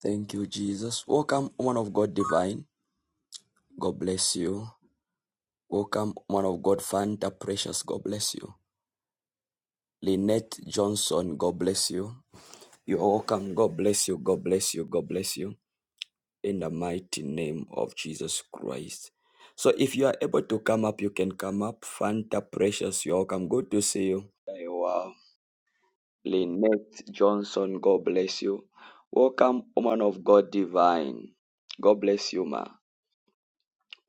Thank you, Jesus. Welcome, woman of God divine. God bless you. Welcome, woman of God Fanta Precious. God bless you. Lynette Johnson. God bless you. You are welcome. God bless you. God bless you. God bless you. In the mighty name of Jesus Christ. So if you are able to come up, you can come up. Fanta Precious, you're welcome. Good to see you. Wow, Lynette Johnson, God bless you. Welcome, woman of God divine. God bless you, ma.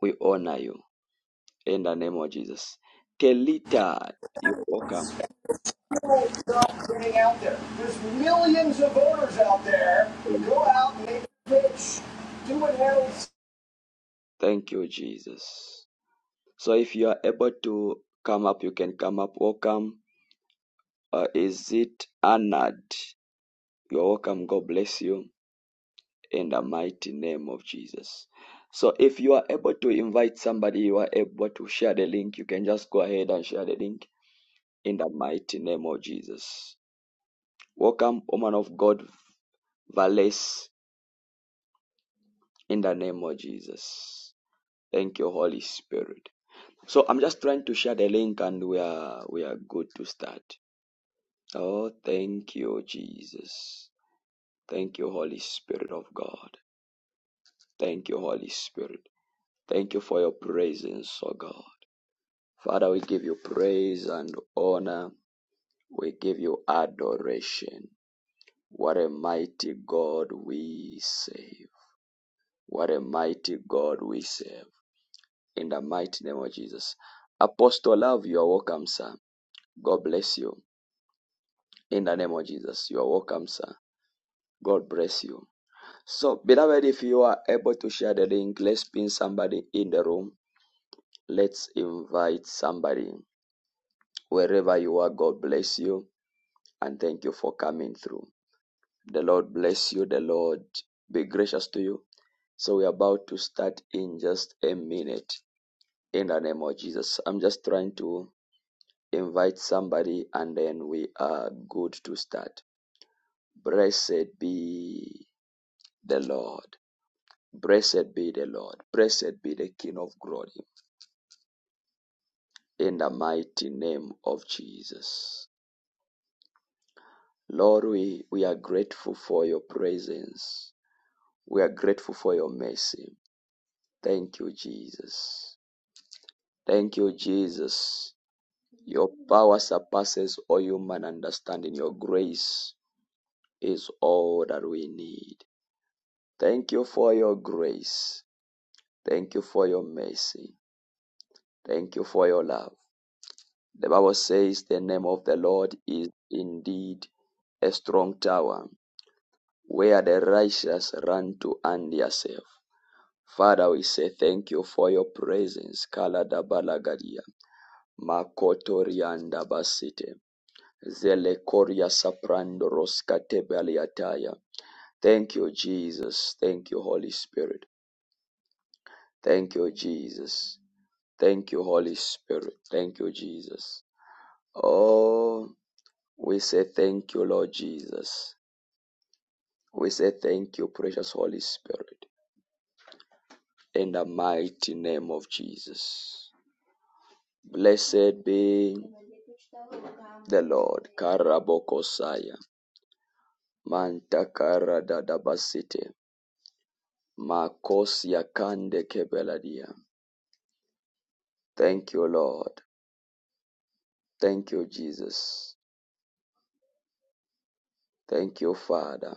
We honor you. in the name of Jesus. Kelita, you're welcome. It's not getting out there. There's millions of voters out there. Go out, make a pitch, do what Harold Thank you, Jesus. So if you are able to come up, you can come up. Welcome. Uh, is it Anad? You're welcome. God bless you in the mighty name of Jesus. So if you are able to invite somebody, you are able to share the link. You can just go ahead and share the link in the mighty name of Jesus. Welcome, woman of God, Vales, in the name of Jesus. Thank you, Holy Spirit. So I'm just trying to share the link and we are we are good to start. Oh, thank you, Jesus. Thank you, Holy Spirit of God. Thank you, Holy Spirit. Thank you for your presence, oh God. Father, we give you praise and honor. We give you adoration. What a mighty God we save. What a mighty God we serve. In the mighty name of Jesus. Apostle Love, you are welcome, sir. God bless you. In the name of Jesus, you are welcome, sir. God bless you. So, beloved, if you are able to share the link, let's pin somebody in the room. Let's invite somebody. Wherever you are, God bless you and thank you for coming through. The Lord bless you. The Lord be gracious to you. So, we're about to start in just a minute in the name of Jesus. I'm just trying to invite somebody and then we are good to start. Blessed be the Lord. Blessed be the Lord. Blessed be the King of glory. In the mighty name of Jesus. Lord, we, we are grateful for your presence. We are grateful for your mercy. Thank you, Jesus. Thank you, Jesus. Your power surpasses all human understanding. Your grace is all that we need. Thank you for your grace. Thank you for your mercy. Thank you for your love. The Bible says the name of the Lord is indeed a strong tower where the righteous run to and they are safe. Father, we say thank you for your presence. Kala da balagadia. Makotorianda basite. Zele koria saprando roskate baliataya. Thank you, Jesus. Thank you, Holy Spirit. Thank you, Jesus. Thank you, Holy Spirit. Thank you, Jesus. Oh. We say thank you, Lord Jesus. We say thank you, precious Holy Spirit, in the mighty name of Jesus. Blessed be the Lord. Karabokosaya. Mantakara dadabasite. Makosia kande kebeladia. Thank you, Lord. Thank you, Jesus. Thank you, Father,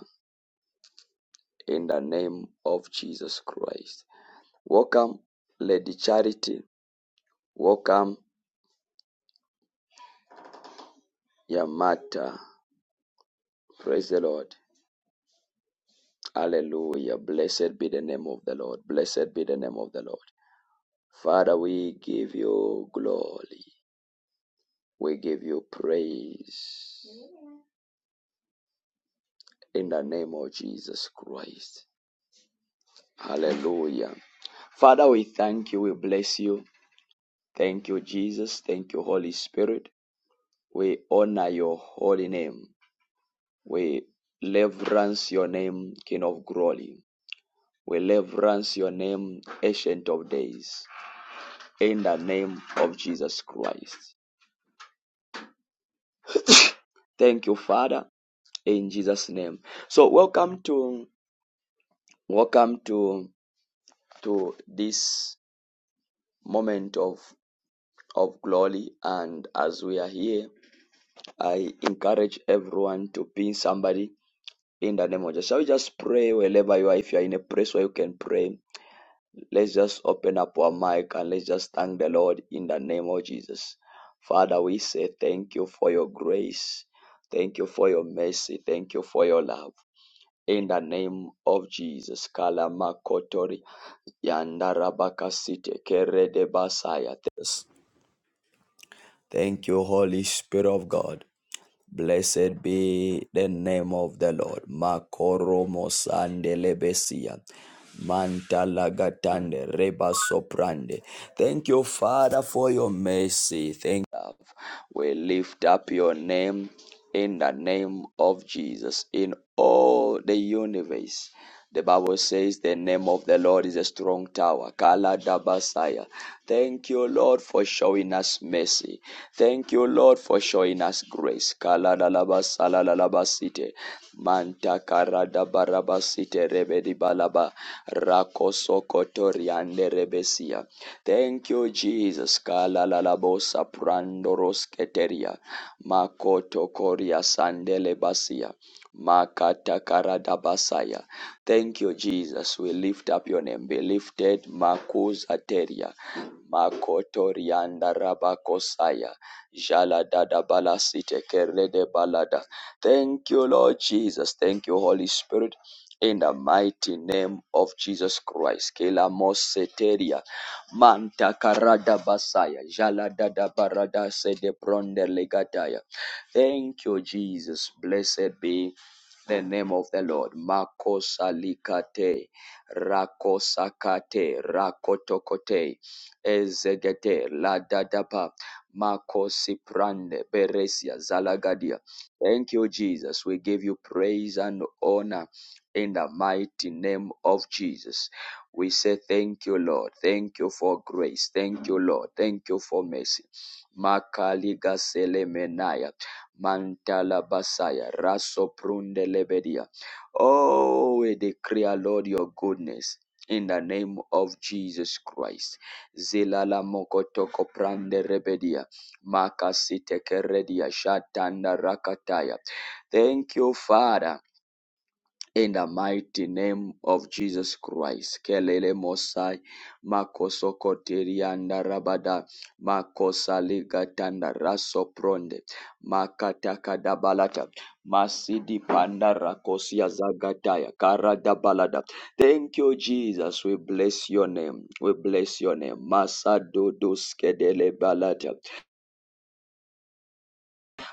in the name of Jesus Christ. Welcome, Lady Charity. Welcome, Yamata. Praise the Lord. Hallelujah. Blessed be the name of the Lord. Blessed be the name of the Lord. Father, we give you glory. We give you praise in the name of Jesus Christ. Hallelujah. Father, we thank you. We bless you. Thank you, Jesus. Thank you, Holy Spirit. We honor your holy name. We reverence your name, King of glory. We reverence your name, Ancient of Days. in the name of Jesus Christ. Thank you, Father, in Jesus' name. So welcome to welcome to to this moment of of glory and as we are here i encourage everyone to pin somebody in the name of jesus shall we just pray wherever you are if you are in a place where you can pray Let's just open up our mic and let's just thank the Lord in the name of Jesus. Father, we say thank you for your grace. Thank you for your mercy. Thank you for your love. In the name of Jesus. Kalama Kalamakotori yandarabakasite keredebasaya. Yes. Thank you, Holy Spirit of God. Blessed be the name of the Lord. Makoromo sandelebesia. Mantalagatande reba soprande. Thank you, Father, for your mercy. Thank we lift up your name in the name of Jesus in all the universe. The Bible says the name of the Lord is a strong tower. Kala Dabasaya. Thank you, Lord, for showing us mercy. Thank you, Lord, for showing us grace. Kala Dalabasala Lalabasite. Manta Karada Barabasite Rebedi Balaba. Rakosokotoriande Rebesia. Thank you, Jesus. Kala Kalalalabosa prandoros keteria. Makoto koria sandele basia. Makata karada basaya. Thank you, Jesus. We lift up your name. Be lifted. Makuza teria. Makoto rianda rabakosaya. Jala dada balasite kerede balada. Thank you, Lord Jesus. Thank you, Holy Spirit. In the mighty name of Jesus Christ. Kela moseteria. Manta karada basaya, jala dada barada sede bronde legataya. Thank you, Jesus. Blessed be the name of the Lord. Makosa Makosalikate, rakosakate, rakotokote, ezegete, ladadapa, makosi prande beresia, zalagadia. Thank you, Jesus. We give you praise and honor in the mighty name of Jesus. We say thank you, Lord. Thank you for grace. Thank you, Lord. Thank you for mercy. Makaliga selemenaya. Mantala basaya. Raso prunde lebedia. Oh, we declare, Lord, your goodness. In the name of Jesus Christ. Zilala mokotoko prande rebedia. Makasiteke redia shatanda rakataya. Thank you, Father. In the mighty name of Jesus Christ. Kelele Mosai Makosokoterianda Rabada Makosaligatanda Rasopronde Makatakadabalata Masidi Panda Rakosia Zagataya Karadabalada. Thank you, Jesus. We bless your name. We bless your name. Masadodus Skedele Balata.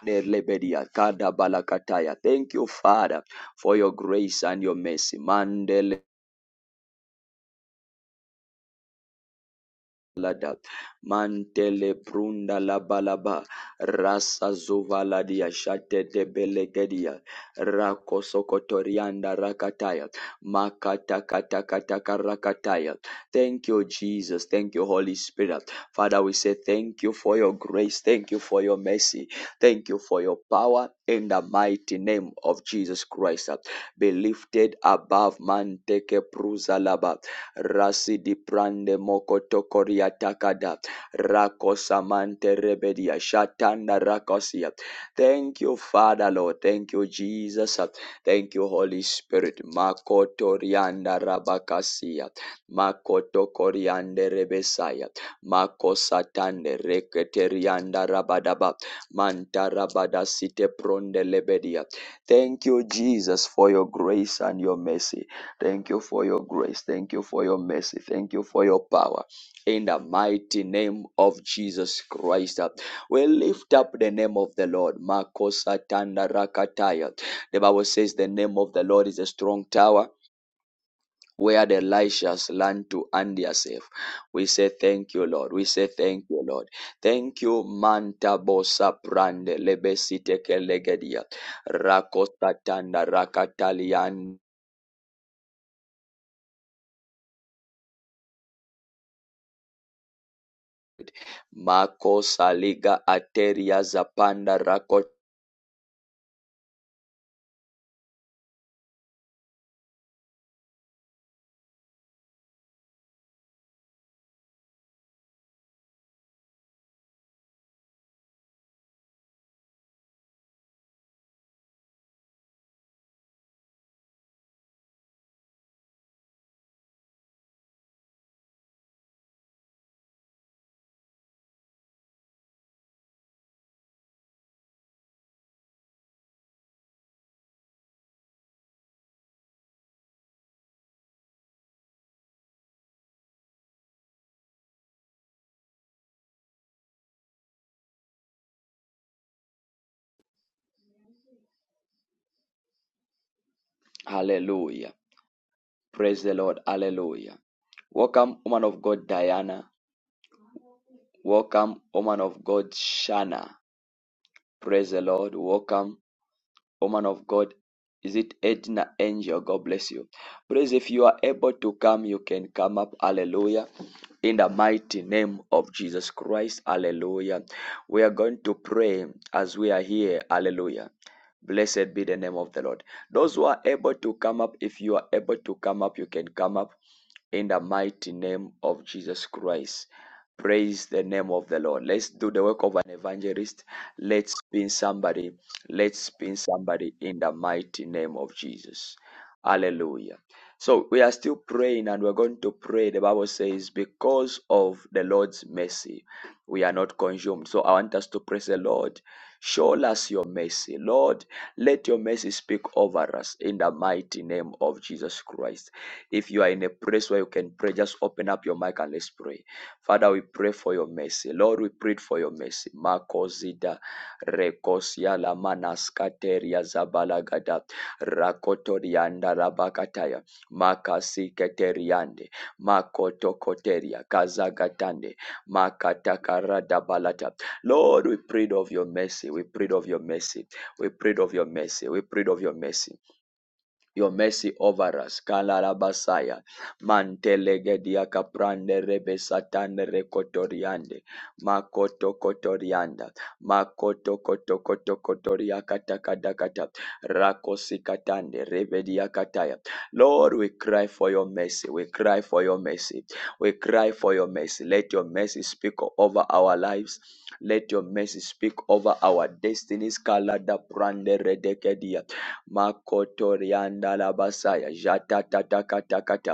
Nelebedia Kadabalakataya. Thank you, Father, for your grace and your mercy. Mandele lada mantele prunda la balaba rasa zuvaladia shatete belegedia rakosokotorianda rakataya makata kata kata rakataya thank you jesus thank you holy spirit father we say thank you for your grace thank you for your mercy thank you for your power in the mighty name of jesus christ be lifted above manteke pruzalaba Rasi di prande mokotokoria takada rakosamante rebedia shatanda rakosia. Thank you, Father Lord. Thank you, Jesus. Thank you, Holy Spirit. Makoto Makotorianda rabakasia. Makotokoriande rebesaya. Makosatande reketerianda rabadaba. Manta rabada site pronde lebedia. Thank you, Jesus, for your grace and your mercy. Thank you for your grace. Thank you for your mercy. Thank you for your power. In the mighty name of Jesus Christ. We lift up the name of the Lord. Makosa tanda rakataya. The Bible says the name of the Lord is a strong tower where the righteous learn to and yourself. We say thank you, Lord. We say thank you, Lord. Thank you, Manta Bosa Prande Lebesite Kelegedia. Rakosa tanda rakatalian Mako saliga ateria zapanda rako. Hallelujah. Praise the Lord. Hallelujah. Welcome, woman of God, Diana. Welcome, woman of God, Shana. Praise the Lord. Welcome woman of God, is it Edna Angel? God bless you. Praise if you are able to come, you can come up. Hallelujah. In the mighty name of Jesus Christ. Hallelujah. We are going to pray as we are here. Hallelujah. Blessed be the name of the Lord. Those who are able to come up, if you are able to come up, you can come up in the mighty name of Jesus Christ. Praise the name of the Lord. Let's do the work of an evangelist. Let's be somebody Let's spin somebody in the mighty name of Jesus. Hallelujah. So we are still praying and we're going to pray. The Bible says, because of the Lord's mercy, we are not consumed. So I want us to praise the Lord. Show us your mercy. Lord, let your mercy speak over us in the mighty name of Jesus Christ. If you are in a place where you can pray, just open up your mic and let's pray. Father, we pray for your mercy. Lord, we pray for your mercy. Marco Rekosia Lamanas Kateria Zabalagada Rakotorianda Rabakataya Makasi Keteriande Makotokoteria Kazagatande Makatakarada Balata. Lord, we prayed of your mercy. We prayed of your mercy. We prayed of your mercy. We prayed of your mercy your mercy over us. Kalarabasaya. Mantelegedia caprande rebe satane recotoriande. Makoto kotorianda. Makoto koto koto kotoria katakadakata. Rakosikatande rebedia kataya. Lord, we cry for your mercy. We cry for your mercy. We cry for your mercy. Let your mercy speak over our lives. Let your mercy speak over our destinies. Kalada prande redekedia makotorianda labasaya jata tata kata kata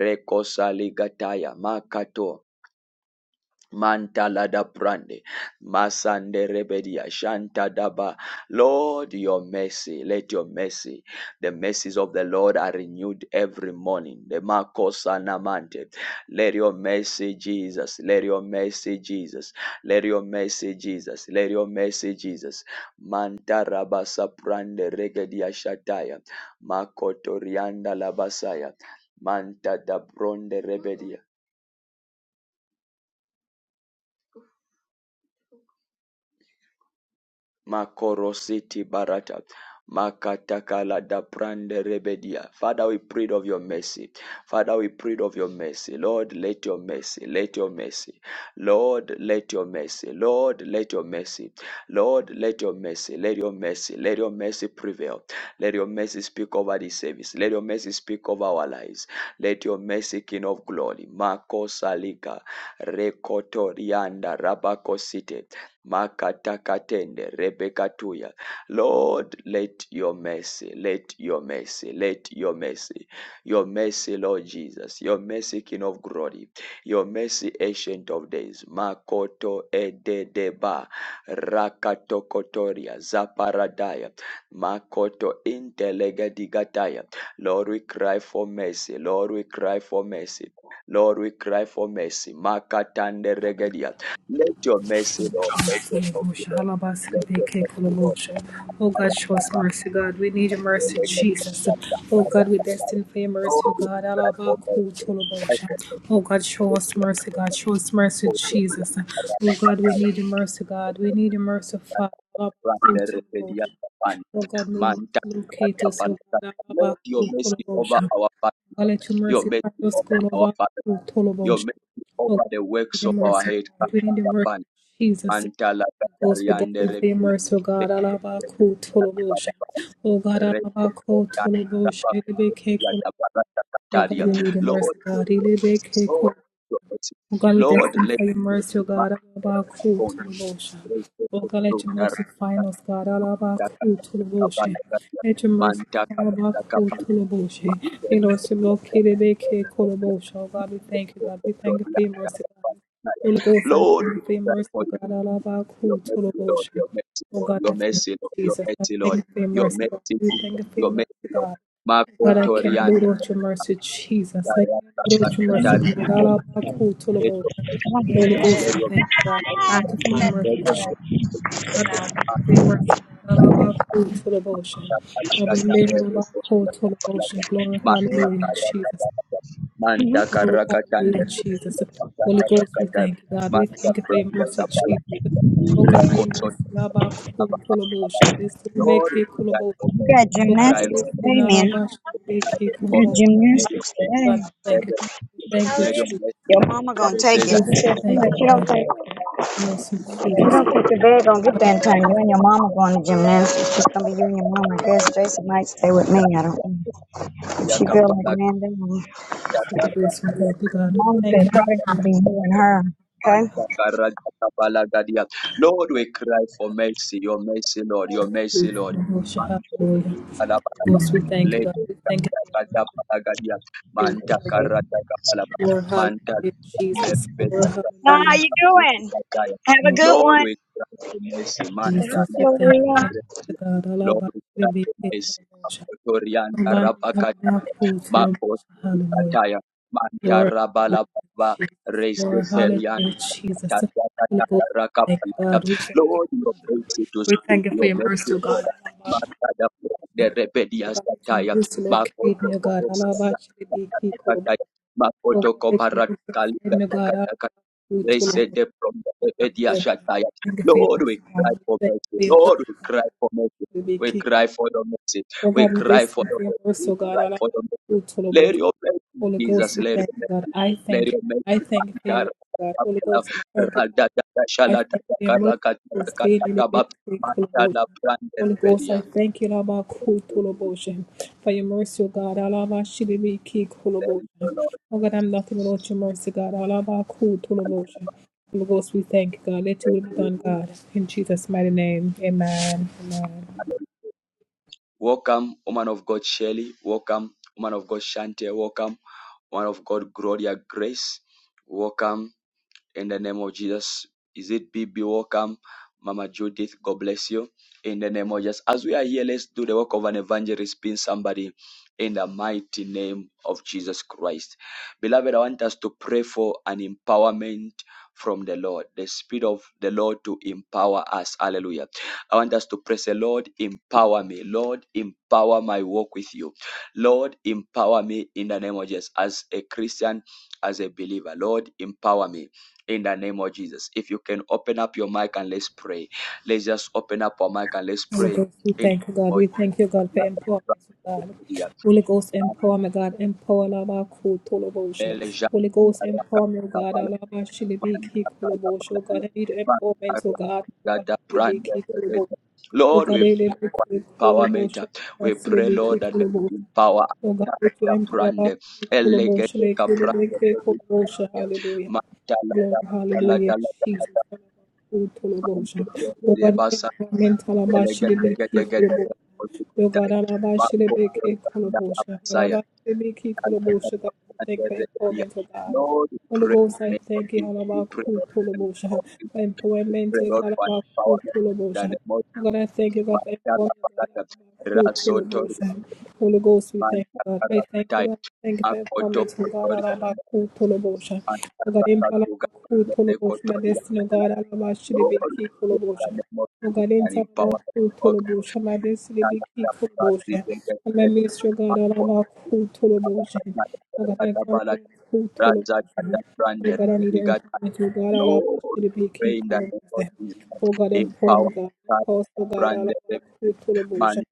rekosa ligataya makato Mantala da brande, masande rebedia, shanta daba. Lord, your mercy, let your mercy, the mercies of the Lord are renewed every morning. The makosa namante, let your mercy, Jesus, let your mercy, Jesus, let your mercy, Jesus, let your mercy, Jesus. Manta rabasa prande regedia shataya, makotorianda labasaya, manta da bronde rebedia. Makorositi barata. Makatakala da prande rebedia. Father, we prayed of your mercy. Father, we prayed of your mercy. Lord, let your mercy, let your mercy. Lord, let your mercy. Lord, let your mercy. Lord, let your mercy. Let your mercy. Let your mercy prevail. Let your mercy speak over this service. Let your mercy speak over our lives. Let your mercy, King of Glory. Mako Salika. Rekotorianda Rabakosite. Makatakatende Rebekatuya. Lord, let your mercy, let your mercy, let your mercy, your mercy, Lord Jesus, your mercy, King of glory, your mercy, Ancient of Days, Makoto Ededeba, Rakatokotoria, Zaparadaya, Makoto Intelegadigataya. Lord, we cry for mercy, Lord, we cry for mercy, Lord, we cry for mercy, Makatande Regedia. Let your mercy, Lord. Let your mercy, Lord. Let your mercy, Lord. Oh God, show us mercy, God. We need your mercy, Jesus. Oh God, we destined for your mercy, Oh, oh it's God. right for me. It's right Alabakutolobosha. for me. Oh God, show It's us right mercy, for God. me. Show us mercy, Oh, it's Jesus. Oh God, we need your mercy, God. We need your mercy, Father. right Alabakutolobosha. for me. Oh God, may your mercy Manta, locate us, oh God. Let your mercy over Alabakutolobosha. our Oh, family, let your your mercy find mercy us, over God. our family, your mercy Oh over God, the we need works your of our mercy, head. God. We need your mercy, Jesus Antala those with death katariande and fear, repia. mercy, O God, Alabako, Tolobosha. O God, Reko Alabako, Tolobosha, Elebeke, Kolo- O God, kataria. we need a mercy, Lord, God. Lord, Elebeke, let your blessing. Oh God, we thank Lord, you let for your your mercy, O blessing God. manifest Alabaku tulubosha. Oh God, let your mercy find us, God. Alabaku tulubosha. Let your mercy come, Alabaku tulubosha. It also located AK Kolobosha. Oh God, we thank you, God. We thank you for your mercy, God. Holy Ghost, I Lord, thank we you for your pray mercy, for oh God. you Alabaku your mercy, Lord, tulubosha. your mercy, Oh Lord, God, I your thank mercy, you, Lord, your Jesus. I mercy, thank Lord, you for your your mercy, God. mercy, We thank you Jesus, for your your mercy, mercy, Lord. God. Marco God, I cannot do Torianda, without your mercy, Jesus. I cannot do without your mercy, Tari, God. All about cool to the let boat. your mercy, Holy Jesus, Ghost, let Yes. I your thank you, God. mercy, I Wow. thank you for your mercy. Lord, let your Jesus. mercy, God, I Jesus, thank you for your Marco, mercy, God. All about cool to the boat. Manta God, we made all about cool to the boat. Glory, hallelujah, Jesus. Glory, hallelujah, karakatanda Jesus. Holy Ghost, we kata thank you, God. We manta thank you for your branda mercy, kapala Jesus. Oh God, may rekoso mercy, all about cool to the boat. This will make Lord it cool that about. you. You moment got Oh, God, cry we gymnastics thank Lord you, today, all man. about cool cry to You the for got me let your gymnastics God, today. we let thank you. your We Thank you, let your Jesus. mercy Your mama gonna Bible We take says it. and just She the said mercy thank she, of you, she the don't God. take Mercy, Lord she Jesus. don't take the bag gonna get that in time. You and your mama going to gymnastics. It's gonna be you and your mama. I guess Jason might stay with me. shall I don't know. be If she upon feel like us. laying down. Your Manta Jesus, we bless you. Thank you, God. We Mom thank said you. probably karakatanda would be you and her. Okay. Lord, we cry for mercy, your mercy, Lord, your We mercy, Lord. thank you. Hallelujah. Most we thank you, God. We thank you for your Manta mercy. God. Karata Balaba, Lord, Manta hallelujah, Jesus. Lebedia Lord, Now Katana, how hallelujah, you Kuti doing? Kataya. Have a Lord, good Lord, one. we cry for mercy, Manta Jesus. We thank you, Absolutely. thank Labadia. you, God. Lord, Allah, we we cry be for thankful, mercy, Lord. Makotorian Nobody, Rabakataya, Allah, Hallelujah. Makotikataya, Manta Glory, hallelujah, Jesus. Glory, Rabalababa, hallelujah, Jesus. Holy Ghost, thank you, God. We thank you. Lord, your mercy to We thank speak you for your your mercy, mercy, O God. Lord. Alaba, Makada the O rebellious God, let your attire, mercy locate Makoto me, O God. Alaba, Shilibiki, Kolobo. Kokoskaya, O God, Makoto let your mercy Koparakali, find me, O God. Alaba, we thank they you, said them from O the God. We thank Edia you Shataya. We thank you for your Lord, we mercy, cry God. for We thank mercy. you for your Lord, mercy, we cry God. for Alaba, mercy. We Shilibiki, cry Kolobo. for the mercy. O We God, we cry bless for you the for your mercy. mercy, We O God. cry Alaba, for the mercy. we thank you. Let your mercy, Holy Ghost, Jesus, we let thank your you, God. mercy. I Let thank you. God. I thank you for your your mercy, God. Holy mercy. Ghost, we thank you, God. Rada da I shala da thank da you for your mercy. karaka so karaka steady, da da we ba make you full of motion. Mandala branded Holy Ghost, redia. I thank you, Laba Kutulabosha, for your mercy, O God. Alaba Shibibi Thank you, Kikulabosha. Lord Oh God, I'm nothing Jesus. without your mercy, God. Alaba Kutulabosha. Holy Ghost, we thank you, God. Let your will be Hallelujah. done, God. In Jesus' mighty name, amen. Amen. Hallelujah. Welcome, woman of God Shelley. Welcome, woman of God Shante. Welcome, woman of God Gloria Grace. Welcome in the name of Jesus. Is it BB? Welcome, Mama Judith. God bless you. In the name of Jesus. As we are here, let's do the work of an evangelist, pin somebody in the mighty name of Jesus Christ. Beloved, I want us to pray for an empowerment from the Lord, the Spirit of the Lord to empower us. Hallelujah. I want us to pray, say, Lord, empower me. Lord, empower my walk with you. Lord, empower me in the name of Jesus. As a Christian, as a believer, Lord, empower me in the name of Jesus. If you can open up your mic and let's pray. Let's just open up our mic and let's Holy pray Ghost, we in the name thank you, God. of We thank you, God, for empowerment, God. Holy Ghost, empowerment, God. Empower Lava Kutolobosha. Holy Ghost, empowerment, God. Alaba Shilibiki Kulobosha. God, I need empowerment, oh God. Alaba Jesus. Shilibiki Kulobosha. Oh Lord, God, we I need Kulobosha. empowerment. We Alaba pray, Lord, Shilibiki that may Kulobosha. you empower us. Oh God, let you empower Brande, Kulobosha. elegete Let you caprande, make Kulobosha. Hallelujah. mantala, Glory, dala, hallelujah, dala, Jesus. Oh God, dala, mental about Lord, should be we key colobosha. Oh God, Alaba should be key colobosha. Alaba should be God, we thank you for employment, oh God. Holy pray in Ghost, the I name of thank you, Jesus. Alaba We pray cool Lord, and colobosha. Lord, we Empowerment, pray Lord God, for about cool empowerment in the colobosha. name of God, I thank you, God, for Mandala empowerment, Barata who tell the Rasotori Ghost. and Holy Ghost, we thank you, God. I Mandala thank you, Tai God. Thank you for your Makoto comments, oh God. Kotori Alaba and ku tolobosha. Oh God, Mandala impalaba Tuga ku tolobosha. My Kotori destiny, oh and God. Alaba should Lord, be key we pray kolobosha. in the name of Oh Jesus God, and enter our empowerment. cool Oh tolobosha, my best Lord, baby key colobosha. And my ministry, God, all of our cool tolobosha. Oh God, I got our cool tolobosha. Oh God, I need to empowerment, oh God, all of our baby key pray in the name of colobosha. Jesus, Oh God, empower empower me, God. us, Empower us, oh God, all branded our cool tolobosha. Manja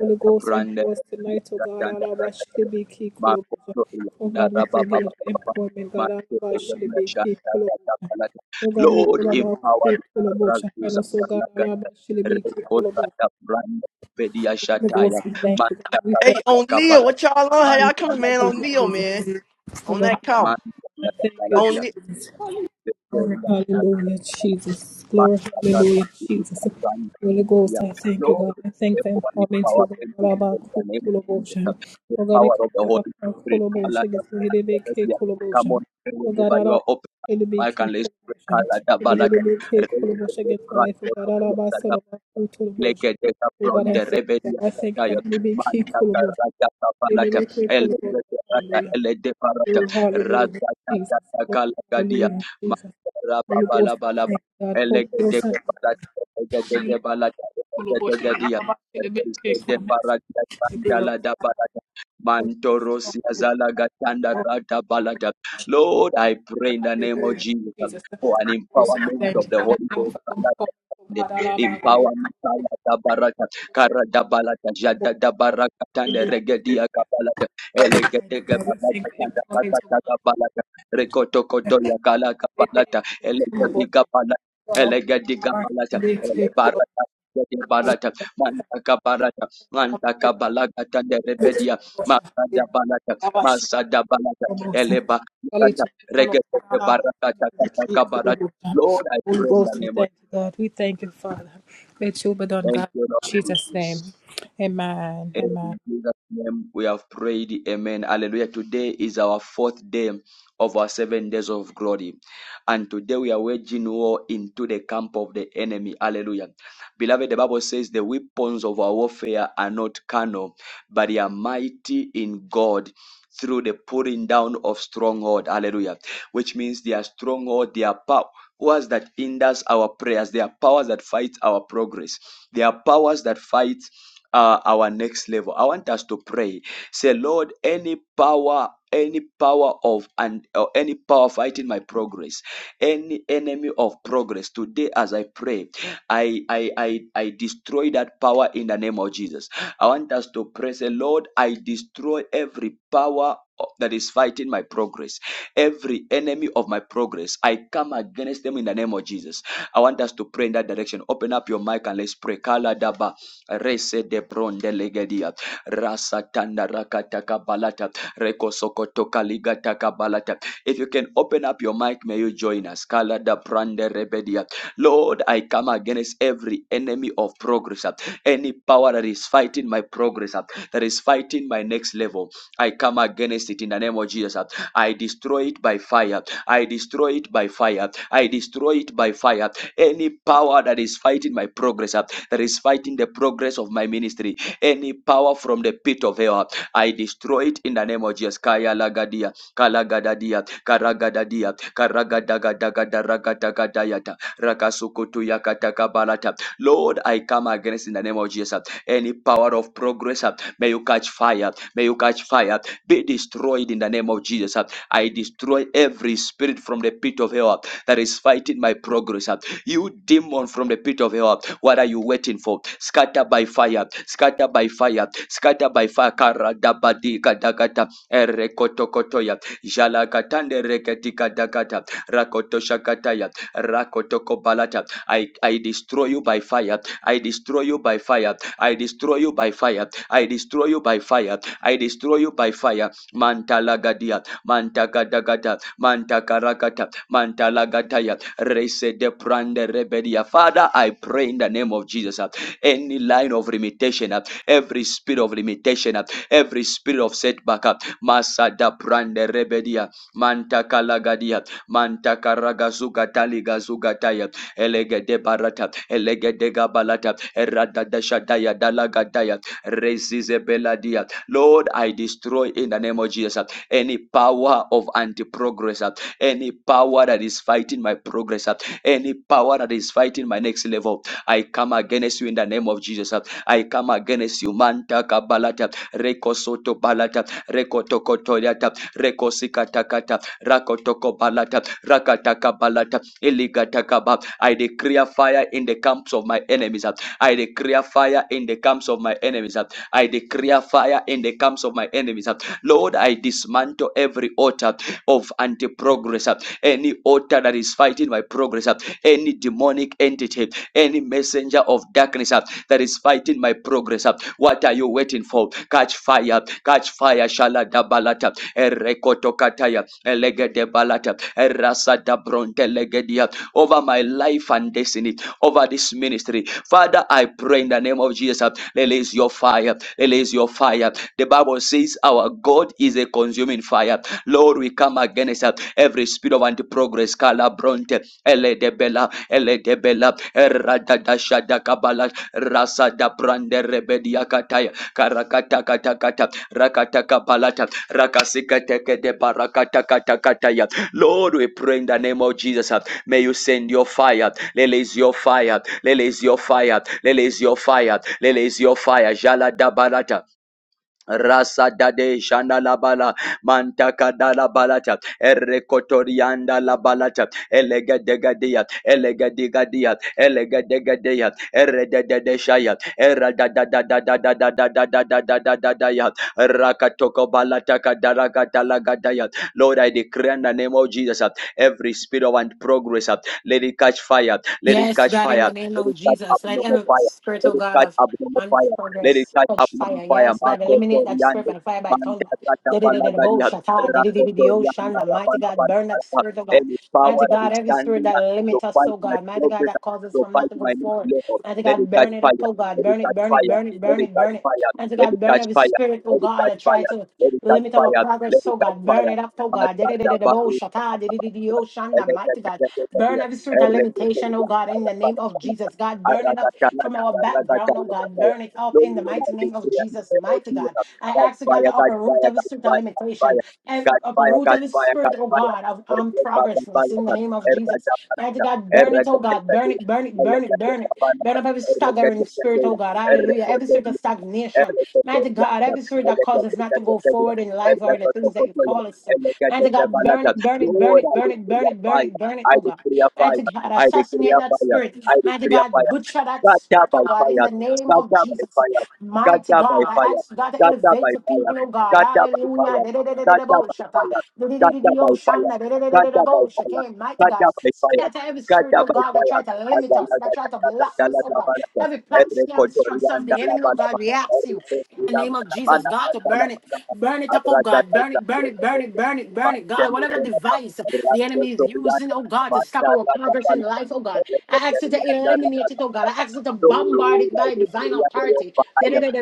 Holy Ghost, brande empower us tonight, oh la God, chanda all of our baby key colobosha. makoto Oh na God, we raba thank you baba for the baba empowerment, God, all manje of our tegenya baby key shanda raba colobosha. balata. Oh God, make Lord all of our empower faith me full of motion. And raguza Oh God, allow our balagata shilly be full of rekosa motion. ya brande pedia Oh, God, shataya we thank you, manja God. We thank Hey, balata O'Neal, kabala what y'all on? How y'all manja coming, man? you, O'Neal, lagadia man. Jesus. Oh On God, that call. manja I thank you, lagadia O'Neal. Jesus. Glory, hallelujah, Jesus. Lord, Glory, hallelujah, Jesus. Holy Ghost, I thank you, God. I thank the therefore, I empowerment empower for them to in the name of Jesus. Kolobotion. The Oh God, we power come of the back Holy from Spirit. Kolobotion. Get to Hidebeke Come Kolobotion. on, pray Oh God, whenever you Arab are open. I Hidebeke can let's Kolobotion. pray. Hidebeke Kolobotion. Get my life. Oh God, Arab Salama Kolobotion. Leketeka Oh God, from I the thank you, God. rebellion I thank you for kataya. Hidebeke Manta Kolobotion. karata kapalata. Hallelujah. Elekete rata Hallelujah. elede parata. Lord, hallelujah, Rata tata Jesus. Lord, takala gadia. hallelujah, Jesus. Mantara Holy Ghost, babala I balaba. thank God. Holy Ghost, I Elegedeke thank palata. you. Elegedeke balata. Holy Ghost, I Elegedeke thank dia. God. Elevate Elegede Holy Ghost. parata. We do love Mandala da you. balata. Hallelujah, Jesus. Holy Mantorosi azala gatanda rata balata. Lord, I pray in the name of Jesus for an Ghost, I empowerment of thank you. the And I Holy thank you for the power of Ghost God. I love you. Empower me, Kaya da baraka, Kara da balaka, Jada da baraka, Tande Hallelujah, Jesus. regedia kabalaka, God, we thank you. Elegedege God, we baraka, thank you. Tanda Empowerment of baraka God. da balaka, Rekoto koto ya kala Elevate kabalata, Holy Ghost. Elegediga balata, Holy Elegediga balata, Ele baraka, Ele barata, Mantaka barata, Mantaka balaka, Tande rebedia, Masada balata, Masada balata, Ele baraka, Regedege baraka, Tanda kabarata. Lord, I pray in the Ghost, we name of thank you, God. We thank you, Father. Let your be done, Thank God. you, Lord In Jesus' name. Jesus. Amen. Amen. In Jesus' name we have prayed. Amen. Hallelujah. Today is our fourth day of our seven days of glory. And today we are waging war into the camp of the enemy. Hallelujah. Beloved, the Bible says the weapons of our warfare are not carnal, but they are mighty in God through the pulling down of stronghold. Hallelujah. Which means their stronghold, their power powers that hinders our prayers. There are powers that fight our progress. There are powers that fight uh, our next level. I want us to pray. Say, Lord, any power, any power of and or any power fighting my progress, any enemy of progress. Today, as I pray, I I I, I destroy that power in the name of Jesus. I want us to pray. Say, Lord, I destroy every power uh, that is fighting my progress. Every enemy of my progress, I come against them in the name of Jesus. I want us to pray in that direction. Open up your mic and let's pray. Kala daba rese de bronde legedia rasa tanda rakata kabalata rekosoko sokoto kaligata kabalata. If you can open up your mic, may you join us. Kala da brande rebedia. Lord, I come against every enemy of progress, any power that is fighting my progress, that is fighting my next level. I come against it in the name of Jesus. I destroy it by fire. I destroy it by fire. I destroy it by fire. Any power that is fighting my progress, uh, that is fighting the progress of my ministry, any power from the pit of hell, uh, I destroy it in the name of Jesus. Kaya lagadia, kalagadadia, karagadadia, karagadagadagadagadagadagadayata, rakasukutuyakatakabalata. Lord, I come against in the name of Jesus uh, any power of progress. uh, May you catch fire. May you catch fire be destroyed in the name of Jesus. uh. I destroy every spirit from the pit of hell uh, that is fighting my progress. uh. You demon from the pit of hell, uh, what are you waiting for? Scatter by fire, scatter by fire, scatter by fire. Karadabadi kadakata erekotokotoya jalakatande reketika dakata rakotoshakataya rakotokobalata. I I destroy you by fire. I destroy you by fire. I destroy you by fire. I destroy you by fire. I destroy you by fire. Mantalagadia, Mantagadagata, Mantakarakata, Mantalagataya, Rese de Prande Rebedia. Father, I pray in the name of Jesus. uh, Any line of limitation, uh, every spirit of limitation, uh, every spirit of setback, uh, Masada Prande Rebedia, Mantakalagadia, Mantakaragazugataligazugata, Elegede Barata, Elegede Gabalata, Erada Dashataya, Dalagataya, Resize beladia. Lord, I destroy in the name of Jesus uh, any power of anti progress, any power that is fighting my progress, uh, any power that is fighting my next level. I come against you in the name of Jesus. uh, I come against you. Manta kabalata, rekosoto balata, rekotokotoriata, rekosikatakata, rakotoko balata, rakataka balata, iligatakaba. I declare fire in the camps of my enemies. uh, I declare fire in the camps of my enemies. uh, I declare fire in the camps of my enemies. Lord, I dismantle every altar of anti progress, any altar that is fighting my progress, any demonic entity, any messenger of darkness that is fighting my progress. What are you waiting for? Catch fire, catch fire, Shala Dabalata, Erekoto Kataya, Elegede Balata, Erasa Dabronte Legedia, over my life and destiny, over this ministry. Father, I pray in the name of Jesus, uh, release your fire, release your fire. The Bible says our God is a consuming fire. Lord, we come against uh, every spirit of anti-progress, Calabronte, Eledebella, Eledebella, rasa da Brande Rebediakataya, Karakatakatakata, Rakatakapalata, Rakasikateke de Barakatakatakataya. Lord, we pray in the name of Jesus. uh, May you send your fire, release your fire, Lele is your fire. Lele is your fire. Lele is your fire. Jala da barata. Rasa dade shanda la bala mantaka da la balata errekotorianda la balata elega degadia elega digadia elega degadia erreda de shaya erra da da da da da da da da da da da da da da ya rakatoko balata kadaraka talaga da Lord I declare in the name of Jesus uh, every spirit of and progress uh, let it catch fire let it Yes, catch God, in the fire name let of it catch Jesus, let abnormal every fire spirit, oh let it God, catch of abnormal fire let it unforgiveness catch up touch on fire. fire. Yes, God, Marco eliminate that spirit Toriande. by fire, by thunder. Mantatrata The da da da da bo Palagaria. shata, Rako Torianda. Mighty God, burn that Rabanabana. spirit, oh God. Any power Mighty that God, is every spirit standing that up to limits us, fight oh my God. Mighty God, progress, that causes us to from not fight to go my next forward. level. Mighty Let it God, catch burn it up, fire. oh God. Let it Burn it, catch burn it, fire. burn it, Let burn it it, burn catch it. fire. And to Let God, it burn catch of His fire. spirit, oh Let it God, catch that try fire. to Let it catch limit our fire. Let progress, oh it catch God, burn fire. it up, oh God. Matata Dedededebo shata, dedededeo shanda, Mighty God, burn every spirit of limitation, oh God, in the name of Jesus. God, burn it up from our background, oh God, Baru. burn it up Lord, in the mighty name of Jesus, mighty God. I ask you, God, to uproot every spirit of limitation and uproot every spirit, oh God, of um, progressness in the name of Jesus. Mighty God, burn it spirit, oh God. Burn it, burn it, burn it, burn it. Burn up every staggering spirit, oh God. Hallelujah. Every spirit of stagnation. Mighty God, every spirit that causes us not to go forward in life or the things that you call us to. Mighty God, burn it, burn it, burn Lord, it, I burn it, decree burn a it, burn fire. it, burn it, I oh God. decree a fire. Mighty God, I decree assassinate a that fire. spirit. I Mighty decree a God, fire. butcher that Scatter spirit, oh by God, in fire. the name of Scatter by Jesus. fire. Mighty Scatter by God, I fire. ask God to Scatter by elevate the fire. people, oh God. Scatter by fire. Hallelujah. Scatter by fire. Mighty Scatter by fire. Scatter by fire. God, Scatter by fire. scatter every spirit, Scatter oh by God, that fire. try to limit us, that try to block us, oh God. Every plot, scam, structure of the enemy, oh Azalaga, God, let reacts you. your In the name of Jesus, God, to burn it, burn it up, oh God, burn it, burn it, burn it, burn it, burn it, God. Whatever device the enemy is using, oh God, to stop our progress in life, oh God, I ask you to eliminate it, oh God. I ask you to bombard it by devices divine authority. da da da da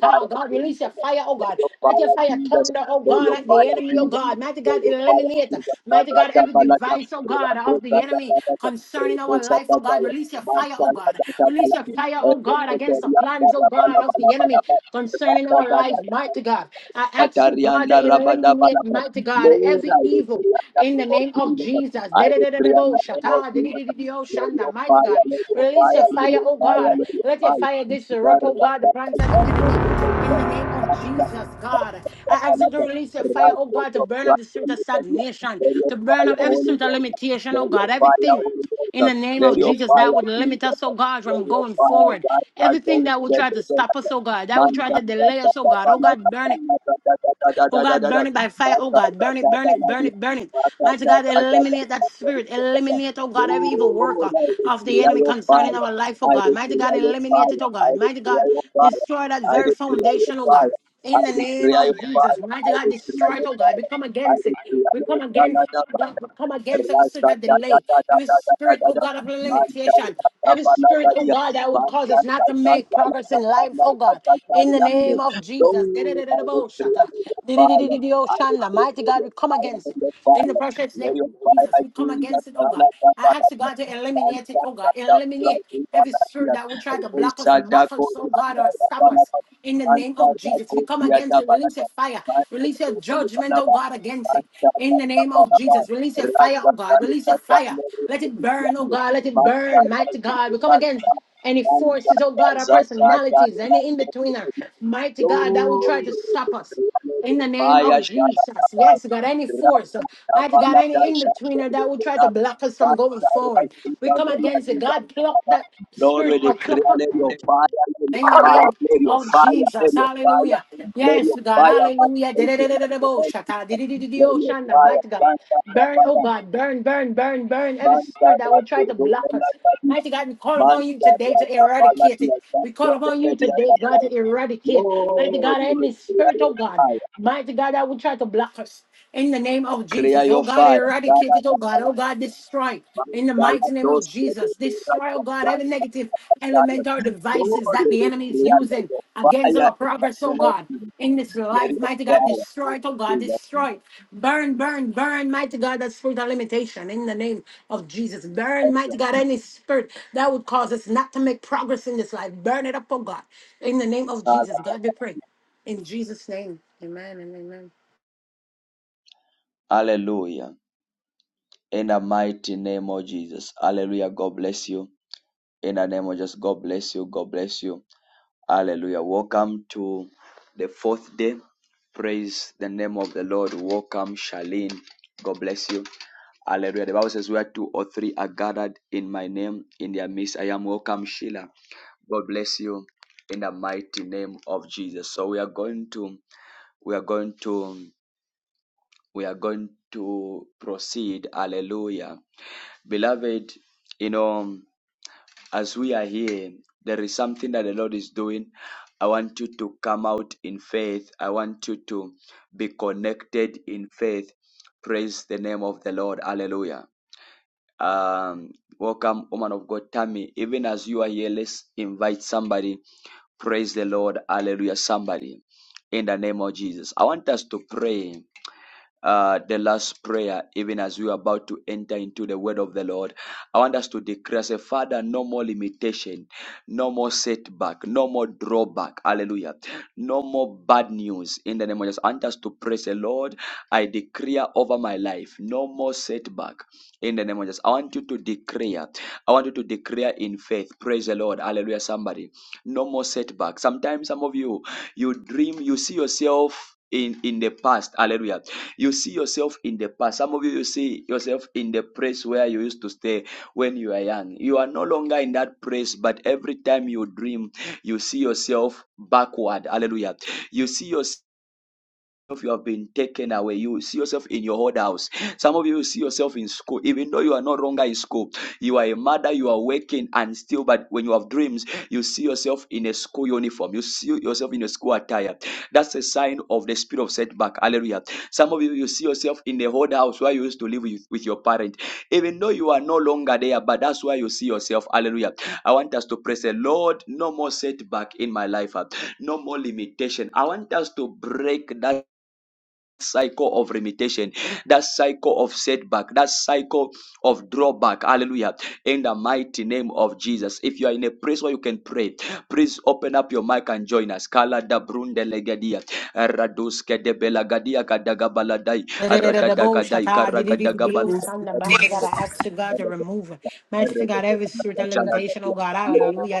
fire, God, release your Jesus. fire, oh Let God. your Let fire, your fire Jesus. thunder, oh Let God, your at fire, the enemy, oh Jesus. God. Mighty Let God, your fire, eliminate, Jesus. mighty God, Raja every Balaka, device, oh God, of Rakosa the enemy Balaka, concerning our Rakosa life, oh God. Balaka, Release your fire, oh God. Release Manta your fire, oh God, against the plans, oh God, of the enemy concerning our life, mighty God. I ask you, God, to Atarianda Rabada eliminate, Balaba. mighty God, Lord, every I will evil pray and that in you the will name of heal us. Jesus. I will Mighty pray and that you will heal us. Let your God, fire, let your release your fire, let fire, your oh fire, God. let your Let your fire. fire disrupt, oh Zarra, God, the plans of the zarra, zarra, enemy. zarra, zarra, In the name of Jesus, God, I ask you to release your fire, oh God, to burn up the spirit of stagnation, let your to burn up fire, every Holy spirit of Ghost. limitation, Let oh your God, fire, everything Holy in the Ghost. name Let of your Jesus that fire, would limit Jesus. us, oh God, Let from your going fire, forward. God, God, Everything don't that would let try the to sun stop us, set. oh God, that Man, would try da, to da, delay da, us, oh da, God, da, oh da, God, burn it da, da, da, da, Oh da, da, da, God, da, da. burn it by Ma, fire. Oh da, God, da, burn da, it, da, burn da, it, burn da. it, burn it. Ma, da, Mighty da, God, da, da, da, da, eliminate that da, spirit. da, da. Eliminate, oh God, every evil work uh, Lord, I of the declare enemy your concerning fire. our life, oh I God. Mighty God, declare your eliminate it, fire. oh I God. Mighty God, declare your fire. destroy that I very declare your foundation, oh God. fire. I In the name declare of your Jesus, fire. mighty I God, declare destroy it, your oh God. We fire. come I against it. declare We your come against it. fire. oh God. We come against every spirit Rasta of da da delay, da da every da da da spirit, da oh da. God, of Man da limitation, da da da every da spirit, da oh da. God, that would Man cause da us not da to da make da da progress da in da life, oh God. da da In the da da. name of So Jesus. I destroy Da-da-da-da-da-bo-shaka. your fire. I Di-di-di-di-di-di-oshanda. Mighty destroy God, we your come fire. against it. Your In the fire. precious May name your of Jesus, fire we come be the against it, oh da da God. da da I da. ask you, God, to Man eliminate it, da oh God. da da da Eliminate da every da spirit da. that would try to block us, mock us, oh God, or stop us. In the name of Jesus, we come against it. Release a fire. Release a judgment, oh God, against it. In the name of Jesus, release a fire, oh God. Release a fire. Let it burn, oh God. Let it burn, mighty God. We come against any forces, oh God, our personalities, any in betweener, mighty God, that will try to stop us. In the name Maya of Shara Jesus. Yes, God, any force, uh, Rakata mighty God, Balada any in betweener that will Shakti try to block us from going forward. We come against it. God, pluck that Lord, spirit we or declare, pluck up let your fire, let your in the fire, name let your of fire, Jesus, let your fire, hallelujah. let Yes, your God, fire, manifest hallelujah. in us, Dededededebo Lord shata, Jesus. let dedidididio your shanda, fire, Mighty God, plant that burn, oh fire, God, burn, burn, burn, burn every man, that spirit that fire, will try to to go block and us. that fire, Mighty God, we call man, upon you that today fire, that fire, to that eradicate fire, it. We call that upon you fire, today, that God, to fire. eradicate. Mighty Lord, God, we any spirit, declare your oh God, fire, mighty God, that will try to block us. In the name of clear Jesus, oh your God, fire, Da, eradicate da, it, oh da, God, oh God, destroy. man, In the da, da, mighty name of those, da, da, da, Jesus, destroy, oh da, God, da, da, da, da. every negative element or devices Lord, that we the enemy is declare using your fire, in against our the progress, oh name of God. Jesus. In this Let life, your mighty God, power destroy it, oh be God, destroy it. Burn, burn, burn, mighty God, that spirit of limitation in the name of Jesus. Burn, upon them, mighty God, any spirit that would cause us not to make progress in this life. Burn it up, oh God. In the name of Father. Jesus, God, we pray. In Jesus' name, amen and amen. Hallelujah. In the mighty name of Jesus. Hallelujah. God bless you. In the name of Jesus. God bless you. God bless you. Hallelujah. Welcome to the fourth day. Praise the name of the Lord. Welcome, Charlene. God bless you. Hallelujah. The Bible says, Where two or three are gathered in my name, in their midst, I am welcome, Sheila. God bless you in the mighty name of Jesus. So we are going to, we are going to we are going to proceed. Hallelujah. Beloved, you know, as we are here, there is something that the Lord is doing. I want you to come out in faith. I want you to be connected in faith. Praise the name of the Lord. Hallelujah. Um, welcome, woman of God, Tammy. Even as you are here, let's invite somebody. Praise the Lord. Hallelujah. Somebody in the name of Jesus. I want us to pray uh, the last prayer, even as we are about to enter into the word of the Lord. I want us to declare, say, Father, no more limitation, no more setback, no more drawback. Hallelujah. No more bad news in the name of Jesus. I want us to pray, say, Lord, I declare over my life, no more setback in the name of Jesus. I want you to declare. I want you to declare in faith. Praise the Lord. Hallelujah. Somebody, no more setback. Sometimes some of you, you dream, you see yourself. In, in the past, hallelujah you see yourself in the past. Some of you, you see yourself in the place where you used to stay when you were young. You are no longer in that place, but every time you dream, you see yourself backward. Hallelujah. You see yourself of you have been taken away. You will see yourself in your old house. Some of you will see yourself in school, even though you are no longer in school. You are a mother, you are working, and still, but when you have dreams, you see yourself in a school uniform. You see yourself in a school attire. That's a sign of the spirit of setback. Hallelujah. Some of you, you see yourself in the old house where you used to live with, with your parent, even though you are no longer there, but that's where you see yourself. Hallelujah. I want us to praise the Lord. No more setback in my life. No more limitation. I want us to break that cycle of limitation, that cycle of setback, that cycle of drawback. Hallelujah. In the mighty name of Jesus. If you are in a place where you can pray, please open up your mic and join us. Kala da brunde legadia. Raduske de belagadia kadagabaladai. I ask Aradadagadai Holy karagadagabalai. you, Ghost, we God, to remove Mercy, God, every spirit of limitation, oh God, thank hallelujah.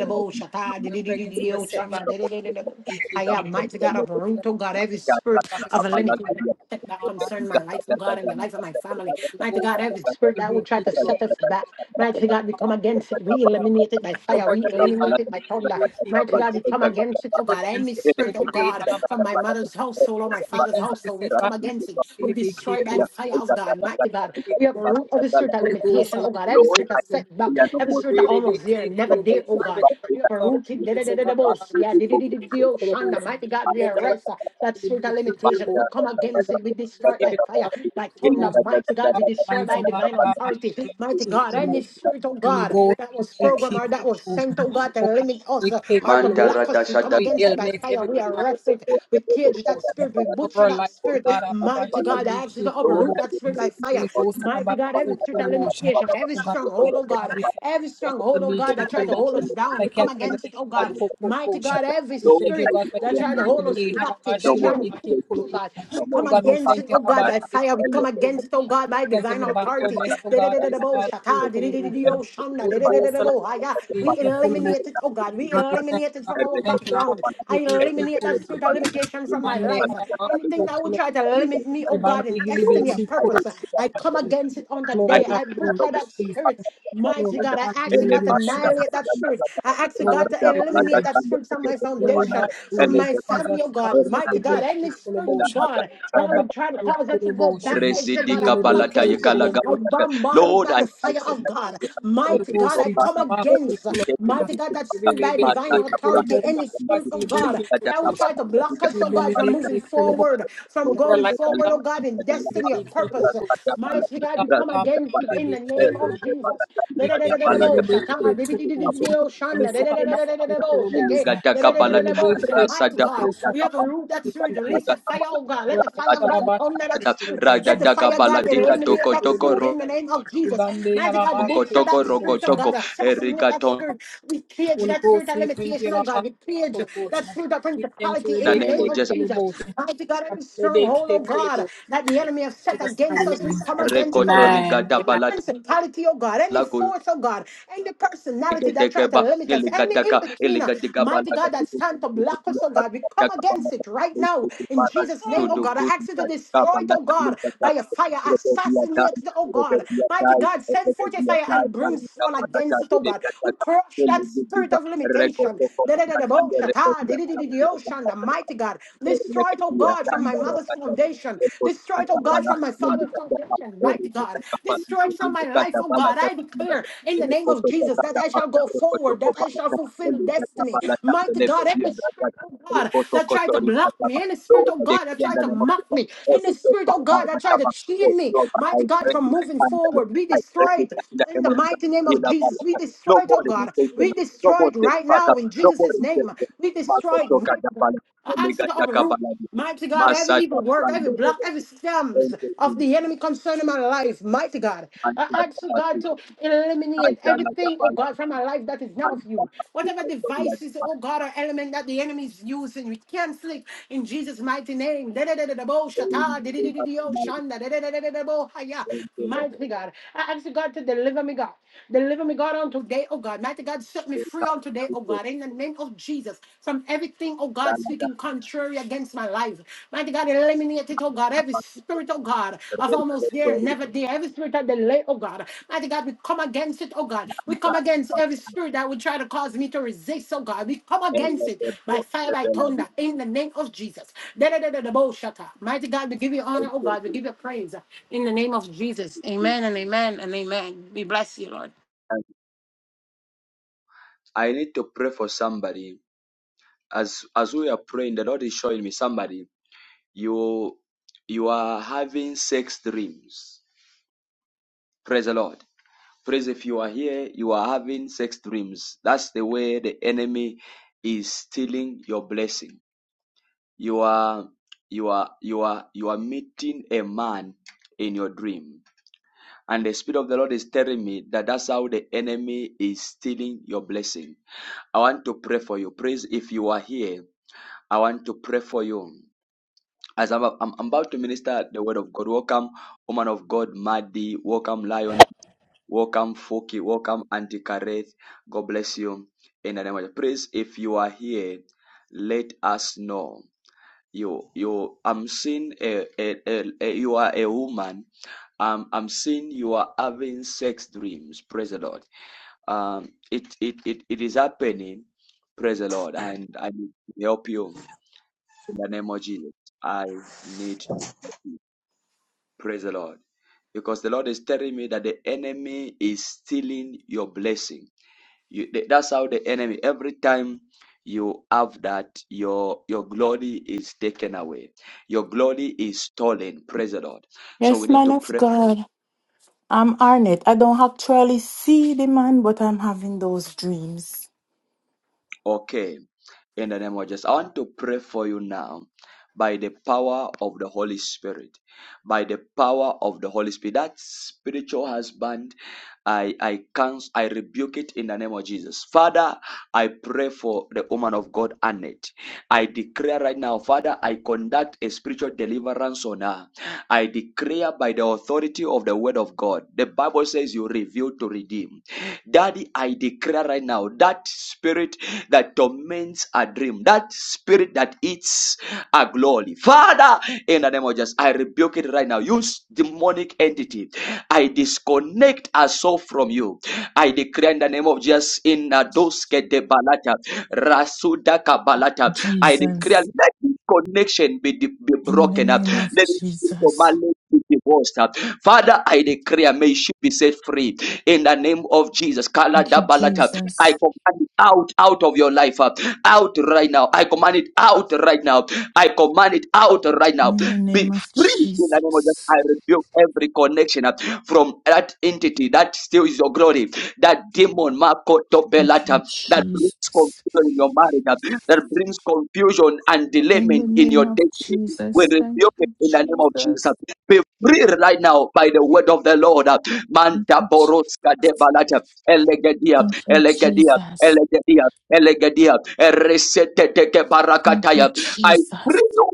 you. shata, We're pregnant over di-di-di-di-di-o, setback. shanda, di-di-di-di-di-bo. We keep I am moving. mighty God of root, Whatever oh God, every set- Lord, I spirit setback of a limitation that concern my life, oh God, and the life of my family. Mighty God, every spirit that would try to set us back. Mighty God, we come against it. We eliminate it by No fire. more We delay, eliminate it by thunder. we keep Mighty God, moving. we come against it, oh God. Any every spirit, oh delay, God, from my we keep mother's household or my moving. father's the household, we come setback, against it. We destroy by the fire of God. Mighty God, we have a root of the spirit spirit of Holy Ghost, limitation, allow oh us God, every to go to spirit of the Lord. think setback, we are no every more We spirit of pray, let broken. the almost there King, and No never Holy there, Ghost, oh have a God. set You have a of our rooted, da- da- lives, da- oh da- da- God, allow boss. yeah, us to be di-di-di-di-di, with oh, Holy Shanda, Ghost. mighty God, we Oh God, allow arrest uh, us that to be spirit of with Holy limitation. We come Oh against God, it, we we come destroy to it by every time fire, of by Holy thunder, Ghost. mighty God, Our we destroy lives, by oh God, divine allow us authority, to be mighty with God, Holy any Mantara spirit, oh Holy God, Ghost, that was we programmed keep or that Holy was sent, oh God, to Oh God, limit us we uh, keep or to Holy block us, we come dashada. We against it by eliminate fire, we every arrest it, we cage that motion spirit, we over butcher our that life, oh spirit, God, our life mighty should God, be I ask you keep to full of uproot that spirit motion. by fire. Holy Ghost, our Mighty life God, every full spirit full of of motion. limitation, every Oh God, we stronghold, thank oh you, God, God, we thank every you, our life stronghold, should oh be God, that keep full tried to of hold us motion. down, I we come can't say let's against it, oh take God. back hope full of Mighty motion. God, every We thank you, spirit God, for that cancer tried to every hold us delay. Halaba captive, no that Shili more tried to be pull keep us, full of oh limitation, God, motion. no we more Oh come God, no we against past thank it, you, oh God, Halaba by Apalata, Shili be fire, we and come keep let full us of motion. against it, oh God, by Against divine every authority. backwardness, oh God, Da-da-da-da-da-bo, Halaba shaka, keep full of di-di-di-di-di-o, motion. shanda, Holy Ghost, Halaba da-da-da-da-da-bo, hi-ya. Shili be We keep full of motion. eliminate it, oh God, we God, we thank you, eliminate it God, from we our thank you, Halaba background. I Shili be keep eliminate full that of spirit motion. of limitation from my Mande life. halaba Anything that would kutula. try to limit me, oh God, Ribande in hili destiny, a beki purpose. kurabosha. I come Hallelujah. against it on the Glory, day. I hallelujah, butcher that spirit. Jesus. Mighty Glory, God, I ask you, God, to hallelujah, annihilate Jesus. that spirit. I ask you, Glory, God, to eliminate hallelujah, that spirit from Jesus. my Glory, foundation, from hallelujah, my Jesus. family, oh God. Hili Mighty God, beki any spirit, oh kurabosha. God, that I Thank you. Rabba would try to cause it to go kutulabosha. backwards, oh God, I Rezidika Hili come balata beki against it. yekala I kurabosha. gabalata. bombard it Lord, by I the thank fire you of that God. you have Holy covered Mighty God, Ghost, your I we back have come and our food against, full of protected the mighty motion. people of God, this that We back. will spirit be by big, divine big, Matata full of authority, branda motion. any matata Us spirit, will oh be God, big, full matata matata of that matata matata would try motion. to block us, We oh will be God, from big, matata. moving big, full of motion. forward from Over going Matata life, forward, God, oh balata God, in us matata matata. will destiny or be big, full of purpose. motion. Ratata Mighty balata, Oh God, God, we come our lives ratata against it will be in balata. the big, Eh, name full of of motion. Jesus. We Mighty ratata can balata, really big, big, full of ratata motion. We will sell balata. our food full of motion. Ligata We Kabalat, will be big, Rasa full da God, of Bruta motion. we have a Kabalat, root Rada that Holy spirit, Ghost, we Ligatakabalat, release the fire, Rasadabrodakabal, oh thank God. Let you, the Lord, fire of for God Ligatalagatabalat, thunder that the Rasadabrodakabal, spirit. Let the motion. fire of Radadakabala, God We thank you, eliminate Rebecca, that for the Digadokotoko, spirit motion. in the name of Rebecca, Jesus. Mighty God, butcher Rokotoko, that spirit, oh Rokotoko, God, assassinate that Erigaton, spirit. We cage that spirit of limitation, oh God. We cage that spirit of principality the in the name name of of name of Jesus, Jesus. Mighty God, every stronghold, oh for the God, motion. that the enemy has In set Jesus' mighty against us, name. we come against it, oh God. Amen. Any Amen. Rekotoligadabala, principality, oh God, any Lago force, oh God, any personality that try to Degedegeba, limit us, any Elegadaka, in-betweener, Elegadegaba, mighty God, that Lagadugu, stand to block us, oh God, we come Dagabama, against it right now in Degedebara, Jesus' name, oh God. I Dodogo, ask you to destroy Dagaba, it, oh God, Lagalegada, by your fire, assassinate Elegadiyadai, it, oh God. Mighty Elegadiyadai, God, send forth your fire Elegadiyadai, and brimstone Karnitaba, Laga, against it, oh God. We Elegadaka, crush that spirit Elegedega, of limitation. Rekotoko, Lakanda, Rekodiyadaka, The Lakataka, mighty God. Destroy it, oh God, from my Elegadiyadanda, mother's Rakata, foundation. Destroy it, oh God, Rekotakapala, from my father's Elegadaka, foundation. Mighty God. Erikataka, Destroy Palito, it from my life, oh Elegadabala, God. I declare in the name of Jesus that Lakataka, I shall Lord, go forward, that I shall fulfill destiny. Mighty God, every spirit, oh God, that tried to block me, any spirit, oh I God, that declare in tried the to name of mock Jesus, me, every any day spirit, back oh by God, my that tried to chain me, mighty God, from moving forward, be destroyed in the mighty name of Jesus. We No destroy it, more oh God. limitation, We no destroy more it right setback, now go in no more Jesus' name. rejection. We destroy it Makotoka right God. Japali, I ask you Omega to uproot. Jakabalani, Mighty God, every Masa evil work, Japali, every block, every stems Thank you, of Jesus. the enemy concerning my life, mighty God. I Manja ask you, God, Japali, to eliminate Manja everything, oh Japali, God, from my life that is not of you. Whatever devices, oh God, or element that the enemy is using, we cancel it in Jesus' mighty name. Da-da-da-da-da-bo, shata, di-di-di-di-di-o, shanda, da-da-da-da-da-da-bo, haya. Mighty God. I ask you, God, to deliver me, God. Deliver me, God, on today, oh God. Mighty God, set me free on today, oh God, in the name of Jesus, from everything, oh God, speaking contrary against my life. Mighty God, eliminate it, oh God, every spirit, oh God, of almost there, never there, every spirit of delay, oh God. Mighty God, we come against it, oh God. We come against every spirit that would try to cause me to resist, oh God. We come against it by fire, by thunder, in the name of Jesus. Da-da-da-da-da-bo-shaka. Mighty God, we give you honor, oh God, we give you praise uh, in the name of Jesus. Amen and amen and amen. We bless you, Lord. I need to pray for somebody. As as we are praying, the Lord is showing me somebody. You you are having sex dreams. Praise the Lord. Praise if you are here, you are having sex dreams. That's the way the enemy is stealing your blessing. You are you are you are you are meeting a man in your dream. And the Spirit of the Lord is telling me that that's how the enemy is stealing your blessing. I want to pray for you. Praise if you are here. I want to pray for you. As I'm, I'm about to minister the word of God. Welcome, woman of God, Maddy. Welcome, Lion. Welcome, Foki. Welcome, Auntie Kareth. God bless you. In the name of Jesus. Praise if you are here. Let us know you you i'm seeing a, a, a, a- you are a woman um i'm seeing you are having sex dreams praise the lord um it it it, it is happening praise the lord and i need to help you in the name of jesus i need to help you praise the lord because the lord is telling me that the enemy is stealing your blessing you, that's how the enemy, every time you have that, your your glory is taken away. Your glory is stolen. Praise the Lord. So we Yes, need man to of pray. God. I'm Arnett. I don't actually see the man, but I'm having those dreams. Okay. In the name of Jesus. I want to pray for you now by the power of the Holy Spirit. By the power of the Holy Spirit. That spiritual husband I I cancel, I rebuke it in the name of Jesus. Father, I pray for the woman of God, Annette. I declare right now, Father, I conduct a spiritual deliverance on her. I declare by the authority of the word of God. The Bible says you reveal to redeem. Daddy, I declare right now that spirit that torments a dream, that spirit that eats a glory. Father, in the name of Jesus, I rebuke it right now. Use demonic entity I disconnect us all from you. I declare in the name of Jesus in Adoske de Balata, Rasuda Kabalata. I declare Jesus, let this connection be, be in the broken up. name of Let this Jesus. formality be divorced Father, I declare may she be set free in the name of Jesus. Kala Thank you, da Balata. I Jesus. command it out, out of your life, uh, out right now. I command it out right now. I command it out right now. In the Be name of free in the name of Jesus. Jesus. I rebuke every connection uh, from that entity that steals your glory, that demon, Marco Thank you, Topelata, that brings Jesus. confusion in your marriage, uh, that brings confusion and In delayment the in your name of destiny. We Jesus. Thank rebuke it you, in the name of Jesus. Uh, Jesus. Be free right now by the word of the Lord. uh, Thank Manta you, Boroska de Jesus. Balata, Elegadia, Thank you, Elegadia, Jesus. Elegadia, Elegadia, Eresete Thank you, Barakataya. I free Jesus. you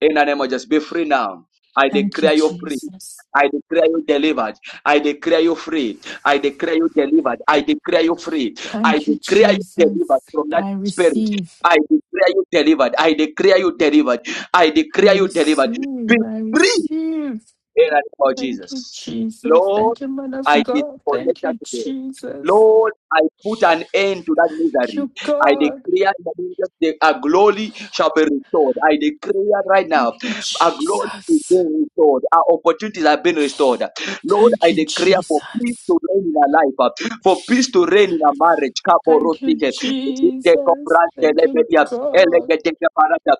in the name of Jesus, be free now. I Thank you, declare you free. Jesus. I declare you delivered. I declare you free. I declare you delivered. I declare you free. I Thank you, declare you delivered Jesus. from that I spirit. receive. I declare you delivered. I declare you delivered. I I declare you delivered. Be receive, I free receive. in the name of Thank you, Jesus. Jesus. Lord, Thank you, man of I God. disconnect Thank her you, today. Jesus. Lord, I put an end to that Thank misery. you, I God. declare in the name of Jesus, the- a glory shall be restored. I declare right now, Thank you, a glory is Jesus. being restored. Our opportunities are being restored. Lord, Thank I you, declare for peace Jesus. to reign in our life, uh, for peace to reign in our marriage. Thank you, Kaporotike, Jesus. Zitekoprante Thank you, lebedia, God. elegetekeparata,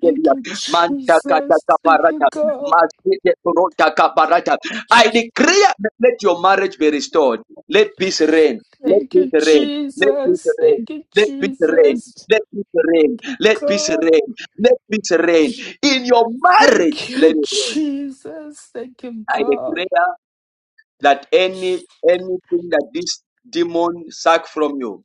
Thank you, Manta Jesus. Thank you, God. I declare that let your marriage be restored. Let peace reign. Let Thank peace you, reign. Let peace Jesus. reign. Thank you, Let peace reign. Jesus. Let peace reign. Thank you, Let peace God. reign. Let peace reign. In your marriage, Thank let you, it reign. Jesus. Thank you, I God. declare that any anything that this demon suck from you,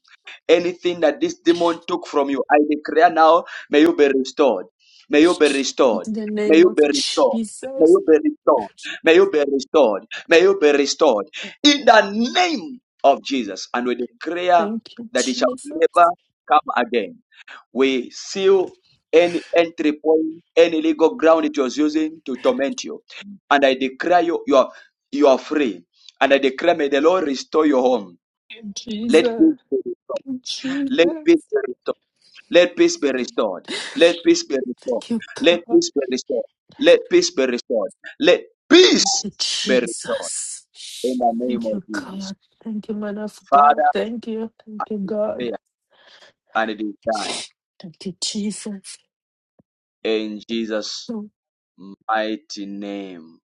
anything that this demon took from you, I declare now, may you be restored. May you be In restored. the May name you of be restored. May Jesus. you be restored. May you be restored. May you be restored. In the name of Jesus. And we declare Thank you, that it shall Jesus. never come again we seal any entry point, any legal ground it was using to torment you. And I declare you, you are, you are free. And I declare, may the Lord restore your home. Thank you, Let peace Jesus. be restored. Thank you, Let peace Jesus. be restored. Let peace be restored. Let peace be restored. Thank you, Let God. peace be restored. Let Thank peace be restored. Let peace you, be restored. Jesus. In the name Thank of you, Jesus. God. Thank you, man of God. Father, Thank you. Thank you, pray, God. and it is done. Thank you, Jesus. In Jesus' mighty name.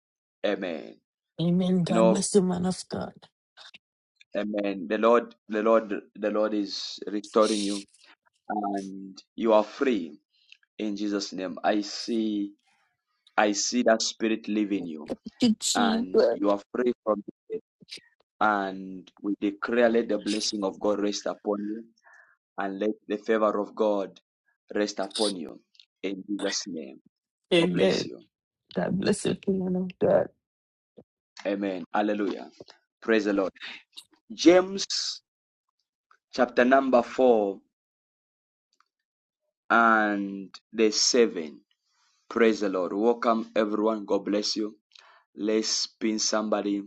Amen. Amen. You God know, bless you, man of God. Amen. The Lord, the Lord, the Lord is restoring you and you are free in Jesus' name. I see, I see that spirit leaving you Thank you, and Jesus. you are free from it. And we declare, let the blessing of God rest upon you and let the favor of God rest upon you in Jesus' name. God bless Amen. you. God bless you, man of God. Amen. Hallelujah. Praise the Lord. James chapter number four and the seven. Praise the Lord. Welcome everyone. God bless you. Let's pin somebody.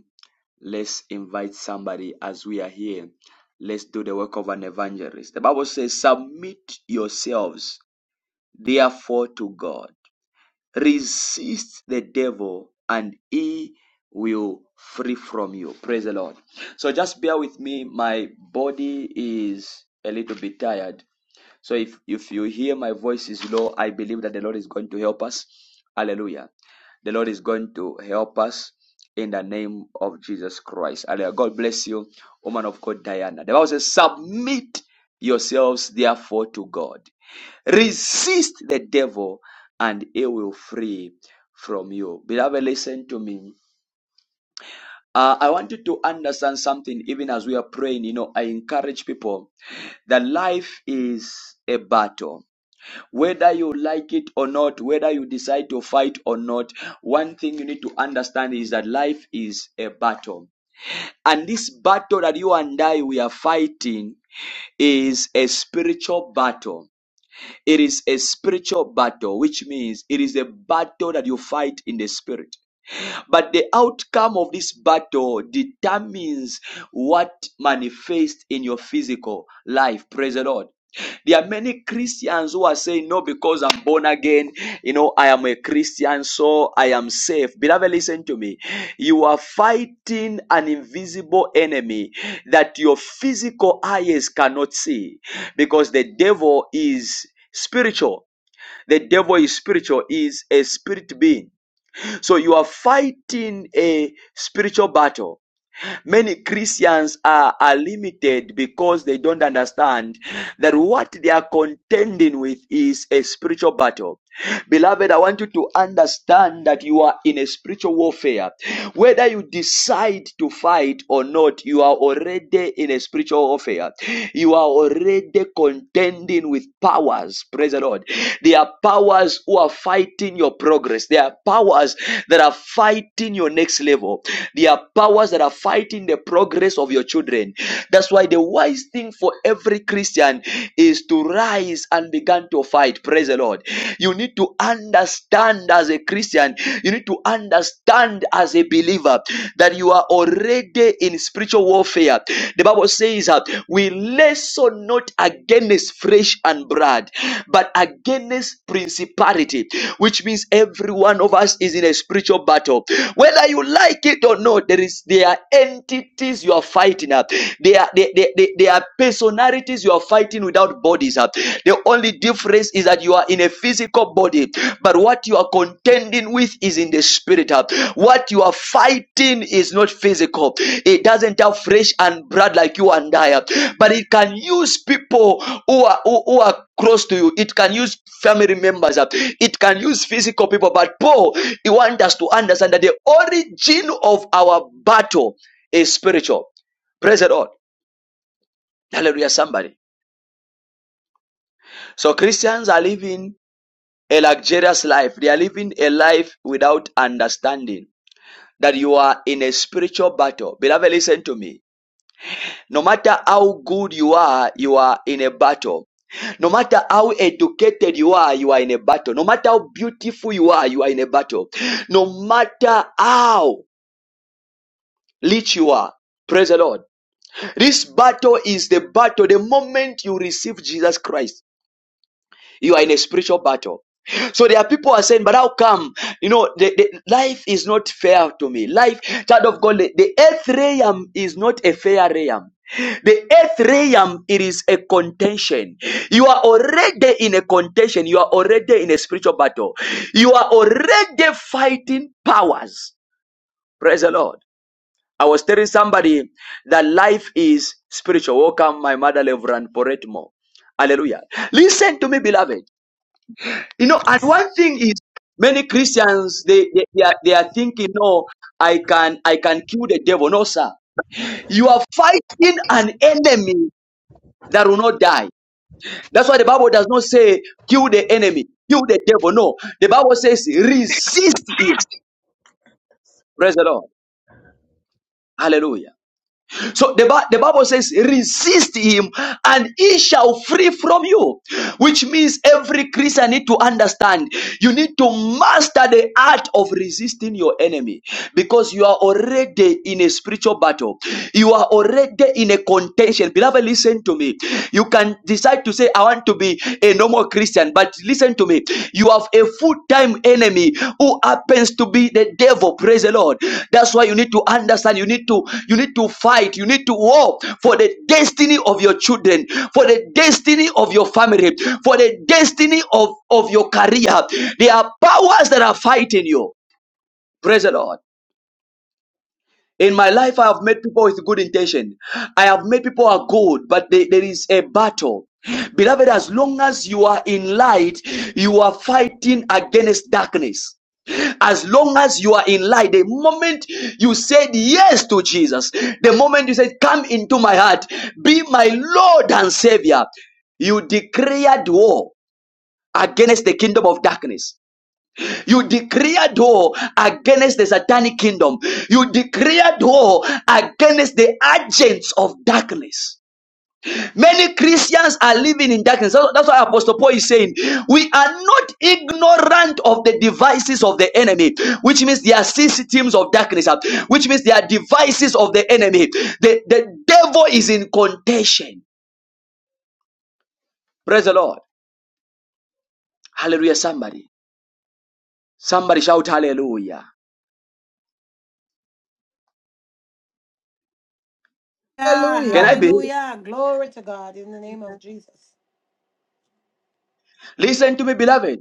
Let's invite somebody as we are here. Let's do the work of an evangelist. The Bible says, Submit yourselves therefore to God. Resist the devil and he will flee from you. Praise the Lord. So just bear with me. My body is a little bit tired. So if, if you hear my voice is low, I believe that the Lord is going to help us. Hallelujah. The Lord is going to help us in the name of Jesus Christ. Hallelujah. God bless you, woman of God, Diana. The Bible says, Submit yourselves therefore to God. Resist the devil and he will flee from you. Beloved, listen to me. Uh, I want you to understand something even as we are praying. You know, I encourage people that life is a battle whether you like it or not, whether you decide to fight or not, one thing you need to understand is that life is a battle. And this battle that you and I we are fighting is a spiritual battle. It is a spiritual battle, which means it is a battle that you fight in the spirit. But the outcome of this battle determines what manifests in your physical life. Praise the Lord. There are many Christians who are saying, No, because I'm born again, you know, I am a Christian, so I am safe. Beloved, listen to me. You are fighting an invisible enemy that your physical eyes cannot see because the devil is spiritual. The devil is spiritual, is a spirit being. So you are fighting a spiritual battle Many Christians are, are limited because they don't understand that what they are contending with is a spiritual battle. Beloved, I want you to understand that you are in a spiritual warfare. Whether you decide to fight or not, you are already in a spiritual warfare. You are already contending with powers. Praise the Lord. There are powers who are fighting your progress. There are powers that are fighting your next level. There are powers that are fighting fight the progress of your children. That's why the wise thing for every Christian is to rise and begin to fight. Praise the Lord. You need to understand as a Christian, you need to understand as a believer that you are already in spiritual warfare. The Bible says that we wrestle not against flesh and blood, but against principality, which means every one of us is in a spiritual battle. Whether you like it or not, there is there are entities you are fighting up. They are they, they, they, they are personalities you are fighting without bodies up. The only difference is that you are in a physical body, but what you are contending with is in the spirit up. What you are fighting is not physical. It doesn't have flesh and blood like you and I, up. but it can use people who are who, who are close to you. It can use family members. uh, It can use physical people. But Paul, he wants us to understand that the origin of our battle is spiritual. Praise the Lord. Hallelujah, somebody. So Christians are living a luxurious life. They are living a life without understanding that you are in a spiritual battle. Beloved, listen to me. No matter how good you are, you are in a battle. No matter how educated you are, you are in a battle. No matter how beautiful you are, you are in a battle. No matter how rich you are, praise the Lord. This battle is the battle the moment you receive Jesus Christ. You are in a spiritual battle. So there are people who are saying, but how come? You know, the, the life is not fair to me. Life, child of God, the, the earth realm is not a fair realm. The earth realm, it is a contention. You are already in a contention. You are already in a spiritual battle. You are already fighting powers. Praise the Lord. I was telling somebody that life is spiritual. Welcome, my mother, Reverend Poretmo. Hallelujah. Listen to me, beloved. You know, and one thing is many Christians they, they, they, are, they are thinking, no, I can I can kill the devil. No, sir. You are fighting an enemy that will not die. That's why the Bible does not say kill the enemy, kill the devil. No, the Bible says resist him. Praise the Lord. Hallelujah. So the, Bi- the Bible says, resist him and he shall flee from you. Which means every Christian need to understand you need to master the art of resisting your enemy because you are already in a spiritual battle. You are already in a contention. Beloved, listen to me. You can decide to say, I want to be a normal Christian. But listen to me. You have a full-time enemy who happens to be the devil. Praise the Lord. That's why you need to understand. You need to you need to fight. You need to war for the destiny of your children, for the destiny of your family, for the destiny of, of your career. There are powers that are fighting you. Praise the Lord. In my life, I have met people with good intention. I have met people who are good, but they- there is a battle. Beloved, as long as you are in light, you are fighting against darkness. As long as you are in light, the moment you said yes to Jesus, the moment you said, Come into my heart, be my Lord and Savior, you declared war against the kingdom of darkness. You declare door against the satanic kingdom. You declare door against the agents of darkness. Many Christians are living in darkness. So That's why Apostle Paul is saying, We are not ignorant of the devices of the enemy, which means they are systems of darkness, uh, which means they are devices of the enemy. The, the devil is in contention. Praise the Lord. Hallelujah, somebody. Somebody shout hallelujah. Can Hallelujah. I be? Hallelujah. Glory to God in the name of Jesus. Listen to me, beloved.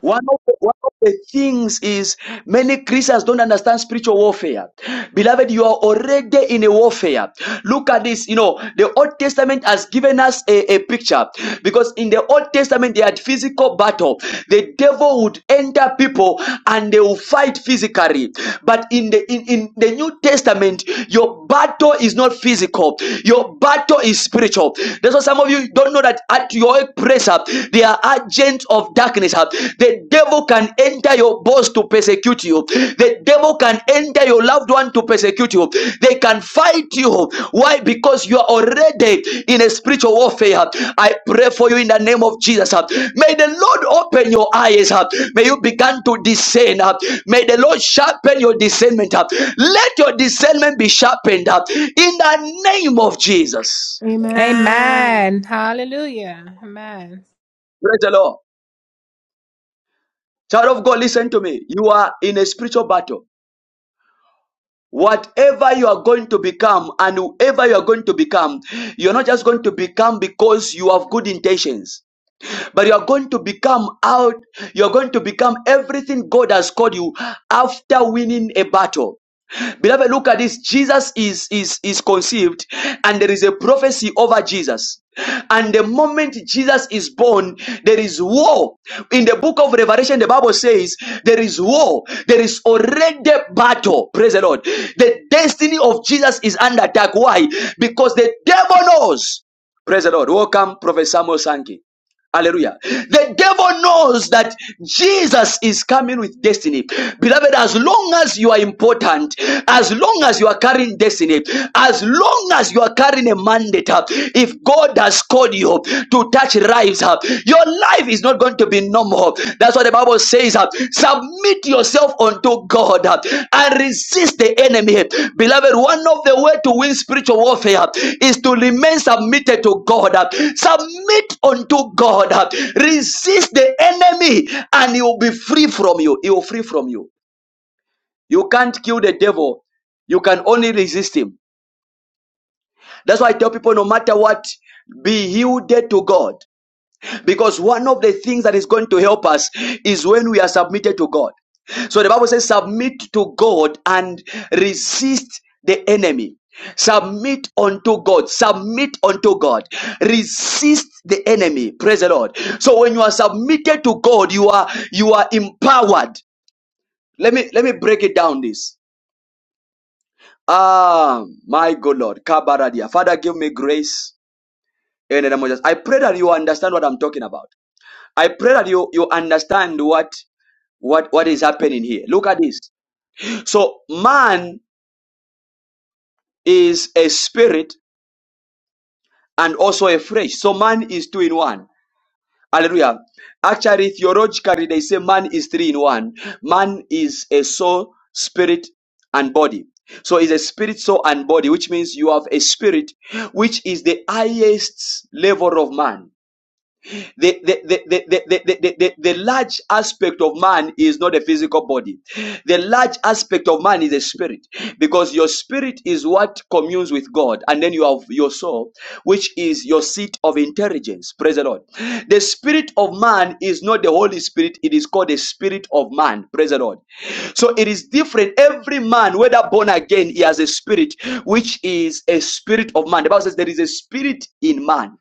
One of, the, one of the things is many Christians don't understand spiritual warfare. Beloved, you are already in a warfare. Look at this. You know, the Old Testament has given us a, a picture because in the Old Testament they had physical battle. The devil would enter people and they will fight physically. But in the in, in the New Testament, your battle is not physical, your battle is spiritual. That's why some of you don't know that at your press They are agents of darkness. uh. The devil can enter your boss to persecute you. The devil can enter your loved one to persecute you. They can fight you. Why? Because you are already in a spiritual warfare. I pray for you in the name of Jesus. uh. May the Lord open your eyes. uh. May you begin to discern. uh. May the Lord sharpen your discernment. uh. Let your discernment be sharpened in the name of Jesus. Amen. Amen. Hallelujah. Amen. Praise the Lord. Child of God, listen to me. You are in a spiritual battle. Whatever you are going to become and whoever you are going to become, you're not just going to become because you have good intentions, but you are going to become out, you're going to become everything God has called you after winning a battle. Beloved, look at this. Jesus is, is, is conceived, and there is a prophecy over Jesus. And the moment Jesus is born, there is war. In the book of Revelation, the Bible says there is war. There is already battle. Praise the Lord. The destiny of Jesus is under attack. Why? Because the devil knows. Praise the Lord. Welcome, Prophet Samuel Sankey. Hallelujah. The devil knows that Jesus is coming with destiny. Beloved, as long as you are important, as long as you are carrying destiny, as long as you are carrying a mandate, uh, if God has called you to touch lives, uh, your life is not going to be normal. That's what the Bible says. uh, Submit yourself unto God uh, and resist the enemy. Beloved, one of the way to win spiritual warfare uh, is to remain submitted to God. uh, Submit unto God. uh, Resist the enemy and he will be free from you. He will free from you. You can't kill the devil. You can only resist him. That's why I tell people no matter what, be yielded to God. Because one of the things that is going to help us is when we are submitted to God. So the Bible says, submit to God and resist the enemy. Submit unto God. Submit unto God. Resist the enemy. Praise the Lord. So when you are submitted to God, you are you are empowered. Let me let me break it down. This. Ah, my good Lord. Kabaradia. Father, give me grace in the name of Jesus. I pray that you understand what I'm talking about. I pray that you you understand what what what is happening here look at this so man is a spirit and also a flesh so man is two in one hallelujah actually theologically they say man is three in one man is a soul spirit and body so it's a spirit soul and body which means you have a spirit which is the highest level of man The, the, the, the, the, the, the, the, large aspect of man is not a physical body. The large aspect of man is a spirit because your spirit is what communes with God. And then you have your soul, which is your seat of intelligence. Praise the Lord. The spirit of man is not the Holy Spirit. It is called the spirit of man. Praise the Lord. So it is different. Every man, whether born again, he has a spirit, which is a spirit of man. The Bible says there is a spirit in man.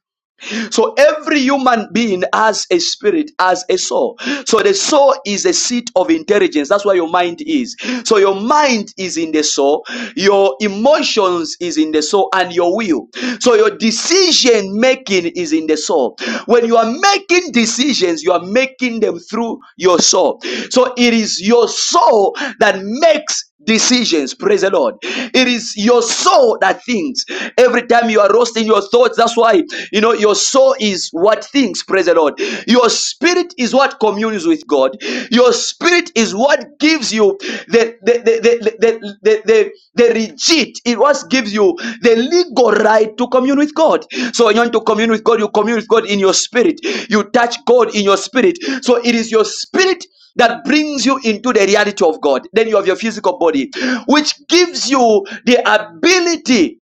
So every human being has a spirit, has a soul. So the soul is a seat of intelligence. That's where your mind is. So your mind is in the soul, your emotions is in the soul, and your will. So your decision making is in the soul. When you are making decisions, you are making them through your soul. So it is your soul that makes decisions. Praise the Lord. It is your soul that thinks. Every time you are roasting your thoughts, that's why you know your soul is what thinks. Praise the Lord. Your spirit is what communes with God. Your spirit is what gives you the the the the the the, the, the legit. It what gives you the legal right to commune with God. So when you want to commune with God, you commune with God in your spirit. You touch God in your spirit. So it is your spirit that brings you into the reality of God. Then you have your physical body, which gives you the ability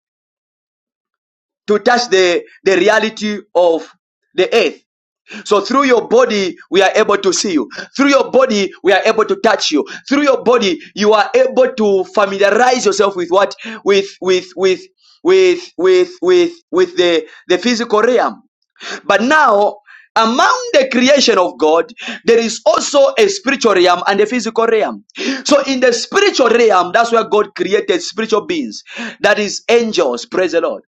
to touch the, the reality of the earth. So through your body, we are able to see you. Through your body, we are able to touch you. Through your body, you are able to familiarize yourself with what? With, with, with, with, with, with, with the, the physical realm. But now, among the creation of God, there is also a spiritual realm and a physical realm. So, in the spiritual realm, that's where God created spiritual beings, that is angels. Praise the Lord.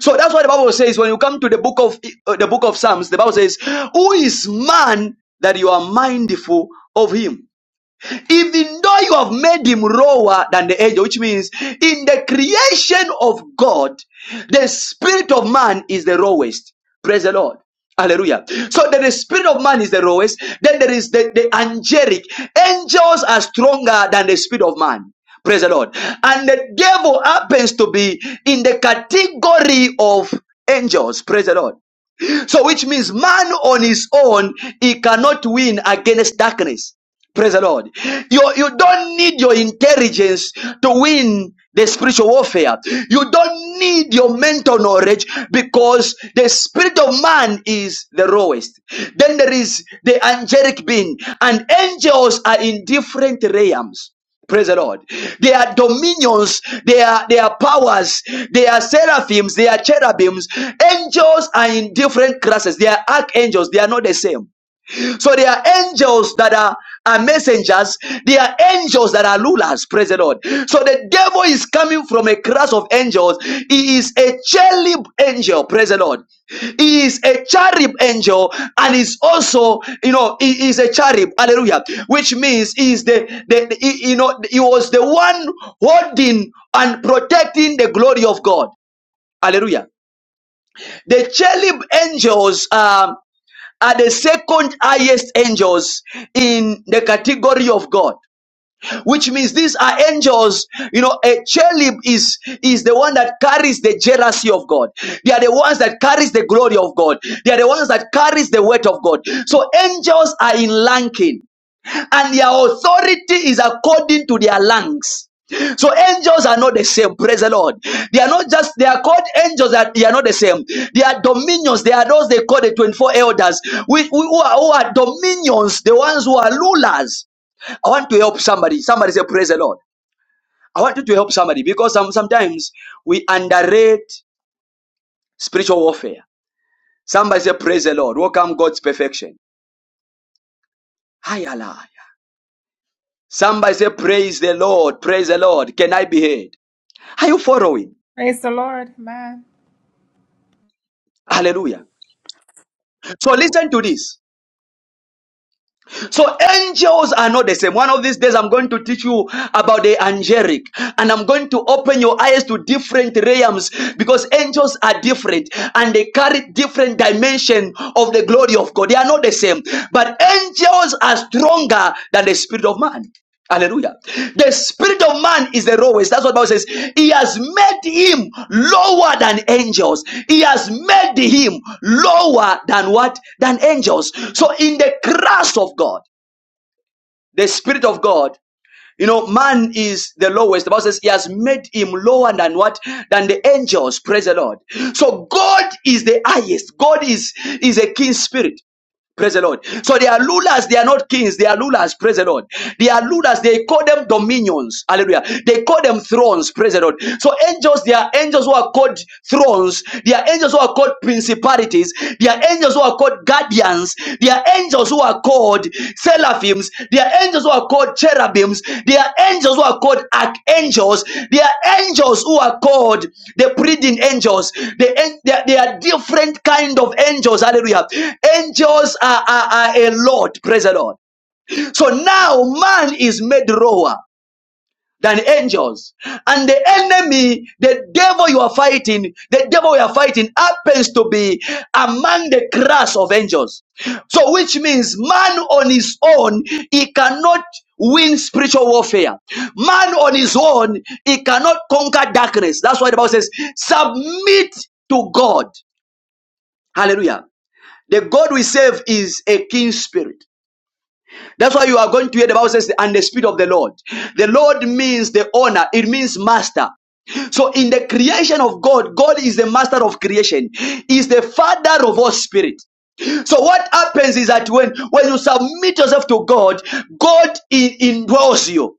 So that's why the Bible says when you come to the book of uh, the book of Psalms, the Bible says, "Who is man that you are mindful of him?" even though you have made him lower than the angel, which means in the creation of God, the spirit of man is the lowest. Praise the Lord. Hallelujah. So then the spirit of man is the lowest. Then there is the, the angelic. Angels are stronger than the spirit of man. Praise the Lord. And the devil happens to be in the category of angels. Praise the Lord. So, which means man on his own, he cannot win against darkness. Praise the Lord. You, you don't need your intelligence to win the spiritual warfare. You don't need your mental knowledge because the spirit of man is the lowest. Then there is the angelic being, and angels are in different realms. Praise the Lord. They are dominions, they are they are powers, they are seraphims, they are cherubims. Angels are in different classes. They are archangels, they are not the same. So there are angels that are, are messengers. There are angels that are rulers. Praise the Lord. So the devil is coming from a class of angels. He is a cherub angel. Praise the Lord. He is a cherub angel and is also, you know, he is a cherub. Hallelujah. Which means he is the, the, the- he- you know, he was the one holding and protecting the glory of God. Hallelujah. The cherub angels um, are the second highest angels in the category of God, which means these are angels. You know, a cherub is is the one that carries the jealousy of God. They are the ones that carries the glory of God. They are the ones that carries the weight of God. So angels are in ranking and their authority is according to their lungs. So angels are not the same. Praise the Lord. They are not just they are called angels. That they are not the same. They are dominions. They are those they call the twenty-four elders. We, we- who, are, who are dominions. The ones who are rulers. I want to help somebody. Somebody say praise the Lord. I want you to help somebody because some, sometimes we underrate spiritual warfare. Somebody say praise the Lord. Welcome God's perfection. Hi Allah. Somebody say praise the Lord. Praise the Lord. Can I be here? Are you following? Praise the Lord. Amen. Hallelujah. So listen to this. So angels are not the same. One of these days I'm going to teach you about the angelic and I'm going to open your eyes to different realms because angels are different and they carry different dimension of the glory of God. They are not the same. But angels are stronger than the spirit of man. Hallelujah. The spirit of man is the lowest. That's what the Bible says. He has made him lower than angels. He has made him lower than what? Than angels. So in the cross of God, the spirit of God you know, man is the lowest. The Bible says he has made him lower than what? Than the angels. Praise the Lord. So God is the highest. God is, is a king spirit. Praise the Lord. So they are rulers, they are not kings, they are rulers, praise the Lord. They are rulers, they call them dominions. Hallelujah. They call them thrones, praise the Lord. So angels, they are angels who are called thrones, they are angels who are called principalities, they are angels who are called guardians, they are angels who are are called seraphims. There are angels who are called cherubims. There are angels who are called archangels. There are angels who are called the pleading angels. The, an- there, there are different kind of angels. Hallelujah. Angels are, are, are a lot. Praise the Lord. So now man is made lower than angels. And the enemy, the devil you are fighting, the devil you are fighting happens to be among the class of angels. So, which means man on his own, he cannot win spiritual warfare. Man on his own, he cannot conquer darkness. That's why the Bible says, submit to God. Hallelujah. The God we serve is a king spirit. That's why you are going to hear the Bible says, and the Spirit of the Lord. The Lord means the owner, it means master. So in the creation of God, God is the master of creation, is the father of all spirit. So what happens is that when, when you submit yourself to God, God in, indwells you.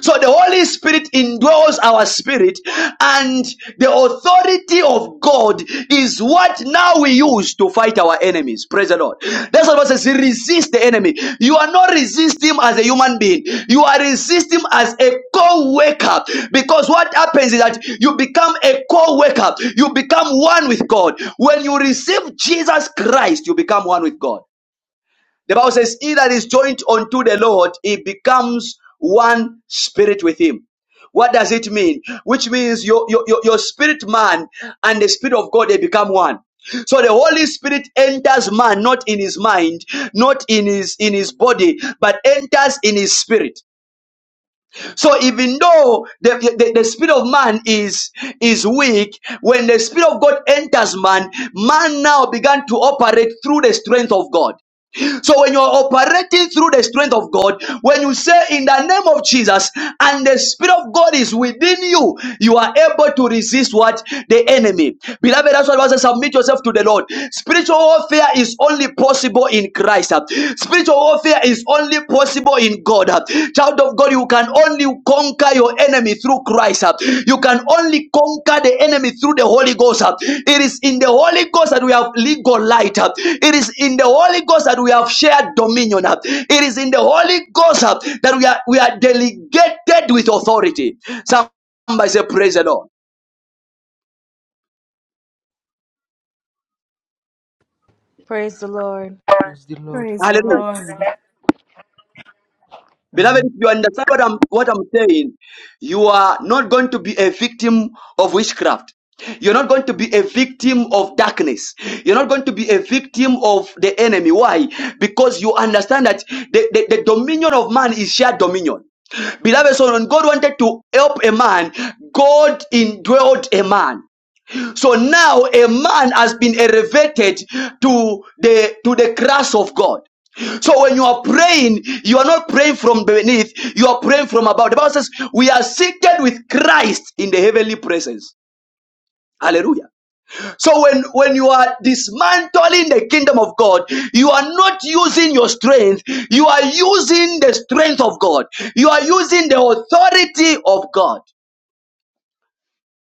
So the Holy Spirit indwells our spirit and the authority of God is what now we use to fight our enemies. Praise the Lord. Lord. That's what the Bible says. Resist the enemy. You are not resisting him as a human being. You are resisting him as a co-worker. Because what happens is that you become a co-worker. You become one with God. When you receive Jesus Christ, you become one with God. The Bible says, He that is joined unto the Lord, he becomes one spirit with him. What does it mean? Which means your, your, your your spirit man and the spirit of God, they become one. So the Holy Spirit enters man, not in his mind, not in his in his body, but enters in his spirit. So even though the, the, the spirit of man is is weak, when the spirit of God enters man, man now began to operate through the strength of God. So when you're operating through the strength of God, when you say in the name of Jesus and the Spirit of God is within you, you are able to resist what? The enemy. Beloved, that's why I says, submit yourself to the Lord. Spiritual warfare is only possible in Christ. Spiritual warfare is only possible in God. Child of God, you can only conquer your enemy through Christ. uh. You can only conquer the enemy through the Holy Ghost. uh. It is in the Holy Ghost that we have legal light. uh. It is in the Holy Ghost that we have shared dominion. uh. It is in the Holy Ghost uh, that we are we are delegated with authority. Somebody say, Praise the Lord. Praise the Lord. Praise the Lord. Praise the Hallelujah. Lord. Beloved, Amen. if you understand what I'm, what I'm saying, you are not going to be a victim of witchcraft. You're not going to be a victim of darkness. You're not going to be a victim of the enemy. Why? Because you understand that the, the, the dominion of man is shared dominion. Beloved, so when God wanted to help a man, God indwelled a man. So now a man has been elevated to the to the grass of God. So when you are praying, you are not praying from beneath, you are praying from above. The Bible says, We are seated with Christ in the heavenly presence. Hallelujah. So when, when you are dismantling the kingdom of God, you are not using your strength, you are using the strength of God, you are using the authority of God.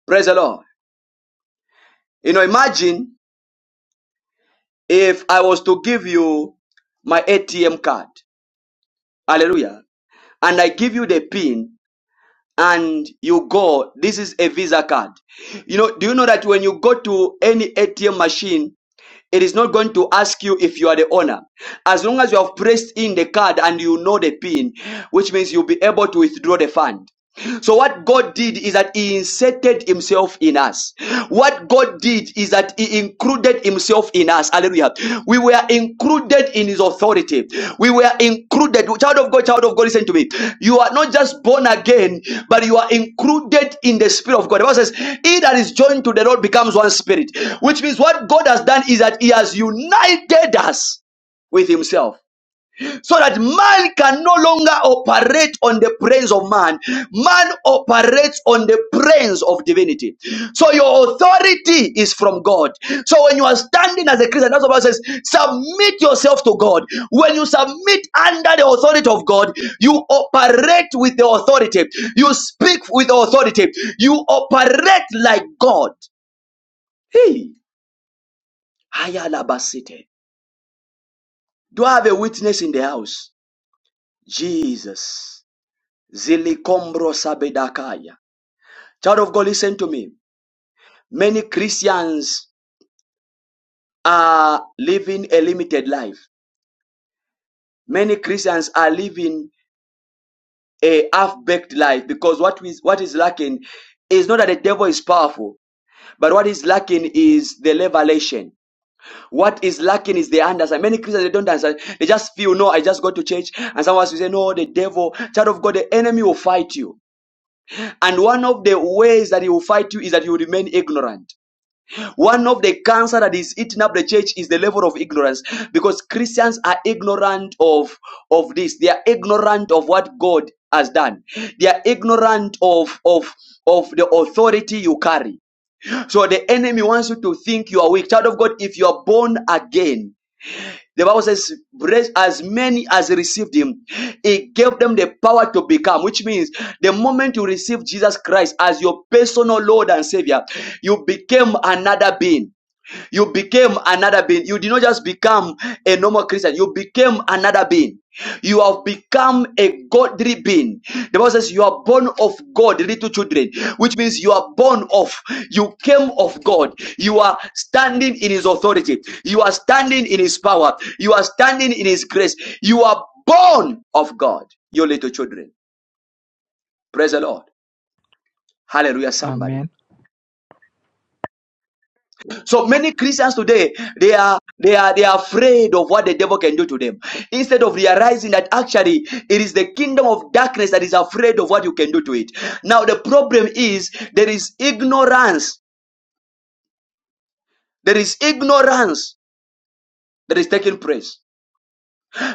Praise the Lord. You know, imagine If I was to give you my ATM card, hallelujah, and I give you the pin and you go, this is a Visa card. You know, do you know that when you go to any ATM machine, it is not going to ask you if you are the owner. As long as you have pressed in the card and you know the pin, which means you'll be able to withdraw the fund. So what God did is that He inserted Himself in us. What God did is that He included Himself in us. Hallelujah. We were included in his authority. We were included. Child of God, child of God, listen to me. You are not just born again, but you are included in the spirit of God. The Bible says, He that is joined to the Lord becomes one spirit, which means what God has done is that He has united us with Himself so that man can no longer operate on the praise of man. Man operates on the praise of divinity. So your authority is from God. So when you are standing as a Christian, that's what Bible says, submit yourself to God. When you submit under the authority of God, you operate with the authority. You speak with authority. You operate like God. Hey, Ayalabasite. Do I have a witness in the house? Jesus. Zilikombro sabedakaya. Child of God, listen to me. Many Christians are living a limited life. Many Christians are living a half-baked life because what is what is lacking is not that the devil is powerful, but what is lacking is the revelation. What is lacking is the understanding. Many Christians they don't understand. They just feel no. I just go to church, and someone will say, "No, the devil, child of God, the enemy will fight you." And one of the ways that he will fight you is that you remain ignorant. One of the cancer that is eating up the church is the level of ignorance because Christians are ignorant of, of this. They are ignorant of what God has done. They are ignorant of, of, of the authority you carry. So the enemy wants you to think you are weak. Child of God, if you are born again, the Bible says, "Bless as many as received him, he gave them the power to become, which means the moment you receive Jesus Christ as your personal Lord and Savior, you became another being. You became another being. You did not just become a normal Christian. You became another being. You have become a godly being. The Bible says you are born of God, little children, which means you are born of, you came of God. You are standing in His authority. You are standing in His power. You are standing in His grace. You are born of God, your little children. Praise the Lord. Hallelujah, somebody. Amen. So many Christians today they are they are they are afraid of what the devil can do to them. Instead of realizing that actually it is the kingdom of darkness that is afraid of what you can do to it. Now the problem is there is ignorance. There is ignorance that is taking place.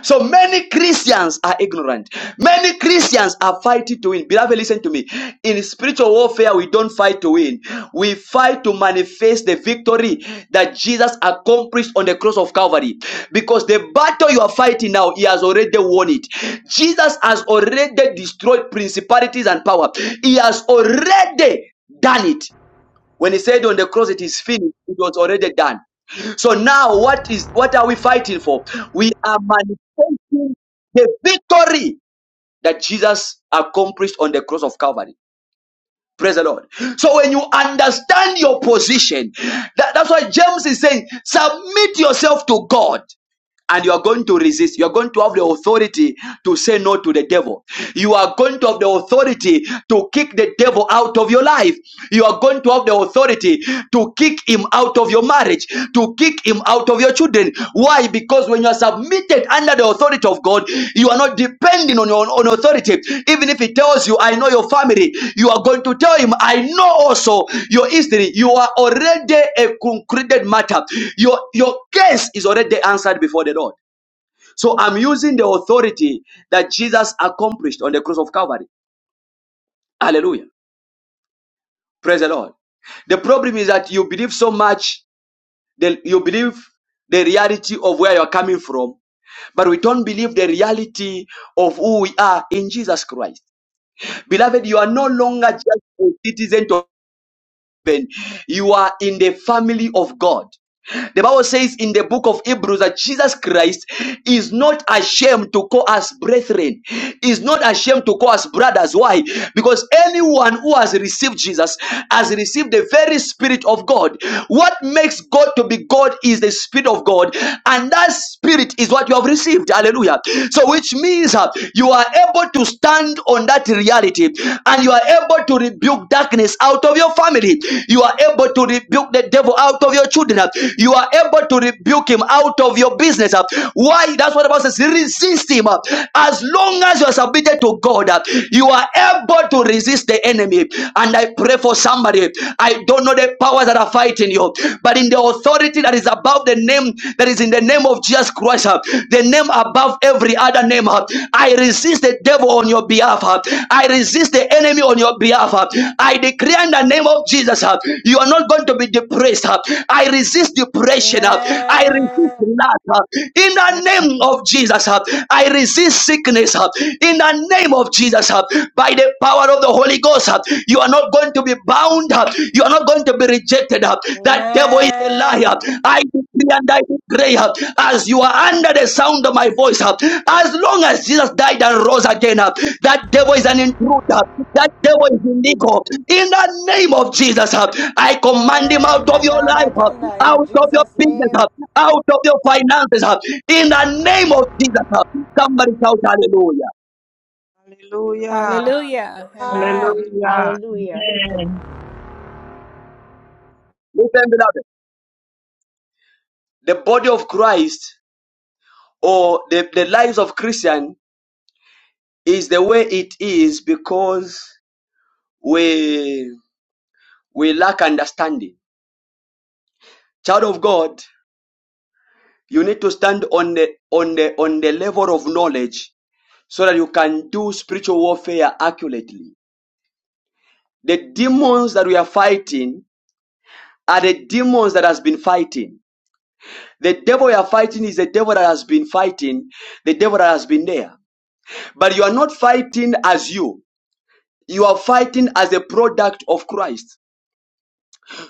So many Christians are ignorant. Many Christians are fighting to win. Beloved, listen to me. In spiritual warfare, we don't fight to win. We fight to manifest the victory that Jesus accomplished on the cross of Calvary. Because the battle you are fighting now, he has already won it. Jesus has already destroyed principalities and power. He has already done it. When he said on the cross it is finished, it was already done. So now what is what are we fighting for? We are manifesting the victory that Jesus accomplished on the cross of Calvary. Praise the Lord. So when you understand your position, that- that's why James is saying, submit yourself to God and you are going to resist. You are going to have the authority to say no to the devil. You are going to have the authority to kick the devil out of your life. You are going to have the authority to kick him out of your marriage, to kick him out of your children. Why? Because when you are are submitted under the authority of God, you are not depending on your own authority. Even if He tells you, I know your family, you are going to tell Him, I know also your history. You are already a concluded matter. Your, your case is already answered before the Lord. So I'm using the authority that Jesus accomplished on the cross of Calvary. Hallelujah. Praise the Lord. The problem is that you believe so much, that you believe the reality of where you're coming from, but we don't believe the reality of who we are in Jesus Christ. Beloved, you are no longer just a citizen of heaven, you are in the family of God. The Bible says in the book of Hebrews that Jesus Christ is not ashamed to call us brethren, is not ashamed to call us brothers. Why? Because anyone who has received Jesus has received the very Spirit of God. What makes God to be God is the Spirit of God, and that Spirit is what you have received. Hallelujah. So, which means uh, you are able to stand on that reality and you are able to rebuke darkness out of your family. You are able to rebuke the devil out of your children. You are able to rebuke him out of your business. Why? That's what the Bible says. Resist him. As long as you are submitted to God, you are able to resist the enemy. And I pray for somebody. I don't know the powers that are fighting you, but in the authority that is above the name that is in the name of Jesus Christ, the name above every other name, I resist the devil on your behalf. I resist the enemy on your behalf. I declare declare in the name of Jesus, uh, you are not going to be depressed. uh. I resist depression. uh. I resist Amen. lack. uh. In the name of Jesus, uh, I resist sickness. uh. In the name of Jesus, uh, by the power of the Holy Ghost, uh, you are not going to be bound. uh. You are not going to be rejected. uh. That devil is a Amen. liar. I decree and I declare, uh, as you are under the sound of my voice, uh, as long as Jesus died and rose again, uh, that devil is an intruder. That devil is illegal. In the name of Jesus, uh, I command him Amen. out By of your fire, life, by uh, thunder, in out of your Jesus' business, uh, name. out of your finances. uh, In the name of Jesus, uh. somebody shout hallelujah. Hallelujah. Hallelujah. Ah, Amen. Hallelujah. Hallelujah. Amen. Listen, beloved. The body of Christ or the, the lives of Christian is the way it is because we we lack understanding. Child of God, you need to stand on the on the on the level of knowledge so that you can do spiritual warfare accurately. The demons that we are fighting are the demons that has been fighting. The devil you are fighting is the devil that has been fighting, the devil that has been there. But you are not fighting as you. You are fighting as a product of Christ.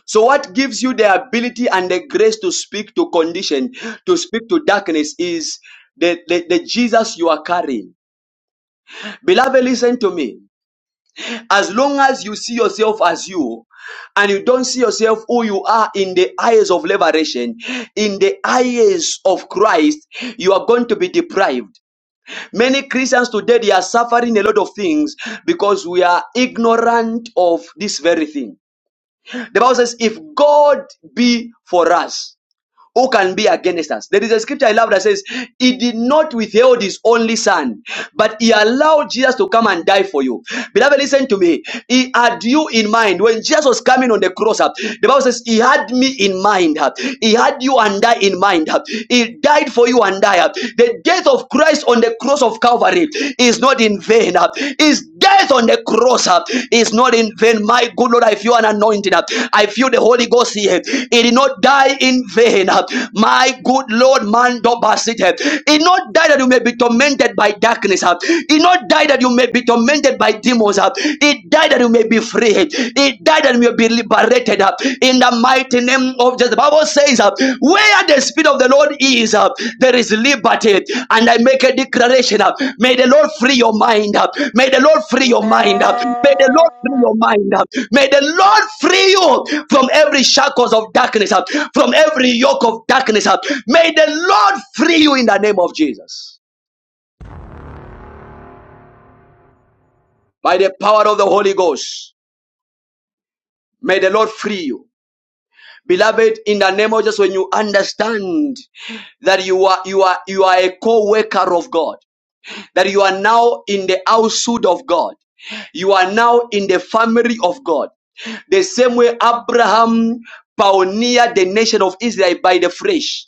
So what gives you the ability and the grace to speak to condition, to speak to darkness is the, the, the Jesus you are carrying. Beloved, listen to me. As long as you see yourself as you and you don't see yourself who you are in the eyes of liberation, in the eyes of Christ, you are going to be deprived. Many Christians today they are suffering a lot of things because we are ignorant of this very thing. The Bible says, if God be for us, who can be against us? There is a scripture I love that says, He did not withhold His only Son, but He allowed Jesus to come and die for you. Beloved, listen to me. He had you in mind. When Jesus was coming on the cross, uh, the Bible says, He had me in mind. uh, He had you and I in mind. uh, He died for you and I. uh. The death of Christ on the cross of Calvary is not in vain in vain. uh, His death on the cross uh, is not in vain. My good Lord, I feel an anointing. uh, I feel the Holy Ghost here. He did not die in vain. uh, My good Lord, man, don't pass it. uh, He did not die that you may be tormented by darkness. uh, He did not die that you may be tormented by demons. uh, He died that you may be free. He died that you may be liberated. uh, In the mighty name of Jesus. The Bible says, uh, Where the Spirit of the Lord is, uh, there is liberty. And I make a declaration uh, May the Lord free your mind up. May the Lord free your mind up. May the Lord free Amen. your mind up. May the Lord free you from every shackles of darkness up, from every yoke of darkness up. May the Lord free you in the name of Jesus. By the power of the Holy Ghost, may the Lord free you. Beloved, in the name of Jesus, when you understand that you are you are you are a co-worker of God, that you are now in the household of God, you are now in the family of God. The same way Abraham pioneered the nation of Israel by the flesh.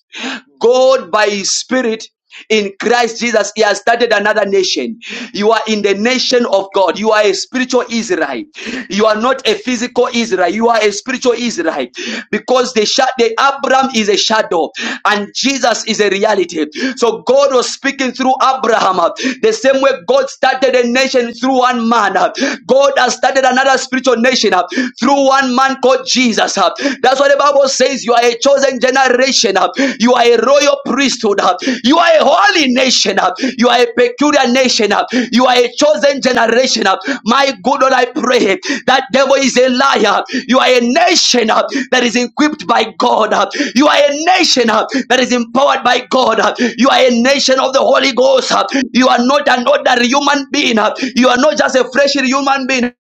God by his spirit in Christ Jesus, He has started another nation. You are in the nation of God. You are a spiritual Israel. You are not a physical Israel. You are a spiritual Israel because the, the Abraham is a shadow and Jesus is a reality. So God was speaking through Abraham uh, the same way God started a nation through one man. uh, God has started another spiritual spiritual nation uh, through one man called Jesus. uh. That's what the Bible says. You are a chosen generation. uh. You are a royal priesthood. uh. You are a holy nation. uh. You are a peculiar nation. uh. You are a chosen generation. uh. My good Lord, I pray that devil is a liar. You are a nation uh, that is equipped by God. uh. You are a nation uh, that is empowered by God. uh. You are a nation of the Holy Ghost. uh. You are not an ordinary human being. uh. You are not just a fresh human being.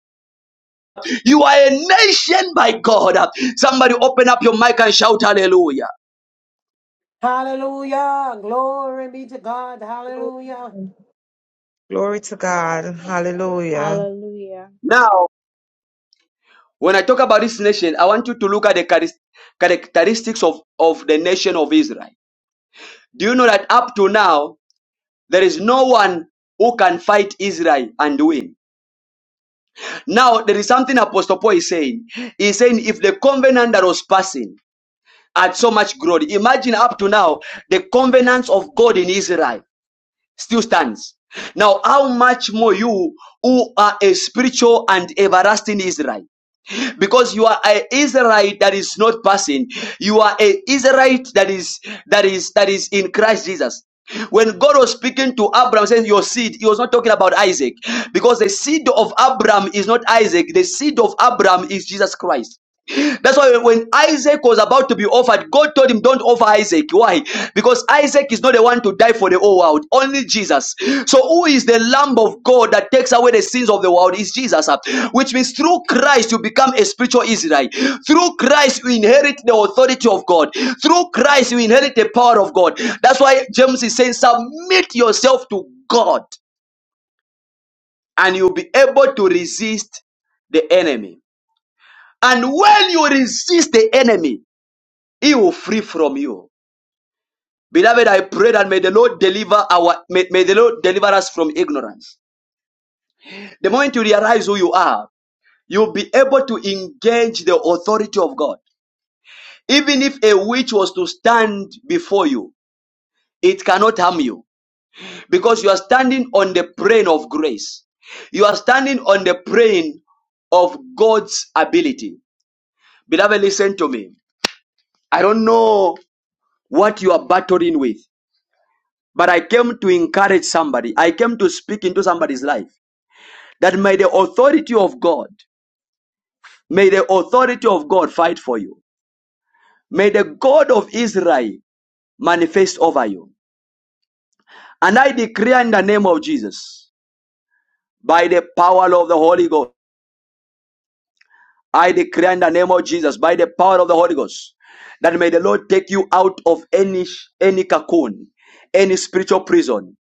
You are a nation by God. Somebody open up your mic and shout hallelujah. Hallelujah. Glory be to God. Hallelujah. Glory to God. Hallelujah. Hallelujah. Now, when I talk about this nation, I want you to look at the charis- characteristics of, of the nation of Israel. Do you know that up to now, there is no one who can fight Israel and win? Now, there is something Apostle Paul is saying. He's saying if the covenant that was passing had so much glory, imagine up to now the covenants of God in Israel. still stands. Now, how much more you who are a spiritual and everlasting Israel? Because you are an Israelite that is not passing. You are an Israelite that is that is that is in Christ Jesus. When God was speaking to Abraham, saying your seed, he was not talking about Isaac. Because the seed of Abraham is not Isaac, the seed of Abraham is Jesus Christ. That's why when Isaac was about to be offered, God told him, Don't offer Isaac. Why? Because Isaac is not the one to die for the whole world, only Jesus. So, who is the Lamb of God that takes away the sins of the world? Is Jesus. Which means through Christ, you become a spiritual Israel. Through Christ, you inherit the authority of God. Through Christ, you inherit the power of God. That's why James is saying, Submit yourself to God, and you'll be able to resist the enemy. And when you resist the enemy, he will free from you. Beloved, I pray that may the Lord deliver our may, may the Lord deliver us from ignorance. The moment you realize who you are, you'll be able to engage the authority of God. Even if a witch was to stand before you, it cannot harm you because you are standing on the plane of grace. You are standing on the plane of God's ability. Beloved, listen to me. I don't know what you are battling with. but I came to encourage somebody. I came to speak into somebody's life that may the authority of God, may the authority of God fight for you. May the God of Israel manifest over you. And I declare in the name of Jesus, by the power of the Holy Ghost, I declare in the name of Jesus, by the power of the Holy Ghost, that may the Lord take you out of any any cocoon, any spiritual prison.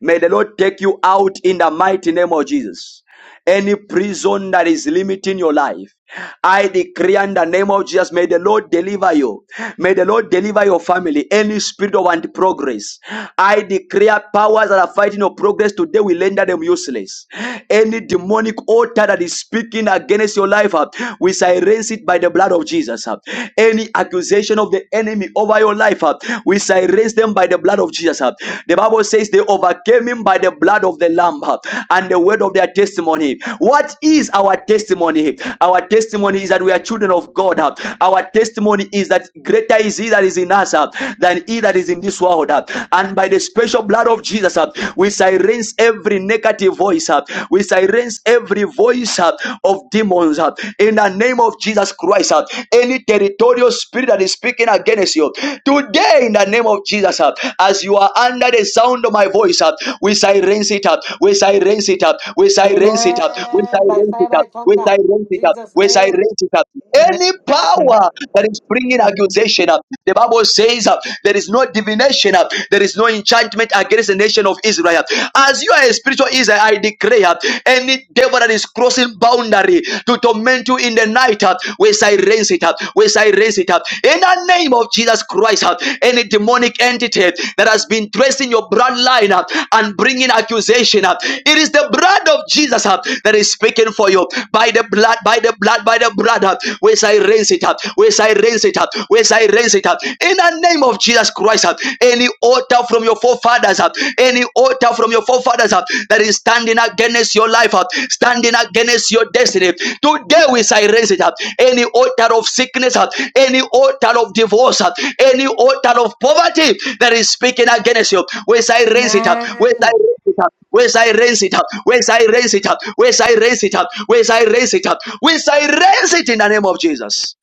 May the Lord take you out in the mighty name of Jesus. any prison that is limiting your life. I decree in the name of Jesus, may the Lord deliver you. May the Lord deliver your family. Any spirit of anti-progress. I declare powers that are fighting your progress today will render them useless. Any demonic altar that is speaking against your life, uh, we silence it by the blood of Jesus. uh. Any accusation manipulation of the enemy over your life. uh, We silence them by the blood of Jesus. uh. The Bible says they overcame him by the blood of the Lamb uh, and the word of their testimony. What is our testimony? Our testimony is that we are children of God. uh. Our testimony is that greater is He that is in us uh, than He that is in this world. uh. And by the special blood of Jesus, uh, we silence silence every negative voice. uh, We silence every voice uh, of demons uh, in the name of Jesus Christ. uh, Any territorial spirit that is speaking against you today, in the name of Jesus, uh, as you are under the sound of my voice, uh, we silence it up. We silence it up. We silence it up. We Amen. By silence it fire, up. by We thunder, silence in it up. Jesus' We name. silence it up. Amen. Any Amen. power that is bringing Amen. accusation. The Bible says uh, there is no divination, uh, there is no enchantment against the nation of Israel. As you are a spiritual Israel, I declare uh, any devil that is crossing boundary to torment you in the night, uh, we silence it up, we silence it up. In the name of Jesus Christ, uh, any demonic entity that has been tracing your bloodline up uh, and bringing accusation, up, uh, it is the blood of Jesus uh, that is speaking for you. By the blood, by the blood, by the blood, uh, we silence it up, we silence it up. Whereas I raise it up. In the name of Jesus Christ, uh, any altar from your forefathers, uh, any altar from your forefathers uh, that is standing against your life, uh, standing against your destiny. Today we say raise it up. Any altar of sickness, uh, any altar of divorce, uh, any altar of poverty that is speaking against you. We I raise it up. We I Amen. raise it up. We I raise it up. We I raise it up. We I raise it up. We I raise it up. We I raise it in the name of Jesus.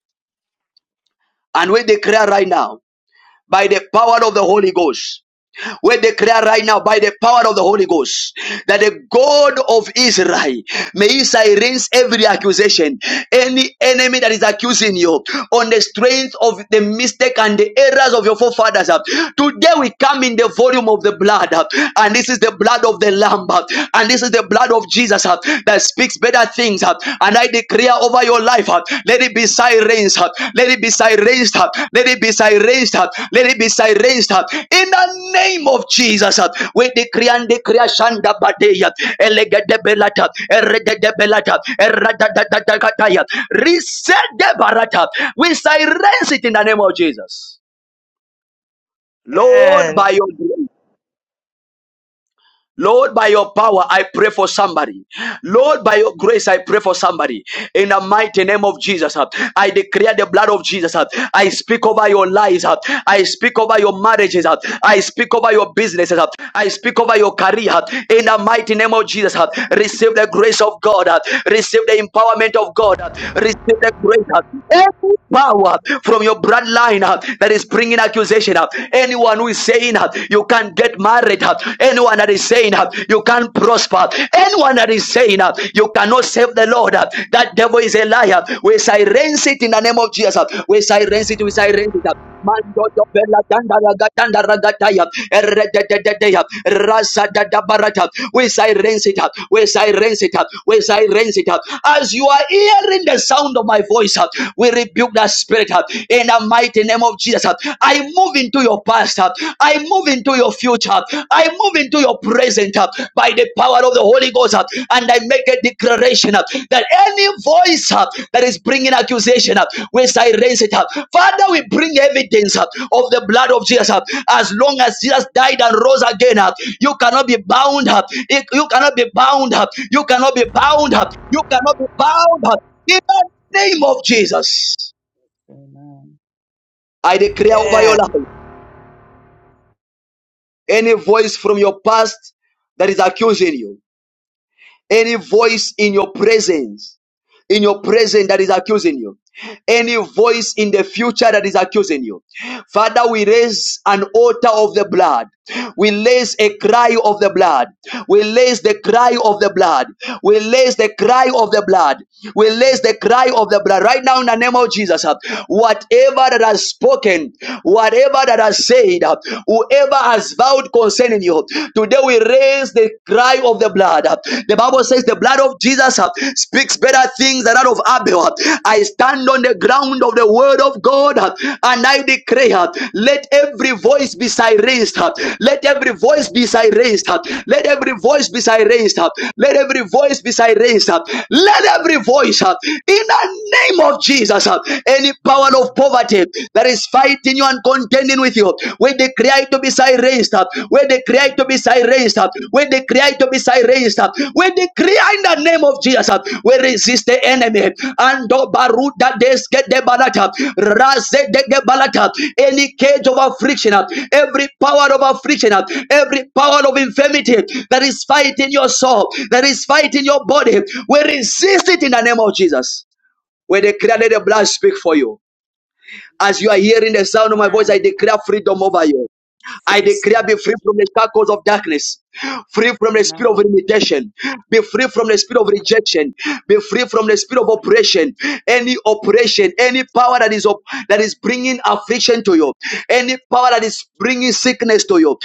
And we declare right now, by the power of the Holy Ghost, we declare right now, by the power of the Holy Ghost, that the God of Israel may silence every accusation, any enemy that is accusing you on the strength of the mistake and the errors of your forefathers. Today we come in the volume of the blood, and this is the blood of the Lamb, and this is the blood of Jesus that speaks better things things uh, and I declare over your life uh, let it be silenced uh, let it be Amen. silenced uh, let it be silenced uh, let it be silenced uh, in the name of Jesus uh, we decree and declare Shanda Badeya Elegede Belata Eredede Belata Eradadadadakataya Reset the Barata we silence it in the name of Jesus Lord by your grace Lord, by your power, I pray for somebody. Lord, by your grace, I pray for somebody. In the mighty name of Jesus, uh, I declare the blood of Jesus. uh, I speak over your lives. uh, I speak over your marriages. uh, I speak over your businesses. uh, I speak over your career. uh, In the mighty name of Jesus, uh, receive the grace of God. uh, Receive the empowerment of God. uh, Receive the grace. uh, Every power from your bloodline uh, that is bringing accusation. uh, Anyone Anyone who is saying uh, you can't get married, uh, anyone that is saying uh, you can't prosper, anyone that is saying uh, you cannot save the Lord, uh, that devil is a liar. We silence it in the name of Jesus. uh, We silence it. We silence it. uh. Mando do bella danda raga danda We silence it up. We silence it up. We silence it up. As you are hearing the sound of my voice, uh, we rebuke that spirit. uh, in the mighty name of Jesus. I move into your past. I move into your future. I move into Amen. your present by the power of the Holy Ghost. And I make a declaration that any voice that is bringing accusation, we silence it. Father, we Amen. bring evidence of the blood of Jesus. As long as Jesus died and rose again, you cannot be bound. You cannot be bound. You cannot be bound. You cannot be bound. In the Amen. name of Jesus. Amen. Amen. I declare over your life any voice from your past that is accusing you. Any voice in your presence, in your presence that is accusing you. Any voice in the future that is accusing you. Father, we raise an altar of the blood. We raise a cry of the blood. We raise the cry of the blood. We raise the cry of the blood. We raise Amen. Amen. the cry of the blood. Right now, in the name of Jesus, uh, whatever that has spoken, whatever that has said, uh, whoever has vowed concerning you, today we raise the cry of the blood blood. uh, The Bible says the blood of Jesus uh, speaks better things than that of Abel. uh. I stand on the ground of the word of God uh, and I declare, uh, let every voice be silenced. uh. Let every Amen. voice be silenced. uh. Let every voice be silenced. uh. Let every voice be silenced. uh. Let every Amen. voice uh, in the name of Jesus, uh, any power of Amen. poverty that is fighting you and contending with you. When they cry to be silenced, when they cry to be Amen. silenced, when they cry to be silenced, when they cry in the name of Jesus, we resist the enemy. And baruda deske de balata, raze de ge balata, any cage of affliction, every power of affliction, every power of infirmity that is fighting your soul, that is fighting your body, we resist it in the name of Jesus. When they cry, let the blood speak for you. As you are hearing the sound of my Amen. voice, I declare freedom over you. I Yes, declare be Lord. free from the shackles of darkness, free from the spirit Amen. Amen. of limitation, be free from the spirit of rejection, be free from the spirit of oppression. Any oppression, any power that is op- that is bringing affliction to you, any power that is bringing sickness to you,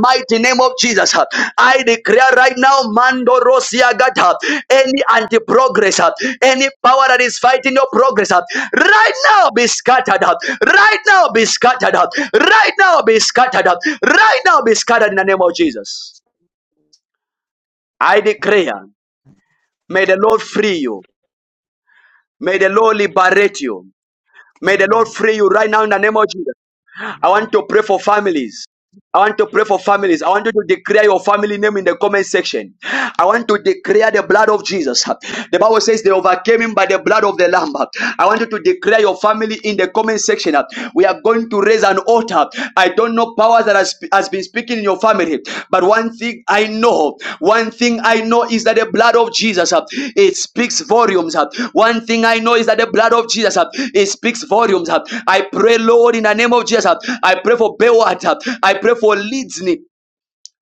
mighty name of Jesus. uh, I declare right now, Mando Rosia Gata, any anti progress, any power that is fighting your progress, uh, right now be scattered up, right now be scattered up, right now be scattered up, right now be scattered in the name of Jesus. I declare, may the Lord free you, may the Lord liberate you, may Amen. Amen. Amen. the Lord free you right now in the name of Jesus. I want to pray for families. I want to pray for families. I want you to declare your family name in the comment section. I want to declare the blood of Jesus. The Bible says they overcame him by the blood of the Lamb. I want you to declare your family in the comment section. We are going to raise an altar. I don't know powers that has, has been speaking in your family. But one thing I know, one thing I know is that the blood of Jesus, uh, it speaks volumes. uh. One thing I know is that the blood of Jesus, uh, it speaks volumes. uh. I pray, Lord, in the name of Jesus, uh, I pray for Bewat, uh, I pray for Leeds,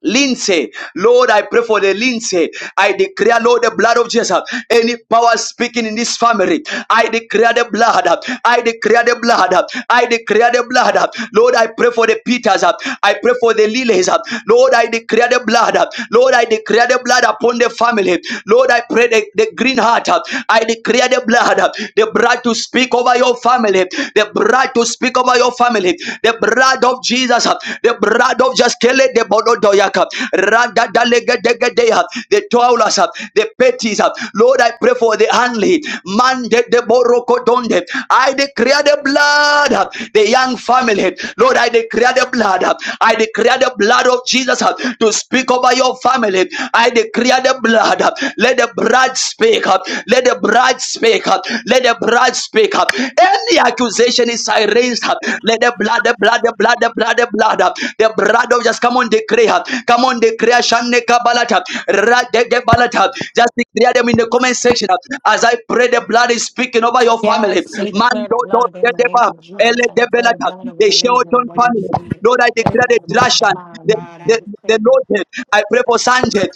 Lindsay, Lord, I pray for the Lindsay. I declare, Lord, the blood of Jesus. Any power speaking in this family, I declare the blood. I declare the blood. I declare the blood. Lord, I pray for the Peters. I pray for the Lilies. Lord, I declare the blood. Lord, I declare the blood upon the family. Lord, I pray the, the green heart. I declare declare the blood, the blood to speak over your family, the blood to speak over your family, the blood of Jesus, the blood of just Jaskele de Bododoyaka, Randa Dalegedegedeya, the Taulas, the Petties. Lord, I pray for the only man de de Borokodonde. I declare the blood, the young family. Lord, I declare declare the blood. I declare the blood of Jesus to speak over your family. I declare the blood. Let the blood speak. Let the blood speak. Let the blood speak. Any accusation is erased. Let the blood, the blood, the blood, the blood, the blood, the blood of just come on declare. Come on declare. Shanne Balata. Rade balata. Just declare them in the comment section. As I pray, the blood is speaking over your family. Yes, we Man do declare the not do blood in not the name deba. of Ele Jesus. I de declare the belata. blood over The the ladies and the Shelton body of the family. family. Lord, I That it declare is the the most of Russian, our the God. I the, the declare Lord, I pray for God. Sanchez,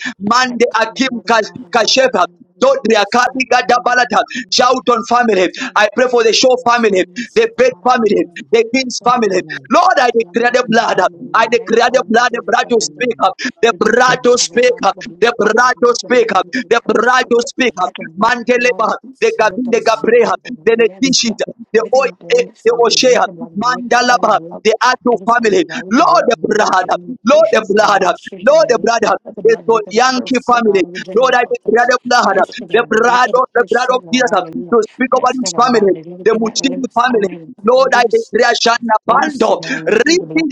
I Mande declare the Akim blood of Kash- God over the Kashepa, family. That it is the Dodria most of Kaliga our Dabalata, God. Shouton We family. Declare the I pray blood of for the God Shaw of the family, family, the set Bed out on the family, earth. the We King's declare the blood family. of Amen. Jesus, Lord, I the declare blood. the of the blood. family, I Amen. Amen. God, every declare the family that blood, is the blood to represented. speak up, the We declare the blood to blood of speak God, let up, the blood the cover blood me, to let the speak blood up, do the the curse, blood God. to speak up. Jesus. Let the blood of the Lord of Manteleba, the peace, Blood, Gabin, the the Yes. Gabreha, servant of his over the my yes, God. Netishita, the Everything Oy, that eh, limits the families, let Oshea, the blood break it, every Mandalaba, blood, they are two every family, family. God, let the Lord blood the break brother, every Lord the limitation, oh yes, yes. God, brother, every street that Lord they the live, brother. let the It's blood for break every Yankee curse, oh family. God, every Lord, The I generational declare curse. the blood, blood, Mighty the God, break blood every of the blood curse, of oh Jesus God, hallelujah. to speak over That's this gonna the blood, family. bind it. The Everything that Muchini limps, I family, mean, Lord, it's I loose. declare Shana Praise to Bando, God, we through the blood.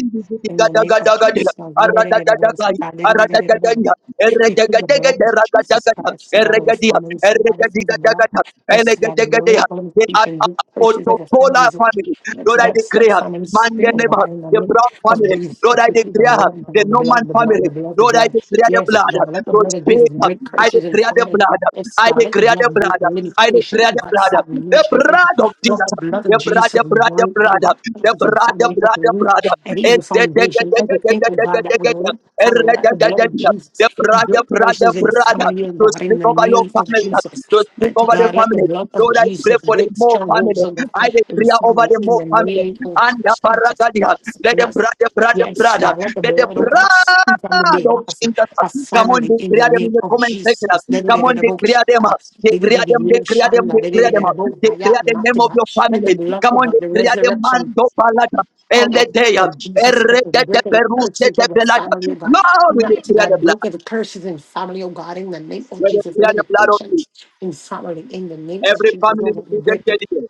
In the name of Jesus, God, we did it, we said, God, did it, we did it, we did it. We plead the blood of Jesus Christ, the God of our the families, somebody in the blood. Yes, God, glory, they are glorification, we purchase of our Otopola families. oh God. family. Lord, Let I God set declare. families free, oh Mandeleba, God, in the the name Brown of family. Jesus. Lord, As I we plead the declare blood, blood. the God, the Norman blood, the blood, the family. Over blood, the Lord, I blood. declare the Yes, blood God, let the to blood of Jesus speak. break things, I curses and things declare the families. blood. Yes, I like God, let the declare blood the break blood. the I limitation, declare oh the God, blood. The stagnation, blood of let Jesus. the blood The of blood, Jesus the blood, the anoint and blood. The baptize and blood, the family of blood, the the root blood. and And even The the- the- the- foundation, the- the- everything of the- the- God that we the- the- live, and family, the- let the- the the- blood the- of the- Jesus the blood, the build blood, the persons in blood. family and To God in speak the over your name of family. Jesus. To speak Mighty over the God, let the family. blood of Lord, I pray Jesus for the break more family. strongholds of I God in declare over family the in more the family. name of And Anda Jesus paragadia. Let the Christ. brother, brother, Yes, brother, the blood, huh? God, let the let the blood of God speak on the blood of behalf of Jesus huh? our come on, family in the declare them name in the of comment Jesus. section. huh? Let Come on, the declare them. up. Declare them, declare them, declare them. up. Declare the name of your family. blood Come of on, God, the declare the man resurrection do palata. El power de dea, of Jesus erre Christ, de de break the peruse curses de of the belata. family of God. Lord, we Not to declare the God, break blood. the curses in family of God in the name of We Jesus. declare the blood of Limitations Jesus. in family in the name of Every Jesus. family Oh is God, break represented it. here.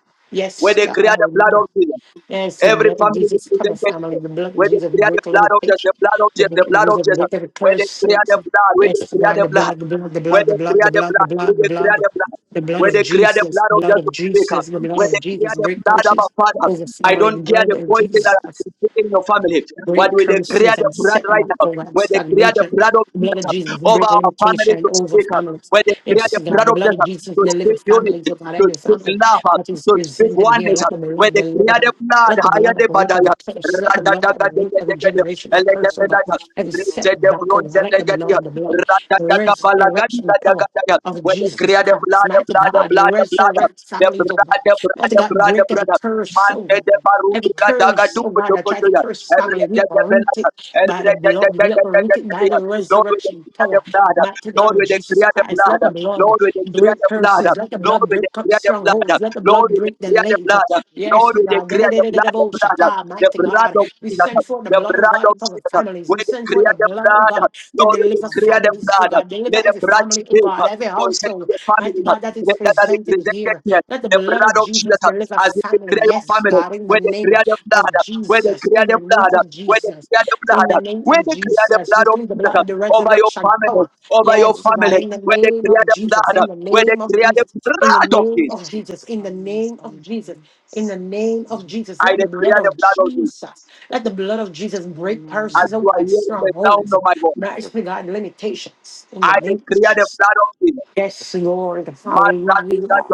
We Yes, God, declare the blood hallelujah. of Jesus. Yes, the Every blood of family Jesus cover represented family. here, The blood of where they Jesus clear the break blood of Jesus, limitation. the blood of The Jesus, the blood of blood of Jesus break Jesus, every where they curse. clear the blood, where they Yes, clear God, the the blood blood, the blood, the where blood, the they blood, clear the the blood, the blood, where blood, the they clear blood, the blood, the blood where of they clear the Jesus, blood of blood Jesus of to speak up, Jesus, the blood where of they clear Jesus the break blood of curses our father. over I family. don't The care blood the of poison that Jesus is in your family, but great we declare curses the and blood setting right up now, for that where they clear the stagnation. blood of The blood of Jesus Jesus over break our family to limitation over speak up, families. where they clear Yes, the God. blood The of blood of Jesus Jesus to speak delivers families, unity, oh God, to every speak family love, that is to speak presented here. oneness, Let the where blood they deliver clear the them. blood Let the higher blood of the the root of the badaya. curse, let the blood of the root of the Ratatagadegedegede, generational curse, oh God, elegebenada, every setback, oh God, let the ritsedebrondedegedia, blood, the blood, the resurrection power Ra-da-da-ga-ba-la-ga-di-ga-da-ga-da-ga. of When they Jesus clear the blood, Christ. the Mighty blood, the God, blood, the blood, resurrect the families, oh God. blood, the blood, Mighty the God, blood, the break every blood. curse, Man, oh the God. the baru, Every the ga da ga curse, du oh pu God, du I pu try du to ya. curse Erre family. We de de are be la rooted ga. Erre by the de de de blood. de We are de de de rooted de by ya. the Lord, we resurrection power. that. Mighty God of Jesus declare the Christ, Amen. let blood. the blood Lord, we declare break the blood. curses. Let the Lord, blood we break up declare the blood. strongholds. Let the blood Lord, we break declare the delays. blood. Yes, Lord, we God. declare the blood. Lord, we declare the blood, the Da-da-da-da-da-da-bo, shata, blood, the Mighty blood God, of we Jesus, send forth the the blood, oh blood God, to of cover Jesus. families. We We send forth declare the the blood, oh blood. God, to Lord, we deliver declare the families, oh blood. God. Deliver Let the every blood family, oh speak God, every concerning household. your family. Mighty Let God, that is that are presented represented here. here. Let the The blood of blood of Jesus Jesus deliver as we family. declare your Yes, family. God, in the Where they name create the blood. of Where they Jesus. create In the the name blood. of Where they Jesus. create the In blood. the name Where of they create the Jesus. We blood of plead the Jesus blood of the over your resurrection family. power. Over your Yes, God, family. in the Where they name of create the Jesus. blood. In the Where they name of create the Jesus. In the blood of name of Jesus. Jesus. In the name of Jesus. In the name of Jesus. I Let the blood declare the of blood of Jesus. Jesus. Let the blood of Jesus break As curses Amen. you of are God's hearing the sound strongholds. of my voice, Mighty God, limitations. In I the name of declare the Jesus. blood of Jesus. Yes, Lord. Master, Hallelujah.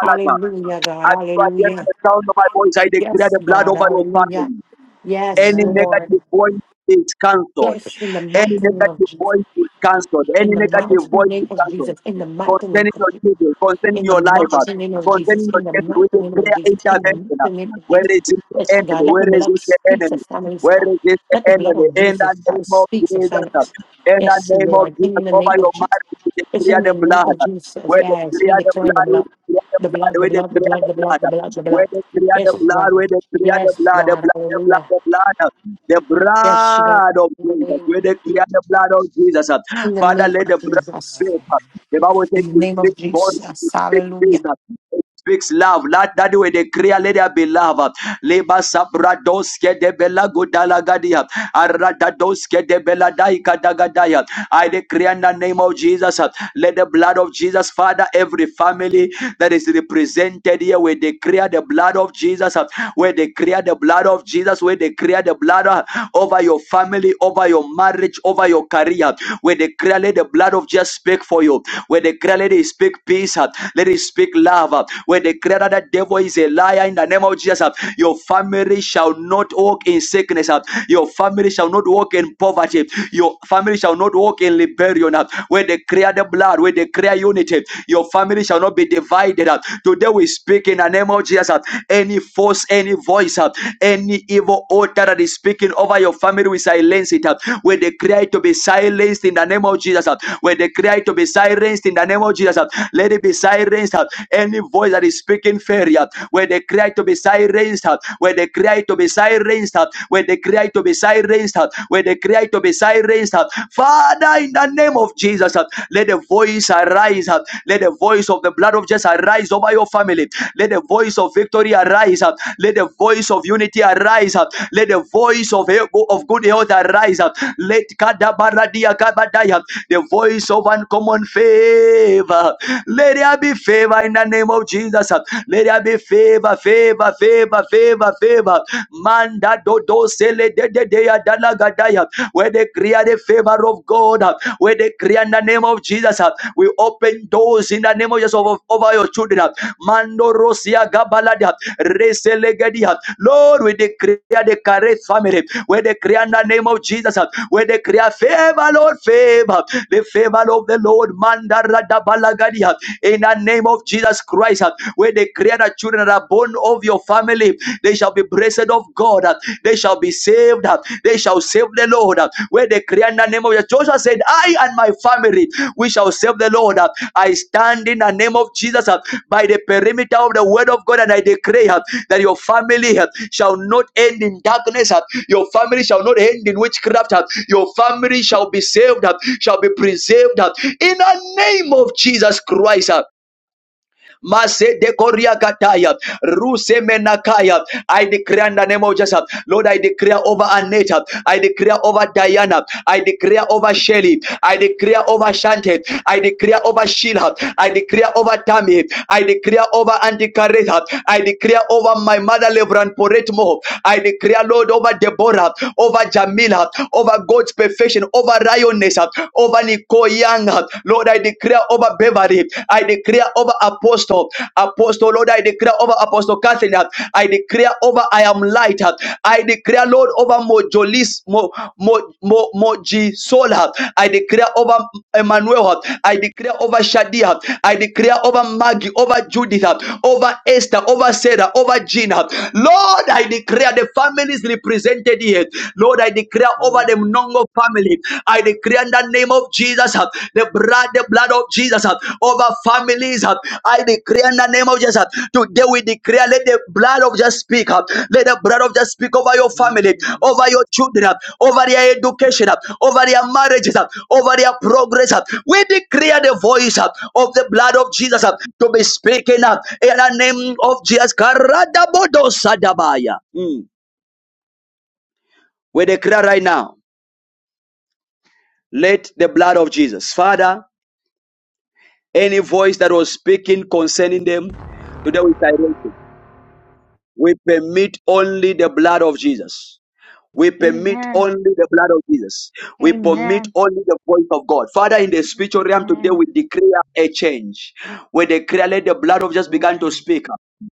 Hallelujah, God. As you are hearing Hallelujah. the sound of my voice, I declare Yes, the blood God. over your Hallelujah. family. Yes, Any Amen. Amen. Lord. negative voice is cancelled. Yes, in the Any mighty name of negative Jesus. voice is cancelled. In Any the negative mighty voice name is of cancelled Jesus. In the mighty name concerning of your Jesus. children, concerning In the your life, uh, mighty name of Jesus, concerning your in the children, with mighty the name of prayer Jesus, in the intervention. mighty name uh, of Where Jesus. is this the Yes, God, enemy? let Where the is blood this the speak to enemy? families, Where God. is this the Let the blood enemy? of In the Jesus name Christ of speak to Jesus, uh, families. in the Yes, name of Lord, Jesus, in the over name of your Jesus. marriage, we It's declare in the the name blood. of uh, Jesus. Where the Yes, we clear the declare the blood, we blood. declare the The blood, blood, the we blood, the declare blood, the the blood, blood, the uh, blood, the where blood. they clear the Yes, blood, God. where they clear the Yes, blood, the God. blood, the blood, Hallelujah. the blood, Yes, God. uh, the blood of In the Jesus, name, where they clear the blood of Jesus. uh, in the Father, name let of the Jesus. blood. Amen. The Bible says In the it name of speaks God, Jesus. it speaks Hallelujah. Jesus, it speaks love. Let that way they clear, let there be love. Leba sabradoske de bela gudalagadia. Aradadoske de bela daika dagadaya. I declare in the name of Jesus, let the blood of Jesus, Father, every family that is represented here, we declare the blood of Jesus, we declare the blood of Jesus, we declare the blood over your family, over your marriage, over your career. We declare, let the blood of Jesus speak for you. We declare, let it speak peace. uh, Let it speak love. uh, We declare that the devil is a liar in the name of Jesus. uh, Your family shall not walk in sickness. uh, Your family shall not walk in poverty. Your family shall not walk in liberation. uh, We declare the blood. We declare unity. Your family shall not be divided. uh, Today we speak speak in the name of Jesus. uh, Any force, any voice, uh, any evil altar that is speaking over your family, we silence it. uh, We declare it to be silenced in the name of Jesus. uh, We declare it to be silenced in the name of Jesus. uh, Let it be silenced. uh, Any voice that is speaking failure, we declare it to be silenced. uh, We declare it to be silenced. uh, We declare it to be silenced uh, where they cry to be silenced. uh, Father, in the name of Jesus, uh, let the voice arise. uh, Let the voice of the blood of Jesus arise over your family. Let the voice of victory arise. uh, Let the voice of unity arise. uh, Let the voice of, of good health arise. uh, Let Kadabaradia Kabadaya, the voice of uncommon favor. Let there be favor in the name of Jesus. uh, Let there be favor, favor, favor, favor, favor. Manda dodo sele de de de ya dalagadaya. Where they create the favor of God, uh, where they create in the name of Jesus, uh, we open doors in the name of Jesus over, over your children. uh. Mando rosia gabalada reselegedia. Lord, we declare the Kareth family, where they create in the name of Jesus, uh, where they create favor, Lord, favor, the favor of the Lord, Manda radabalagadia. In the name of Jesus Christ, uh, where they create the children that are born of your family, they shall be blessed of God. They shall be saved. They shall save the Lord. Where they cry in the name of Jesus. Joshua said, I and my family, we shall save the Lord. I stand in the name of Jesus by the perimeter of the word of God and I declare that your family shall not end in darkness. Your family shall not end in witchcraft. Your family shall be saved, shall be preserved in the name of Jesus Christ. Masede koria kataya. Ruse menakaya. I declare in the name of Jesus. Lord, I declare over Aneta. I declare over Diana. I declare over Shelly. I declare over Shante. I declare over Sheila. I declare over Tammy. I declare over Auntie Kareth. I declare over my mother Levran Poretmo. I declare, Lord, over Deborah, over Jamila, over God's perfection, over Rioness, over Nicole Young. Lord, I declare over Beverly. I declare over Apostle, Apostle, Lord, I declare over Apostle Catherine. I declare over I am light. I declare, Lord, over Mojolis, Mo, Mo, Mo, Moji Sola. I declare over Emmanuel. I declare over Shadia. I declare over Maggie, over Judith, over Esther, over Sarah, over Gina. Lord, I declare the families represented here. Lord, I declare over the Amen. Mnongo family. I declare in the name of Jesus, the blood, the blood of Jesus over families. uh, I declare in the name of Jesus. uh, Today we declare, let the blood of Jesus speak. uh, Let the blood of Jesus speak over your family, Amen. over your children, uh, over their education, uh, over their marriages, uh, over their progress. uh. We declare the voice uh, of the blood of Jesus uh, to be speaking uh, in the name of Jesus. Karadabodosadabaya. Mm. We declare right now, let the blood of Jesus, Father, any voice that was speaking concerning them, today we silence. We permit only the blood of Jesus. We permit Amen. only the blood of Jesus. We permit Amen. only the voice of God. Father, in the spiritual realm today, we Amen. declare a change. We declare let the blood of Jesus begin to Amen. speak.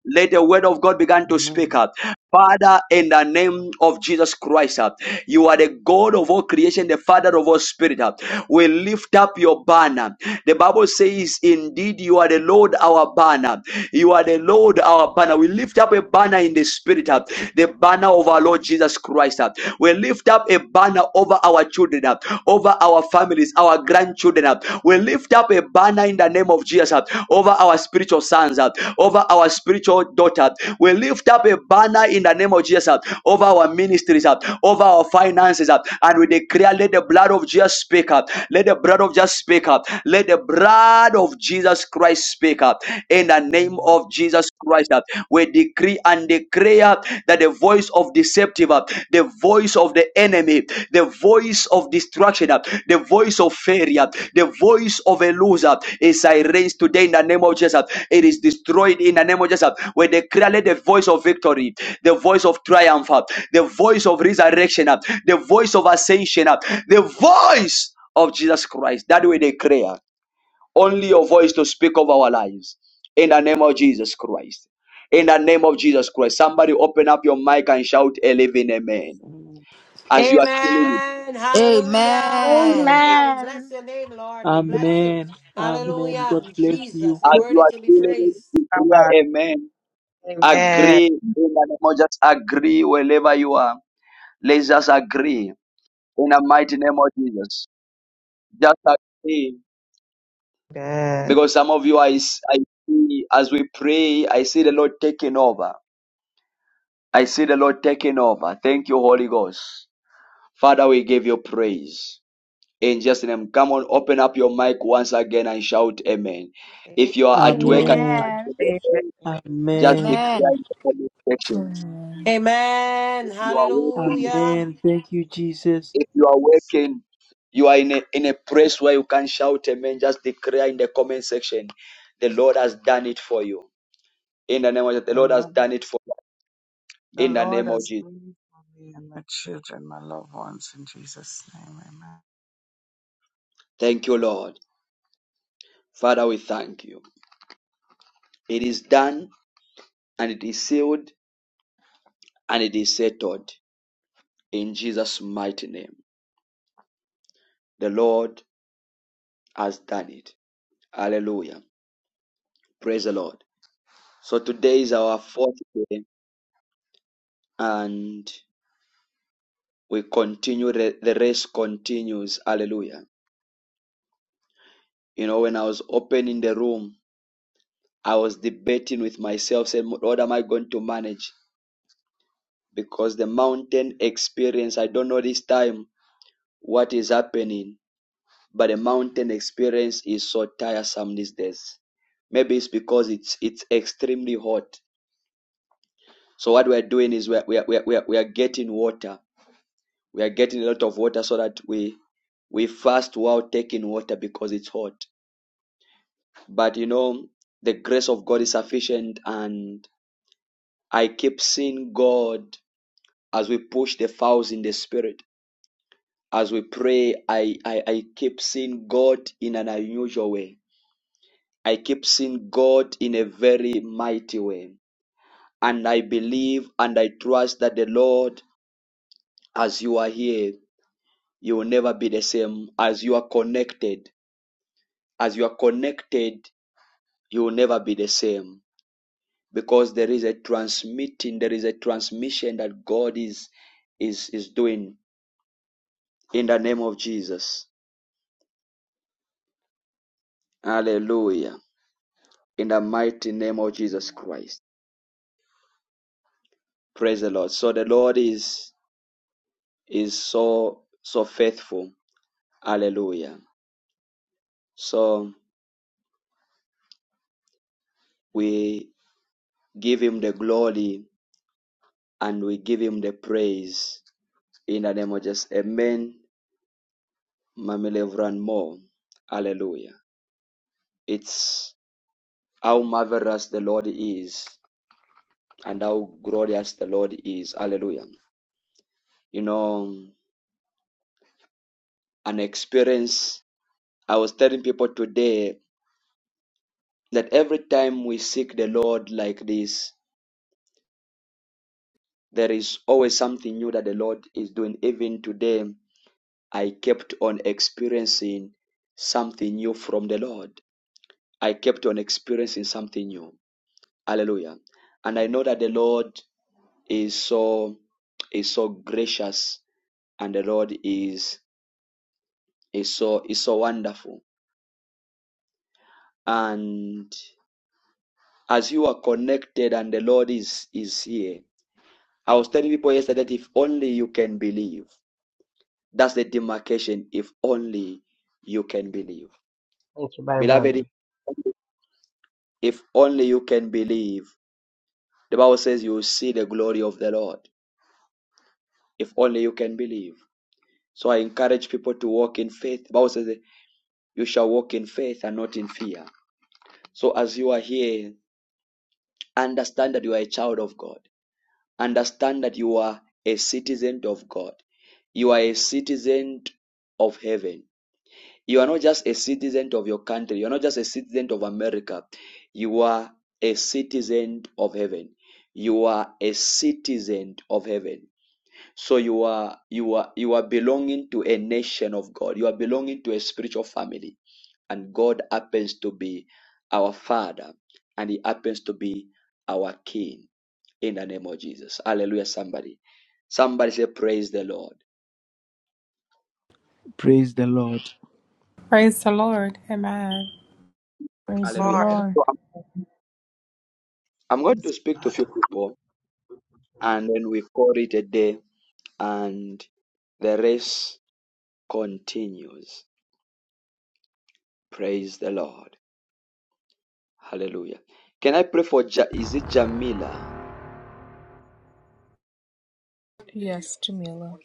Let the word of God begin to speak Amen. up. Father, in the name of Jesus Christ, uh, you are the God of all creation, the Father of all spirit. uh. We lift up your banner. The Bible says, Indeed, you are the Lord our banner. You are the Lord our banner. We lift up a banner in the spirit, uh, the banner of our Lord Jesus Christ. uh. We lift up a banner over our children, uh, over our family families, our grandchildren. uh, We lift up a banner in the name of Jesus uh, over our spiritual sons, uh, over our spiritual daughter. We lift up a banner in the name of Jesus uh, over our ministries, uh, over our finances, uh, and we declare, let the blood of Jesus speak up. Let the blood of Jesus speak up. Let the blood of Jesus Christ speak up. In the name Amen. of Jesus Christ, uh, we decree and declare declare that the voice of deceptive, uh, the voice of the enemy, the voice of destruction, uh, the voice of failure, uh, the voice of a loser is silenced today in the name of Jesus. It is destroyed in the name of Jesus. We declare let the voice of victory, the voice of triumph, uh, the voice of resurrection, uh, the voice of ascension, uh, the voice of Jesus Christ. That we declare only your voice to speak of our lives in the name of Jesus Christ. In the name of Jesus Christ, somebody open up your mic and shout a living amen. Amen. As you are feeling it, Amen. Hallelujah. Amen. Amen. Amen. Hallelujah. We bless your name, Lord. We bless you. Amen. Amen. Hallelujah. God bless you. Jesus, your as word you is are to be feeling it, praised. declare amen. Amen. Agree in the name of just agree wherever you are. Let's just agree in the mighty name of Jesus. Just agree Amen. because some of you I, s- I see as we pray, I see the Lord taking over. I see the Lord taking over. Thank you, Holy Ghost. Father, we give you praise. In Jesus' name, come on, open up your mic once again and shout amen. If you are at work and you Amen. can't get Amen. the Amen. phone, Amen. just Amen. declare Amen. in the comment section. Amen. Amen. You are working. Amen. Thank you, Jesus. If you are working, you are in a, in a place where you can shout amen. Just declare in the comment section. The Lord has done it for you. In the name of Jesus, the The Lord has Lord, done it for you. the In the Lord name of has Jesus. been for me and my children, my loved ones, in Jesus' name. Amen. Thank you, Lord. Father, we thank you. It is done and it is sealed and it is settled. in Jesus' mighty name. The Lord has done it. Hallelujah. Praise the Lord. So today is our fourth day and we continue, the race continues. Hallelujah. You know, when I was opening the room, I was debating with myself, saying, Lord, am I going to manage? Because the mountain experience, I don't know this time what is happening, but the mountain experience is so tiresome these days. Maybe it's because it's it's extremely hot So what we're doing is we're, we're, we're, we're, we're getting water. We are getting a lot of water so that we we fast while taking water because it's hot. But you know, the grace of God is sufficient and I keep seeing God as we push the fowls in the spirit. As we pray, I, I, I keep seeing God in an unusual way. I keep seeing God in a very mighty way. And I believe and I trust that the Lord, as you are here, you will never be the same as you are connected as you are connected you will never be the same because there is a transmitting there is a transmission that god is is is doing in the name of jesus hallelujah in the mighty name of jesus Amen. christ praise the lord so the lord is is so so faithful hallelujah so we give him the glory and we give him the praise in the name of jesus amen Mamelev ran more. Hallelujah. It's how marvelous the Lord is and how glorious the Lord is. Hallelujah. You know, an experience. I was telling people today that every time we seek the Lord like this, there is always something new that the Lord is doing. Even today, I kept on experiencing something new from the Lord. I kept on experiencing something new. Hallelujah. And I know that the Lord is so is so gracious and the Lord is is so is so wonderful. And as you are connected and the Lord is is here, I was telling people yesterday that if only you can believe, that's the demarcation. If only you can believe, Thank you, Byron Brown. beloved, if only you can believe, the Bible says you will see the glory of the Lord. If only you can believe. So I encourage people to walk in faith. The Bible says that you shall walk in faith and not in fear. So as you are here, understand that you are a child of God. Understand that you are a citizen of God. You are a citizen of heaven. You are not just a citizen of your country. You are not just a citizen of America. You are a citizen of heaven. You are a citizen of heaven. So you are you are you are belonging to a nation of God. You are belonging to a spiritual family. And God happens to be our father and he happens to be our king in the name of Jesus. Hallelujah somebody. Somebody say praise the Lord. Praise the Lord. Praise the Lord. Amen. Praise the Hallelujah. Lord. Lord. So I'm, I'm going to speak to a few people and then we call it a day and the race continues. Praise the Lord. Hallelujah. Can I pray for ja- is it Jamila? Yes, Jamila.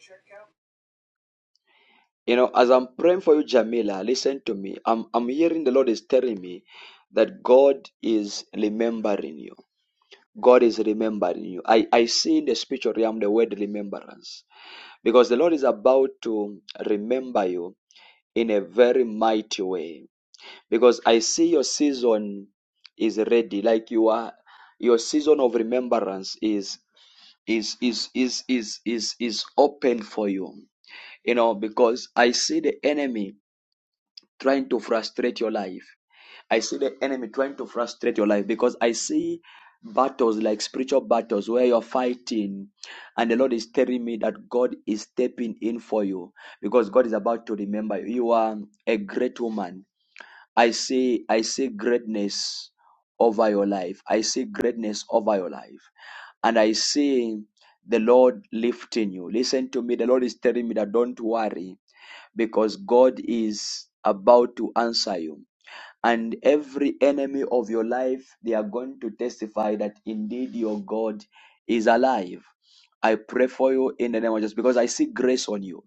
You know, as I'm praying for you, Jamila, listen to me. I'm, I'm hearing the Lord is telling me that God is remembering you. God is remembering you. I, I see in the spiritual realm the word remembrance because the Lord is about to remember you in a very mighty way because I see your season is ready. Like you are, your season of remembrance is is is is is is is open for you. You know, because I see the enemy trying to frustrate your life. I see the enemy trying to frustrate your life because I see battles like spiritual battles where you're fighting and the Lord is telling me that God is stepping in for you because God is about to remember you. You are a great woman. I see I see greatness over your life. I see greatness over your life and I see the Lord lifting you. Listen to me. The Lord is telling me that don't worry because God is about to answer you. And every enemy of your life, they are going to testify that indeed your God is alive. I pray for you in the name of Jesus because I see grace on you.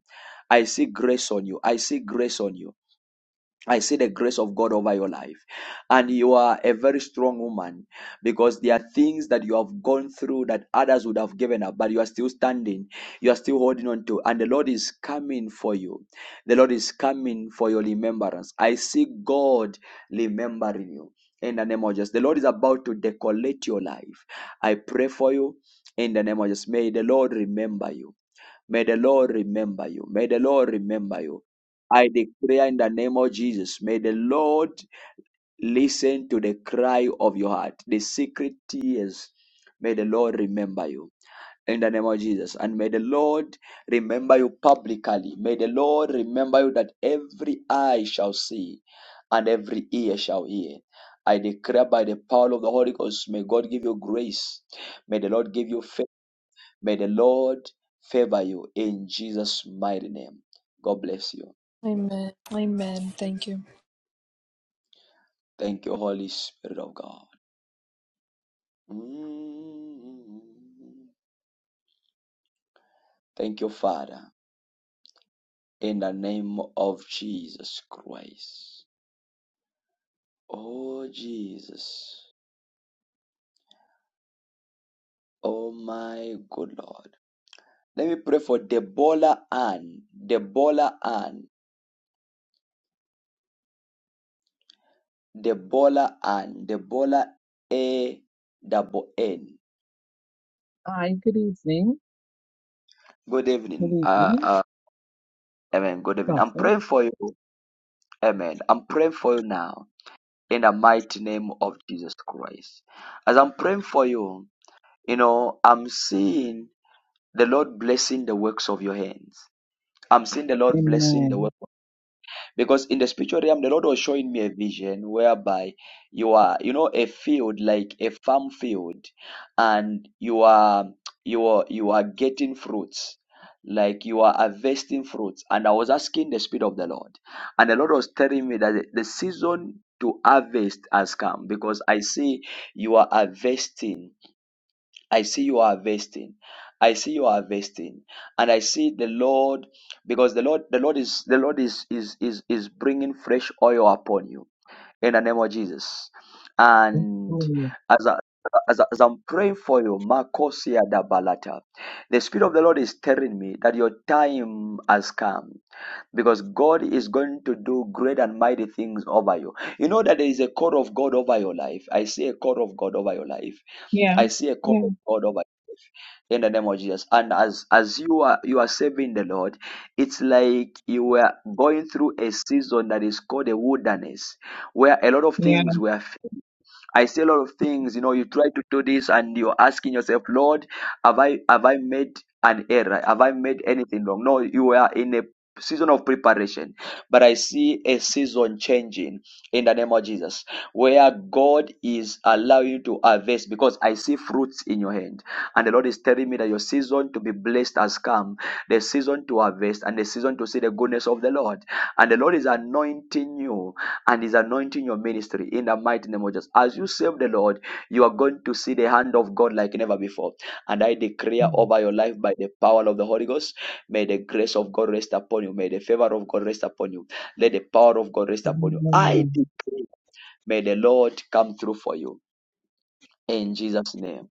I see grace on you. I see grace on you. I see the grace of God over your life. And you are a very strong woman because there are things that you have gone through that others would have given up, but you are still standing. You are still holding on to. And the Lord is coming for you. The Lord is coming for your remembrance. I see God remembering you. In the name of Jesus. The Lord is about to decorate your life. I pray for you in the name of Jesus. May the Lord remember you. May the Lord remember you. May the Lord remember you. I declare in the name of Jesus, may the Lord listen to the cry of your heart, the secret tears. May the Lord remember you in the name of Jesus. And may the Lord remember you publicly. May the Lord remember you that every eye shall see and every ear shall hear. I declare by the power of the Holy Ghost, may God give you grace. May the Lord give you favor. May the Lord favor you in Jesus' mighty name. God bless you. Amen. Amen. Thank you. Thank you, Holy Spirit of God. Mm. Thank you, Father, in the name of Jesus Christ. Oh, Jesus. Oh, my good Lord. Let me pray for Debola Ann. Debola Ann. Debola Ann. Debola A double N. Hi, good evening. Good evening. Good Uh, evening, uh, amen. Good evening. I'm Prophet. praying for you. Amen. I'm praying for you now in the mighty name of Jesus Christ. As I'm praying for you, you know, I'm seeing the Lord blessing the works of your hands. I'm seeing the Lord blessing the works Amen. because in the spiritual realm, the Lord was showing me a vision whereby you are, you know, a field like a farm field, and you are, you are, you are getting fruits, like you are harvesting fruits. And I was asking the Spirit of the Lord, and the Lord was telling me that the the season to harvest has come because I see you are harvesting I see you are harvesting. I see you are harvesting, and I see the Lord because the Lord, the Lord is the Lord is is is is bringing fresh oil upon you in the name of Jesus. And Hallelujah. as I, as, I, as I'm praying for you, Makosia da Balata, the Spirit of the Lord is telling me that your time has come because God is going to do great and mighty things over you. You know that there is a call of God over your life. I see a call of God over your life. Yeah, I see a call yeah, of God over your life in the name of Jesus. And as as you are you are serving the Lord, it's like you were going through a season that is called a wilderness, where a lot of yeah. things were I see a lot of things, you know, you try to do this and you're asking yourself, Lord, have I have I made an error? Have I made anything wrong? No, you are in a season of preparation. But I see a season changing in the name of Jesus. Where God is allowing you to harvest because I see fruits in your hand. And the Lord is telling me that your season to be blessed has come. The season to harvest and the season to see the goodness of the Lord. And the Lord is anointing you and is anointing your ministry in the mighty name of Jesus. As you serve the Lord, you are going to see the hand of God like never before. And I declare over your life by the power of the Holy Ghost, may the grace of God rest upon you. May the favor of God rest upon you. Let the power of God rest upon you. I Amen. declare, may the Lord come through for you in Jesus' name.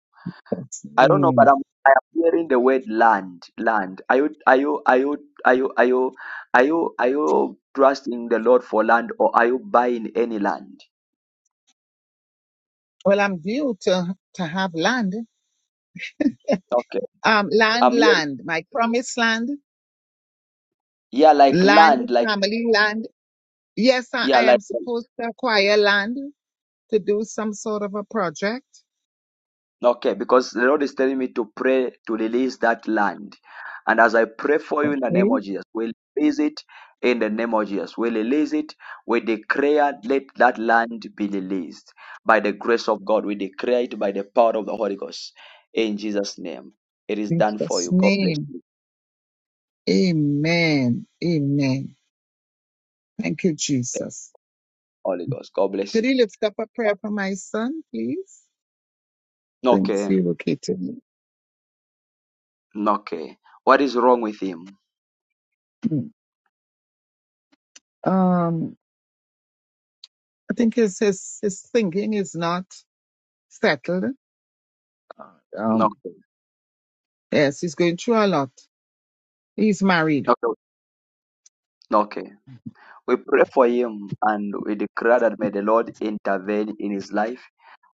That's I don't know, me. but I'm I am hearing the word land, land. Are you, are you, are you, are you, are you, are you, are you trusting the Lord for land, or are you buying any land? Well, I'm due to to have land. Okay. Um, land, I'm here. land. My promised land, Yeah, like land, land, like family land. Yes, I, yeah, I am like supposed to acquire land to do some sort of a project. okay, because the Lord is telling me to pray to release that land. And as I pray for you in the Okay. name In of Jesus, we release it in the name of Jesus. We release it. We declare let that land be released by the grace of God. We declare it by the power of the Holy Ghost. In Jesus' name. It is done for Jesus' you. God bless name. you. Amen. Amen. Thank you, Thank you, Jesus. Holy Ghost. God bless Could you. you lift up a prayer for my son, please? Since Okay. you located me. Okay. What is wrong with him? Mm. Um, I think his, his, his thinking is not settled. Um, Okay. yes, he's going through a lot. He's married. Okay. Okay. We pray for him and we declare that may the Lord intervene in his life.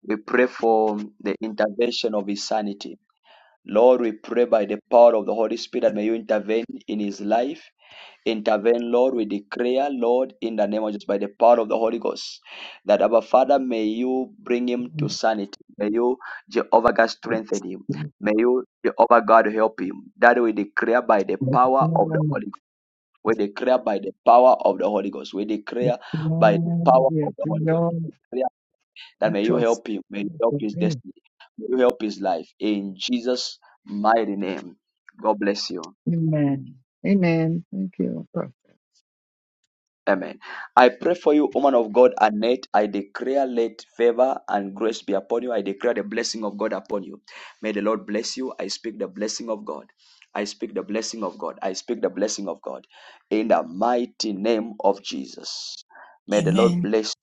We pray for the intervention of his sanity. Lord, we pray by the power of the Holy Spirit that may you intervene in his life. Intervene, Lord, we declare, Lord, in the name of Jesus, by the power of the Holy Ghost, that our Father, may you bring him to sanity. May you, Jehovah God, strengthen him. May you, Jehovah God, help him. That we declare by the No, power of the no, Holy we declare by the power of the Holy Ghost. We declare by the no, power yeah, of the Holy Ghost. no, We declare that may it you was- help him. May you help his destiny. May you help his life. In Jesus' mighty name. God bless you. Amen. Amen. Thank you. Amen. I pray for you, woman of God, Annette. I declare let favor and grace be upon you. I declare the blessing of God upon you. May the Lord bless you. I speak the blessing of God. I speak the blessing of God. I speak the blessing of God. In the mighty name of Jesus. May the Lord Amen. bless you.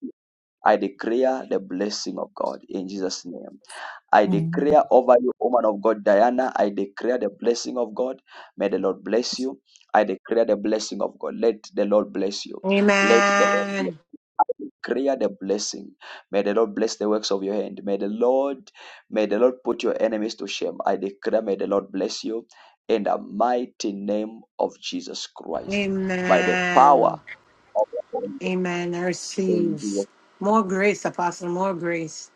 I declare the blessing of God in Jesus' name. I Amen. declare over you, woman of God, Diana. I declare the blessing of God. May the Lord bless you. I declare the blessing of God. Let the Lord bless you. Let the Amen. I declare the blessing. May the Lord bless the works of your hand. May the Lord, may the Lord put your enemies to shame. I declare, may the Lord bless you in the mighty name of Jesus Christ by the Amen. power of the Holy Amen. I receive Ghost. more grace, Apostle. More grace.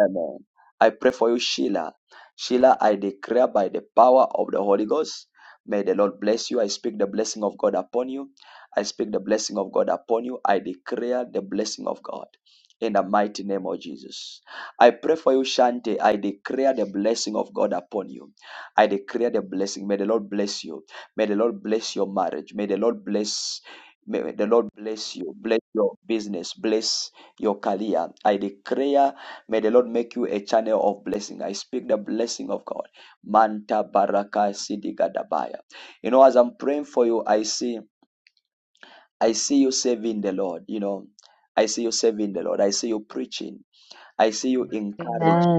Amen. I pray for you, Sheila. Sheila, I declare by the power of the Holy Ghost, may the Lord bless you. I speak the blessing of God upon you. I speak the blessing of God upon you. I declare the blessing of God in the mighty name of Jesus. I pray for you, Shante. I declare the blessing of God upon you. I declare the blessing. May the Lord bless you. May the Lord bless your marriage. May the Lord bless. May the Lord bless you, bless your business, bless your career. I declare May the Lord make you a channel of blessing. I speak the blessing of God. Manta baraka sidigadabaya. You know, as I'm praying for you, I see I see you serving the Lord. You know, I see you serving the Lord. I see you preaching. I see you encouraging.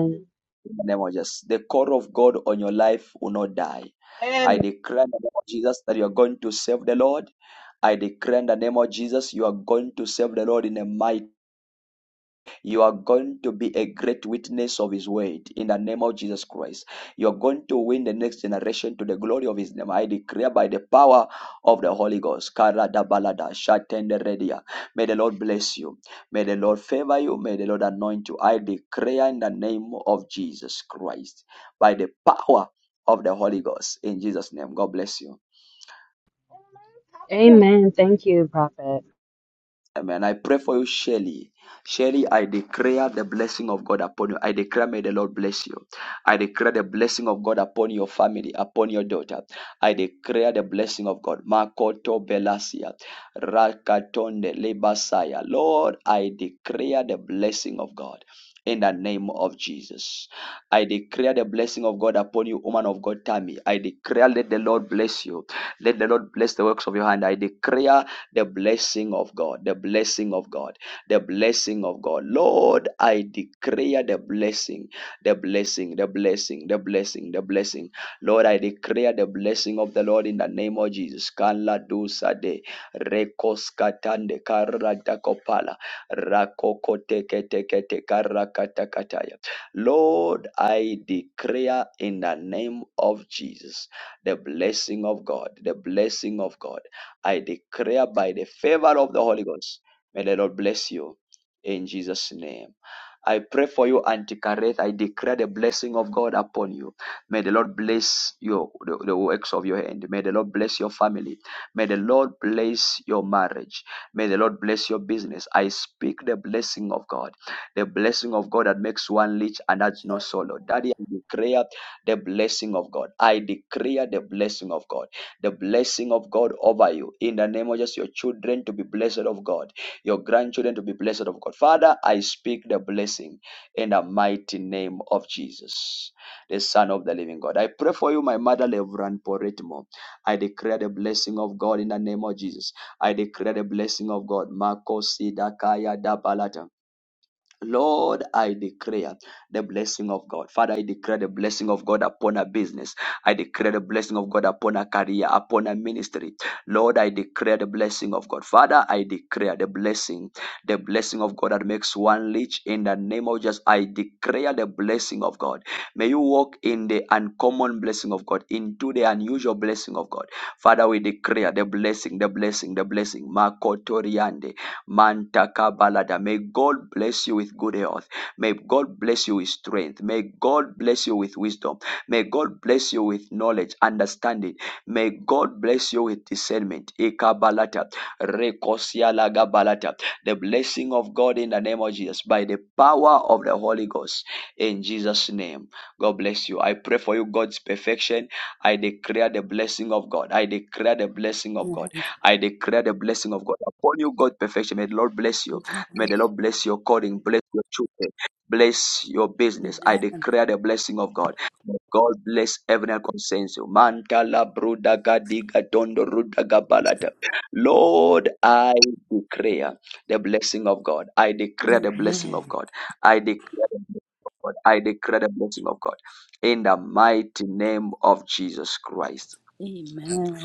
In the name of Jesus, the call of God on your life will not die. I And declare in the name of Jesus that you are going to serve the Lord. I declare in the name of Jesus you are going to serve the Lord in a mighty You are going to be a great witness of His word in the name of Jesus Christ. You are going to win the next generation to the glory of His name. I declare by the power of the Holy Ghost. Karadabalada, shatenderedia. May the Lord bless you. May the Lord favor you. May the Lord anoint you. I declare in the name of Jesus Christ by the power of the Holy Ghost in Jesus' name. God bless you. Amen. Thank you, Prophet. Amen. I pray for you, Shelly. Shelly, I declare the blessing of God upon you. I declare, may the Lord bless you. I declare the blessing of God upon your family, upon your daughter. I declare the blessing of God. Makoto Belasia, Rakatonde Lebasaya. Lord, I declare the blessing of God. In the name of Jesus, I declare the blessing of God upon you, woman of God, Tammy. I declare, let the Lord bless you. Let the Lord bless the works of your hand. I declare the blessing of God, the blessing of God, the blessing of God. Lord, I declare the blessing, the blessing, the blessing, the blessing, the blessing. Lord, I declare the blessing of the Lord in the name of Jesus. Kala dusa de rekos katande karata kopala rakokote kete kete karakata kataya. Lord, I declare in the name of Jesus the blessing of God, the blessing of God. I declare by the favor of the Holy Ghost, may the Lord bless you in Jesus' name. I pray for you, Auntie Kareth. I declare the blessing of God upon you. May the Lord bless your the, the works of your hand. May the Lord bless your family. May the Lord bless your marriage. May the Lord bless your business. I speak the blessing of God, the blessing of God that makes one rich and that's no solo. Daddy, I declare the blessing of God. I declare the blessing of God, the blessing of God over you. In the name of just your children to be blessed of God your grandchildren to be blessed of God. Father, I speak the blessing in the mighty name of Jesus, the Son of the living God. I pray for you, my mother, Reverend Poretmo. I declare the blessing of God in the name of Jesus. I declare the blessing of God. Marco Sidakaya Dabalata. Lord, I declare the blessing of God. Father, I declare the blessing of God upon a business. I declare the blessing of God upon a career, upon a ministry. Lord, I declare the blessing of God. Father, I declare the blessing, the blessing of God that makes one rich in the name of Jesus. I declare the blessing of God. May you walk in the uncommon blessing of God, into the unusual blessing of God. Father, we declare the blessing, the blessing, the blessing. Makotoriande. Mantaka balada. May God bless you with good health. May God bless you with strength. May God bless you with wisdom. May God bless you with knowledge, understanding. May God bless you with discernment. Ikabalata. Rekosialaga balata. The blessing of God in the name of Jesus by the power of the Holy Ghost in Jesus' name. God bless you. I pray for you, God's perfection. I declare the blessing of God. I declare the blessing of Amen. God. I declare the blessing of God upon you, God perfection. May the Lord bless you. May the Lord bless your calling, bless your children, bless your business. I Amen. declare the blessing of God. May God bless everyone that concerns you. Mantala bruda gadiga dondo ruda gabalata. Lord, I declare the blessing of God. I declare the blessing of Amen. God. I declare the blessing of God. I declare the blessing of God. In the mighty name of Jesus Christ.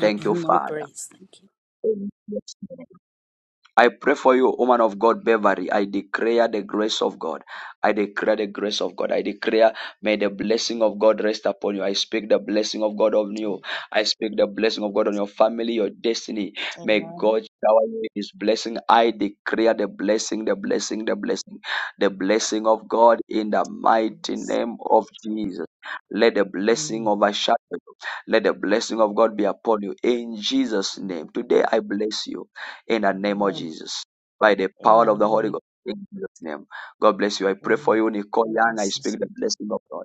Thank you, More Father. grace. Thank you. In Jesus' name. I pray for you, woman of God, Beverly. I declare the grace of God. I declare the grace of God. I declare, may the blessing of God rest upon you. I speak the blessing of God on you. I speak the blessing of God on your family, your destiny. May Amen. God shower you with His blessing. I declare the blessing, the blessing, the blessing, the blessing of God in the mighty Yes. name of Jesus. Let the blessing Amen. overshadow you. Let the blessing of God be upon you in Jesus' Amen. name. Today I bless you in the name of Amen. Jesus. By the power Amen. of the Holy Ghost. In Jesus' name. God bless you. I pray for Amen. you, Nicole God Young. I bless you, speak sir. the blessing of God.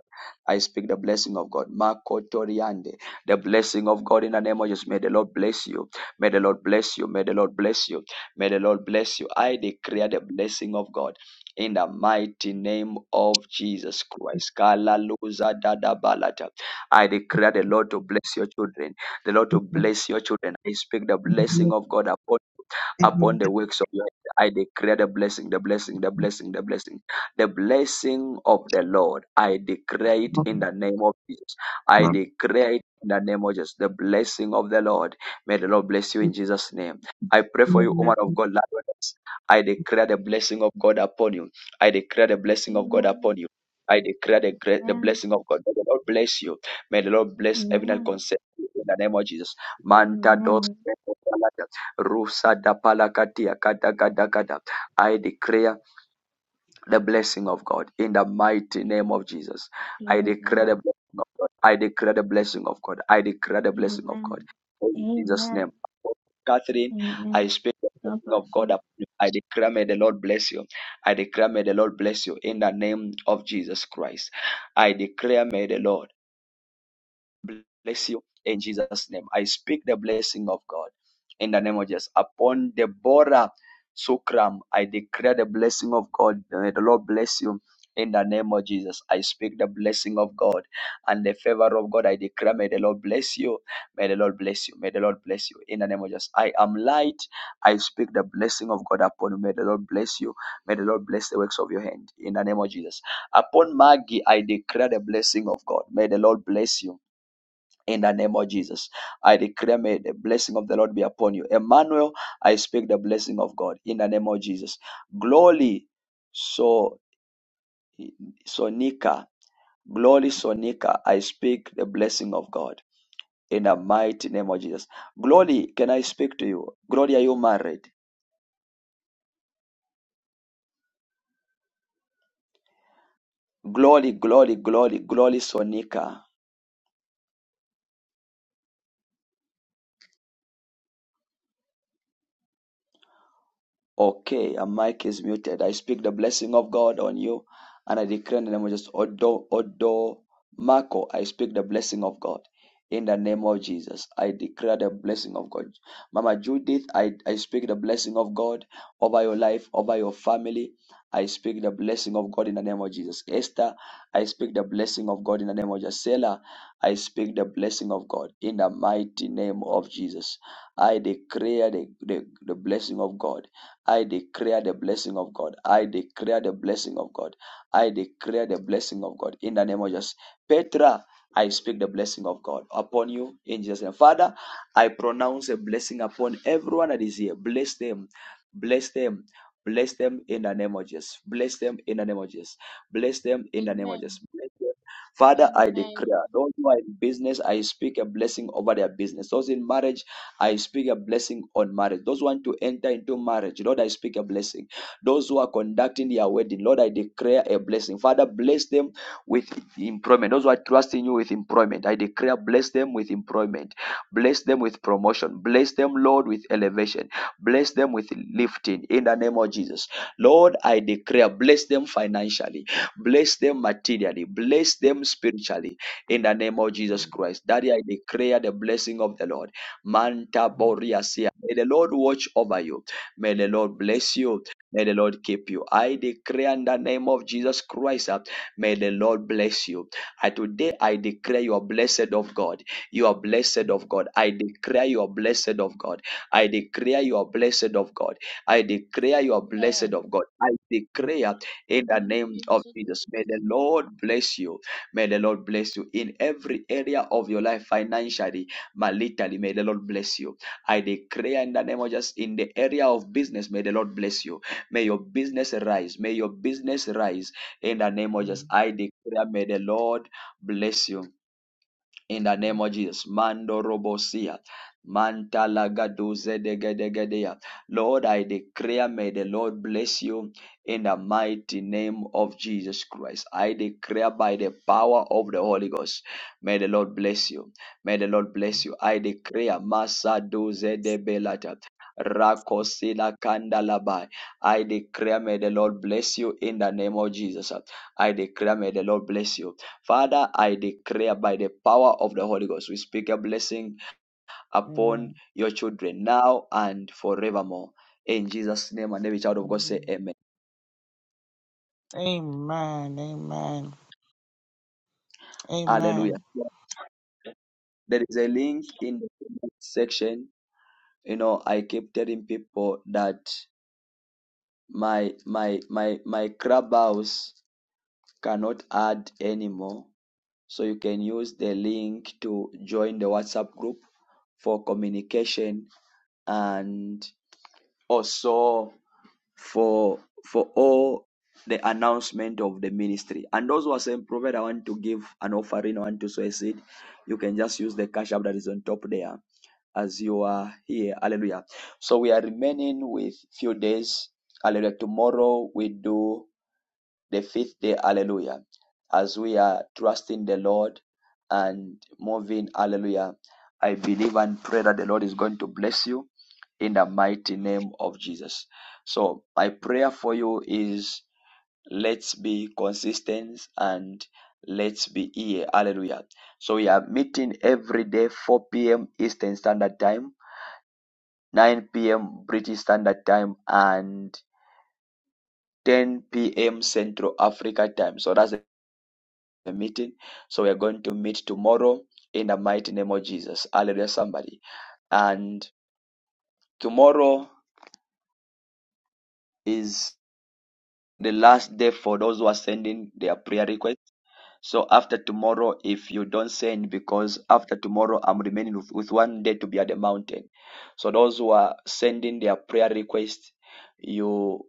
I speak the blessing of God. Marco Toriande. The blessing of God in the name of Jesus. May the Lord bless you. May the Lord bless you. May the Lord bless you. May the Lord bless you. I declare the blessing of God in the mighty name of Jesus Christ. Kalaluza dada Balata. I declare the Lord to bless your children. The Lord to bless your children. I speak the blessing of God upon upon the works of your hand. I declare the blessing, the blessing, the blessing, the blessing, the blessing of the Lord. I declare it in the name of Jesus. I Amen. declare it in the name of Jesus. The blessing of the Lord. May the Lord bless you in Jesus' name. I pray for you, woman Amen. of God, I declare the blessing of God upon you. I declare the blessing of God Amen. upon you. I declare the, great, the Amen. blessing of God. May the Lord bless you. May the Lord bless everyone Amen. concerned in the name of Jesus. Manta dos Amen. Rusa da palakatia kada kada kada. I declare the blessing of God in the mighty name of Jesus. I Amen. declare the blessing of God. I declare the blessing of God. I declare the blessing of Amen. God. In Jesus' Amen. name. Catherine, I Amen. speak the God blessing of bless God you. upon you. I declare may the Lord bless you. I declare may the Lord bless you in the name of Jesus Christ. I declare may the Lord bless you in Jesus' name. I speak the blessing of God in the name of Jesus. Upon Deborah Sukram, I declare the blessing of God. May the Lord bless you. In the name of Jesus, I speak the blessing of God and the favor of God. I declare, may the Lord bless you. May the Lord bless you. May the Lord bless you. In the name of Jesus, I am light. I speak the blessing of God upon you. May the Lord bless you. May the Lord bless the works of your hand. In the name of Jesus. Upon Maggie, I declare the blessing of God. May the Lord bless you in the name of Jesus. I declare may the blessing of the Lord be upon you. Emmanuel, I speak the blessing of God in the name of Jesus. Glory, so Sonika, glory, Sonika, I speak the blessing of God in the mighty name of Jesus. Glory, can I speak to you? Glory, are you married? Glory, glory, glory, glory, Sonika. Okay, a mic is muted. I speak the blessing of God on you, and I declare in the name of Jesus, Odo, Odo, Marco, I speak the blessing of God. In the name of Jesus, I declare the blessing of God. Mama Judith, I, I speak the blessing of God over your life, over your family. I speak the blessing of God in the name of Jesus. Esther, I speak the blessing of God in the name of Jesus. Selah, I speak the blessing of God in the mighty name of Jesus. I declare the, the, the blessing of God I declare the blessing of God. I declare the blessing of God. I declare the blessing of God in the name of Jesus. Petra, I speak the blessing of God upon you in Jesus' name. Father, I pronounce a blessing upon everyone that is here. Bless them. Bless them. Bless them in the name of Jesus. Bless them in the name of Jesus. Bless them in the name of Amen. Jesus. Bless them. Father, I declare Amen. those who are in business, I speak a blessing over their business. Those in marriage, I speak a blessing on marriage. Those who want to enter into marriage, Lord, I speak a blessing. Those who are conducting their wedding, Lord, I declare a blessing. Father, bless them with employment. Those who are trusting you with employment, I declare bless them with employment. Bless them with promotion. Bless them, Lord, with elevation. Bless them with lifting in the name of Jesus. Lord, I declare bless them financially. Bless them materially. Bless them spiritually in the name of Jesus Amen. Christ. Daddy, I declare the blessing of the Lord. Manta Amen. Boriasia. May the Lord watch over you. May the Lord Yes. bless you. May the Lord keep you. I declare in the name of Jesus Christ, uh, may the Lord bless you. I today I declare you are blessed of God. You are blessed of God. I declare you are blessed of God. I declare you are blessed of God. I declare you are blessed Amen. of God. I Amen. declare in the Thank name you, of Jesus. May Jesus. the Lord bless you. May the Lord bless you in every area of your life financially Malitali, may the Lord bless you. I declare in the name of Jesus in the area of business, may the Lord bless you. May your business rise. May your business rise in the name of Jesus. Amen. I declare, may the Lord bless you in the name of Jesus. Mando robosia. Mantalagaduze degedegedea. Lord, I declare, may the Lord bless you in the mighty name of Jesus Christ. I declare by the power of the Holy Ghost, may the Lord bless you. May the Lord bless you. I declare, Masa duze de belata. Rakosila kandalabai. I declare, may the Lord bless you in the name of Jesus. I declare, may the Lord bless you. Father, I declare by the power of the Holy Ghost, we speak a blessing upon Amen. your children now and forevermore. In Jesus' name, and every child of God say Amen. amen. Amen. Amen. Hallelujah. Amen. There is a link in the comment section. You know, I keep telling people that my my my my clubhouse cannot add anymore. So you can use the link to join the WhatsApp group for communication and also for for all the announcement of the ministry. And those who are saying, Prophet, I want to give an offering, I want to sow a seed, you can just use the cash app that is on top there as you are here. Hallelujah. So we are remaining with few days. Hallelujah. Tomorrow we do the fifth day, hallelujah, as we are trusting the Lord and moving, hallelujah, I believe and pray that the Lord is going to bless you in the mighty name of Jesus. So, my prayer for you is let's be consistent and let's be here, hallelujah. So, we are meeting every day, 4 p.m. Eastern Standard Time, 9 p.m. British Standard Time, and 10 p.m. Central Africa time. So that's the meeting. So we are going to meet tomorrow in the mighty name of Jesus. Hallelujah, somebody. And tomorrow is the last day for those who are sending their prayer requests. So after tomorrow, if you don't send, because after tomorrow I'm remaining with, with one day to be at the mountain. So those who are sending their prayer requests, you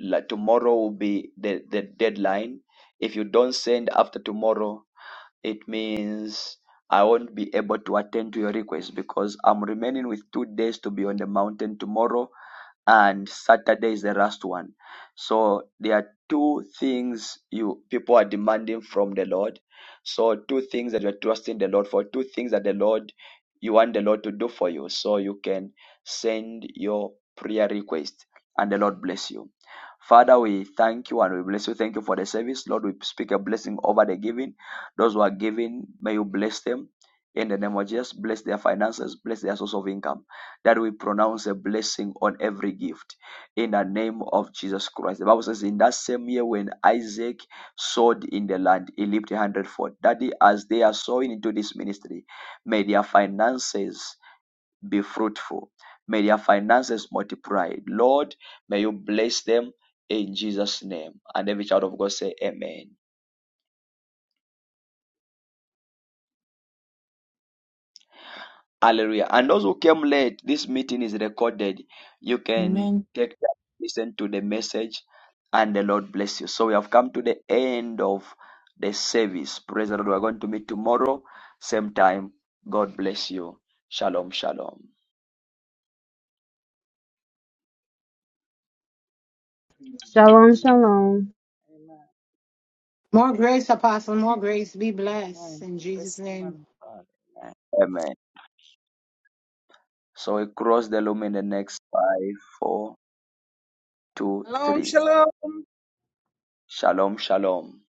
like tomorrow will be the, the deadline. If you don't send after tomorrow, It means I won't be able to attend to your request because I'm remaining with two days to be on the mountain tomorrow, and Saturday is the last one. So there are two things you people are demanding from the Lord. So two things that you're trusting the Lord for, two things that the Lord you want the Lord to do for you. So you can send your prayer request and the Lord bless you. Father, we thank you and we bless you. Thank you for the service. Lord, we speak a blessing over the giving. Those who are giving, may you bless them. In the name of Jesus, bless their finances, bless their source of income. That we pronounce a blessing on every gift. In the name of Jesus Christ. The Bible says, in that same year when Isaac sowed in the land, he lived a hundredfold. Daddy, as they are sowing into this ministry, may their finances be fruitful. May their finances multiply. Lord, may you bless them in Jesus' name. And every child of God say amen. Hallelujah. And those who came late, this meeting is recorded. You can Amen. take time, to listen to the message, and the Lord bless you. So we have come to the end of the service. Praise the Lord. We're going to meet tomorrow, same time. God bless you. Shalom, shalom. Shalom, shalom. Amen. More grace, Apostle. More grace. Be blessed Amen. in Jesus' Praise the name. man of God. Amen. So we cross the loom in the next five, four, two, shalom, three. shalom. Shalom, shalom.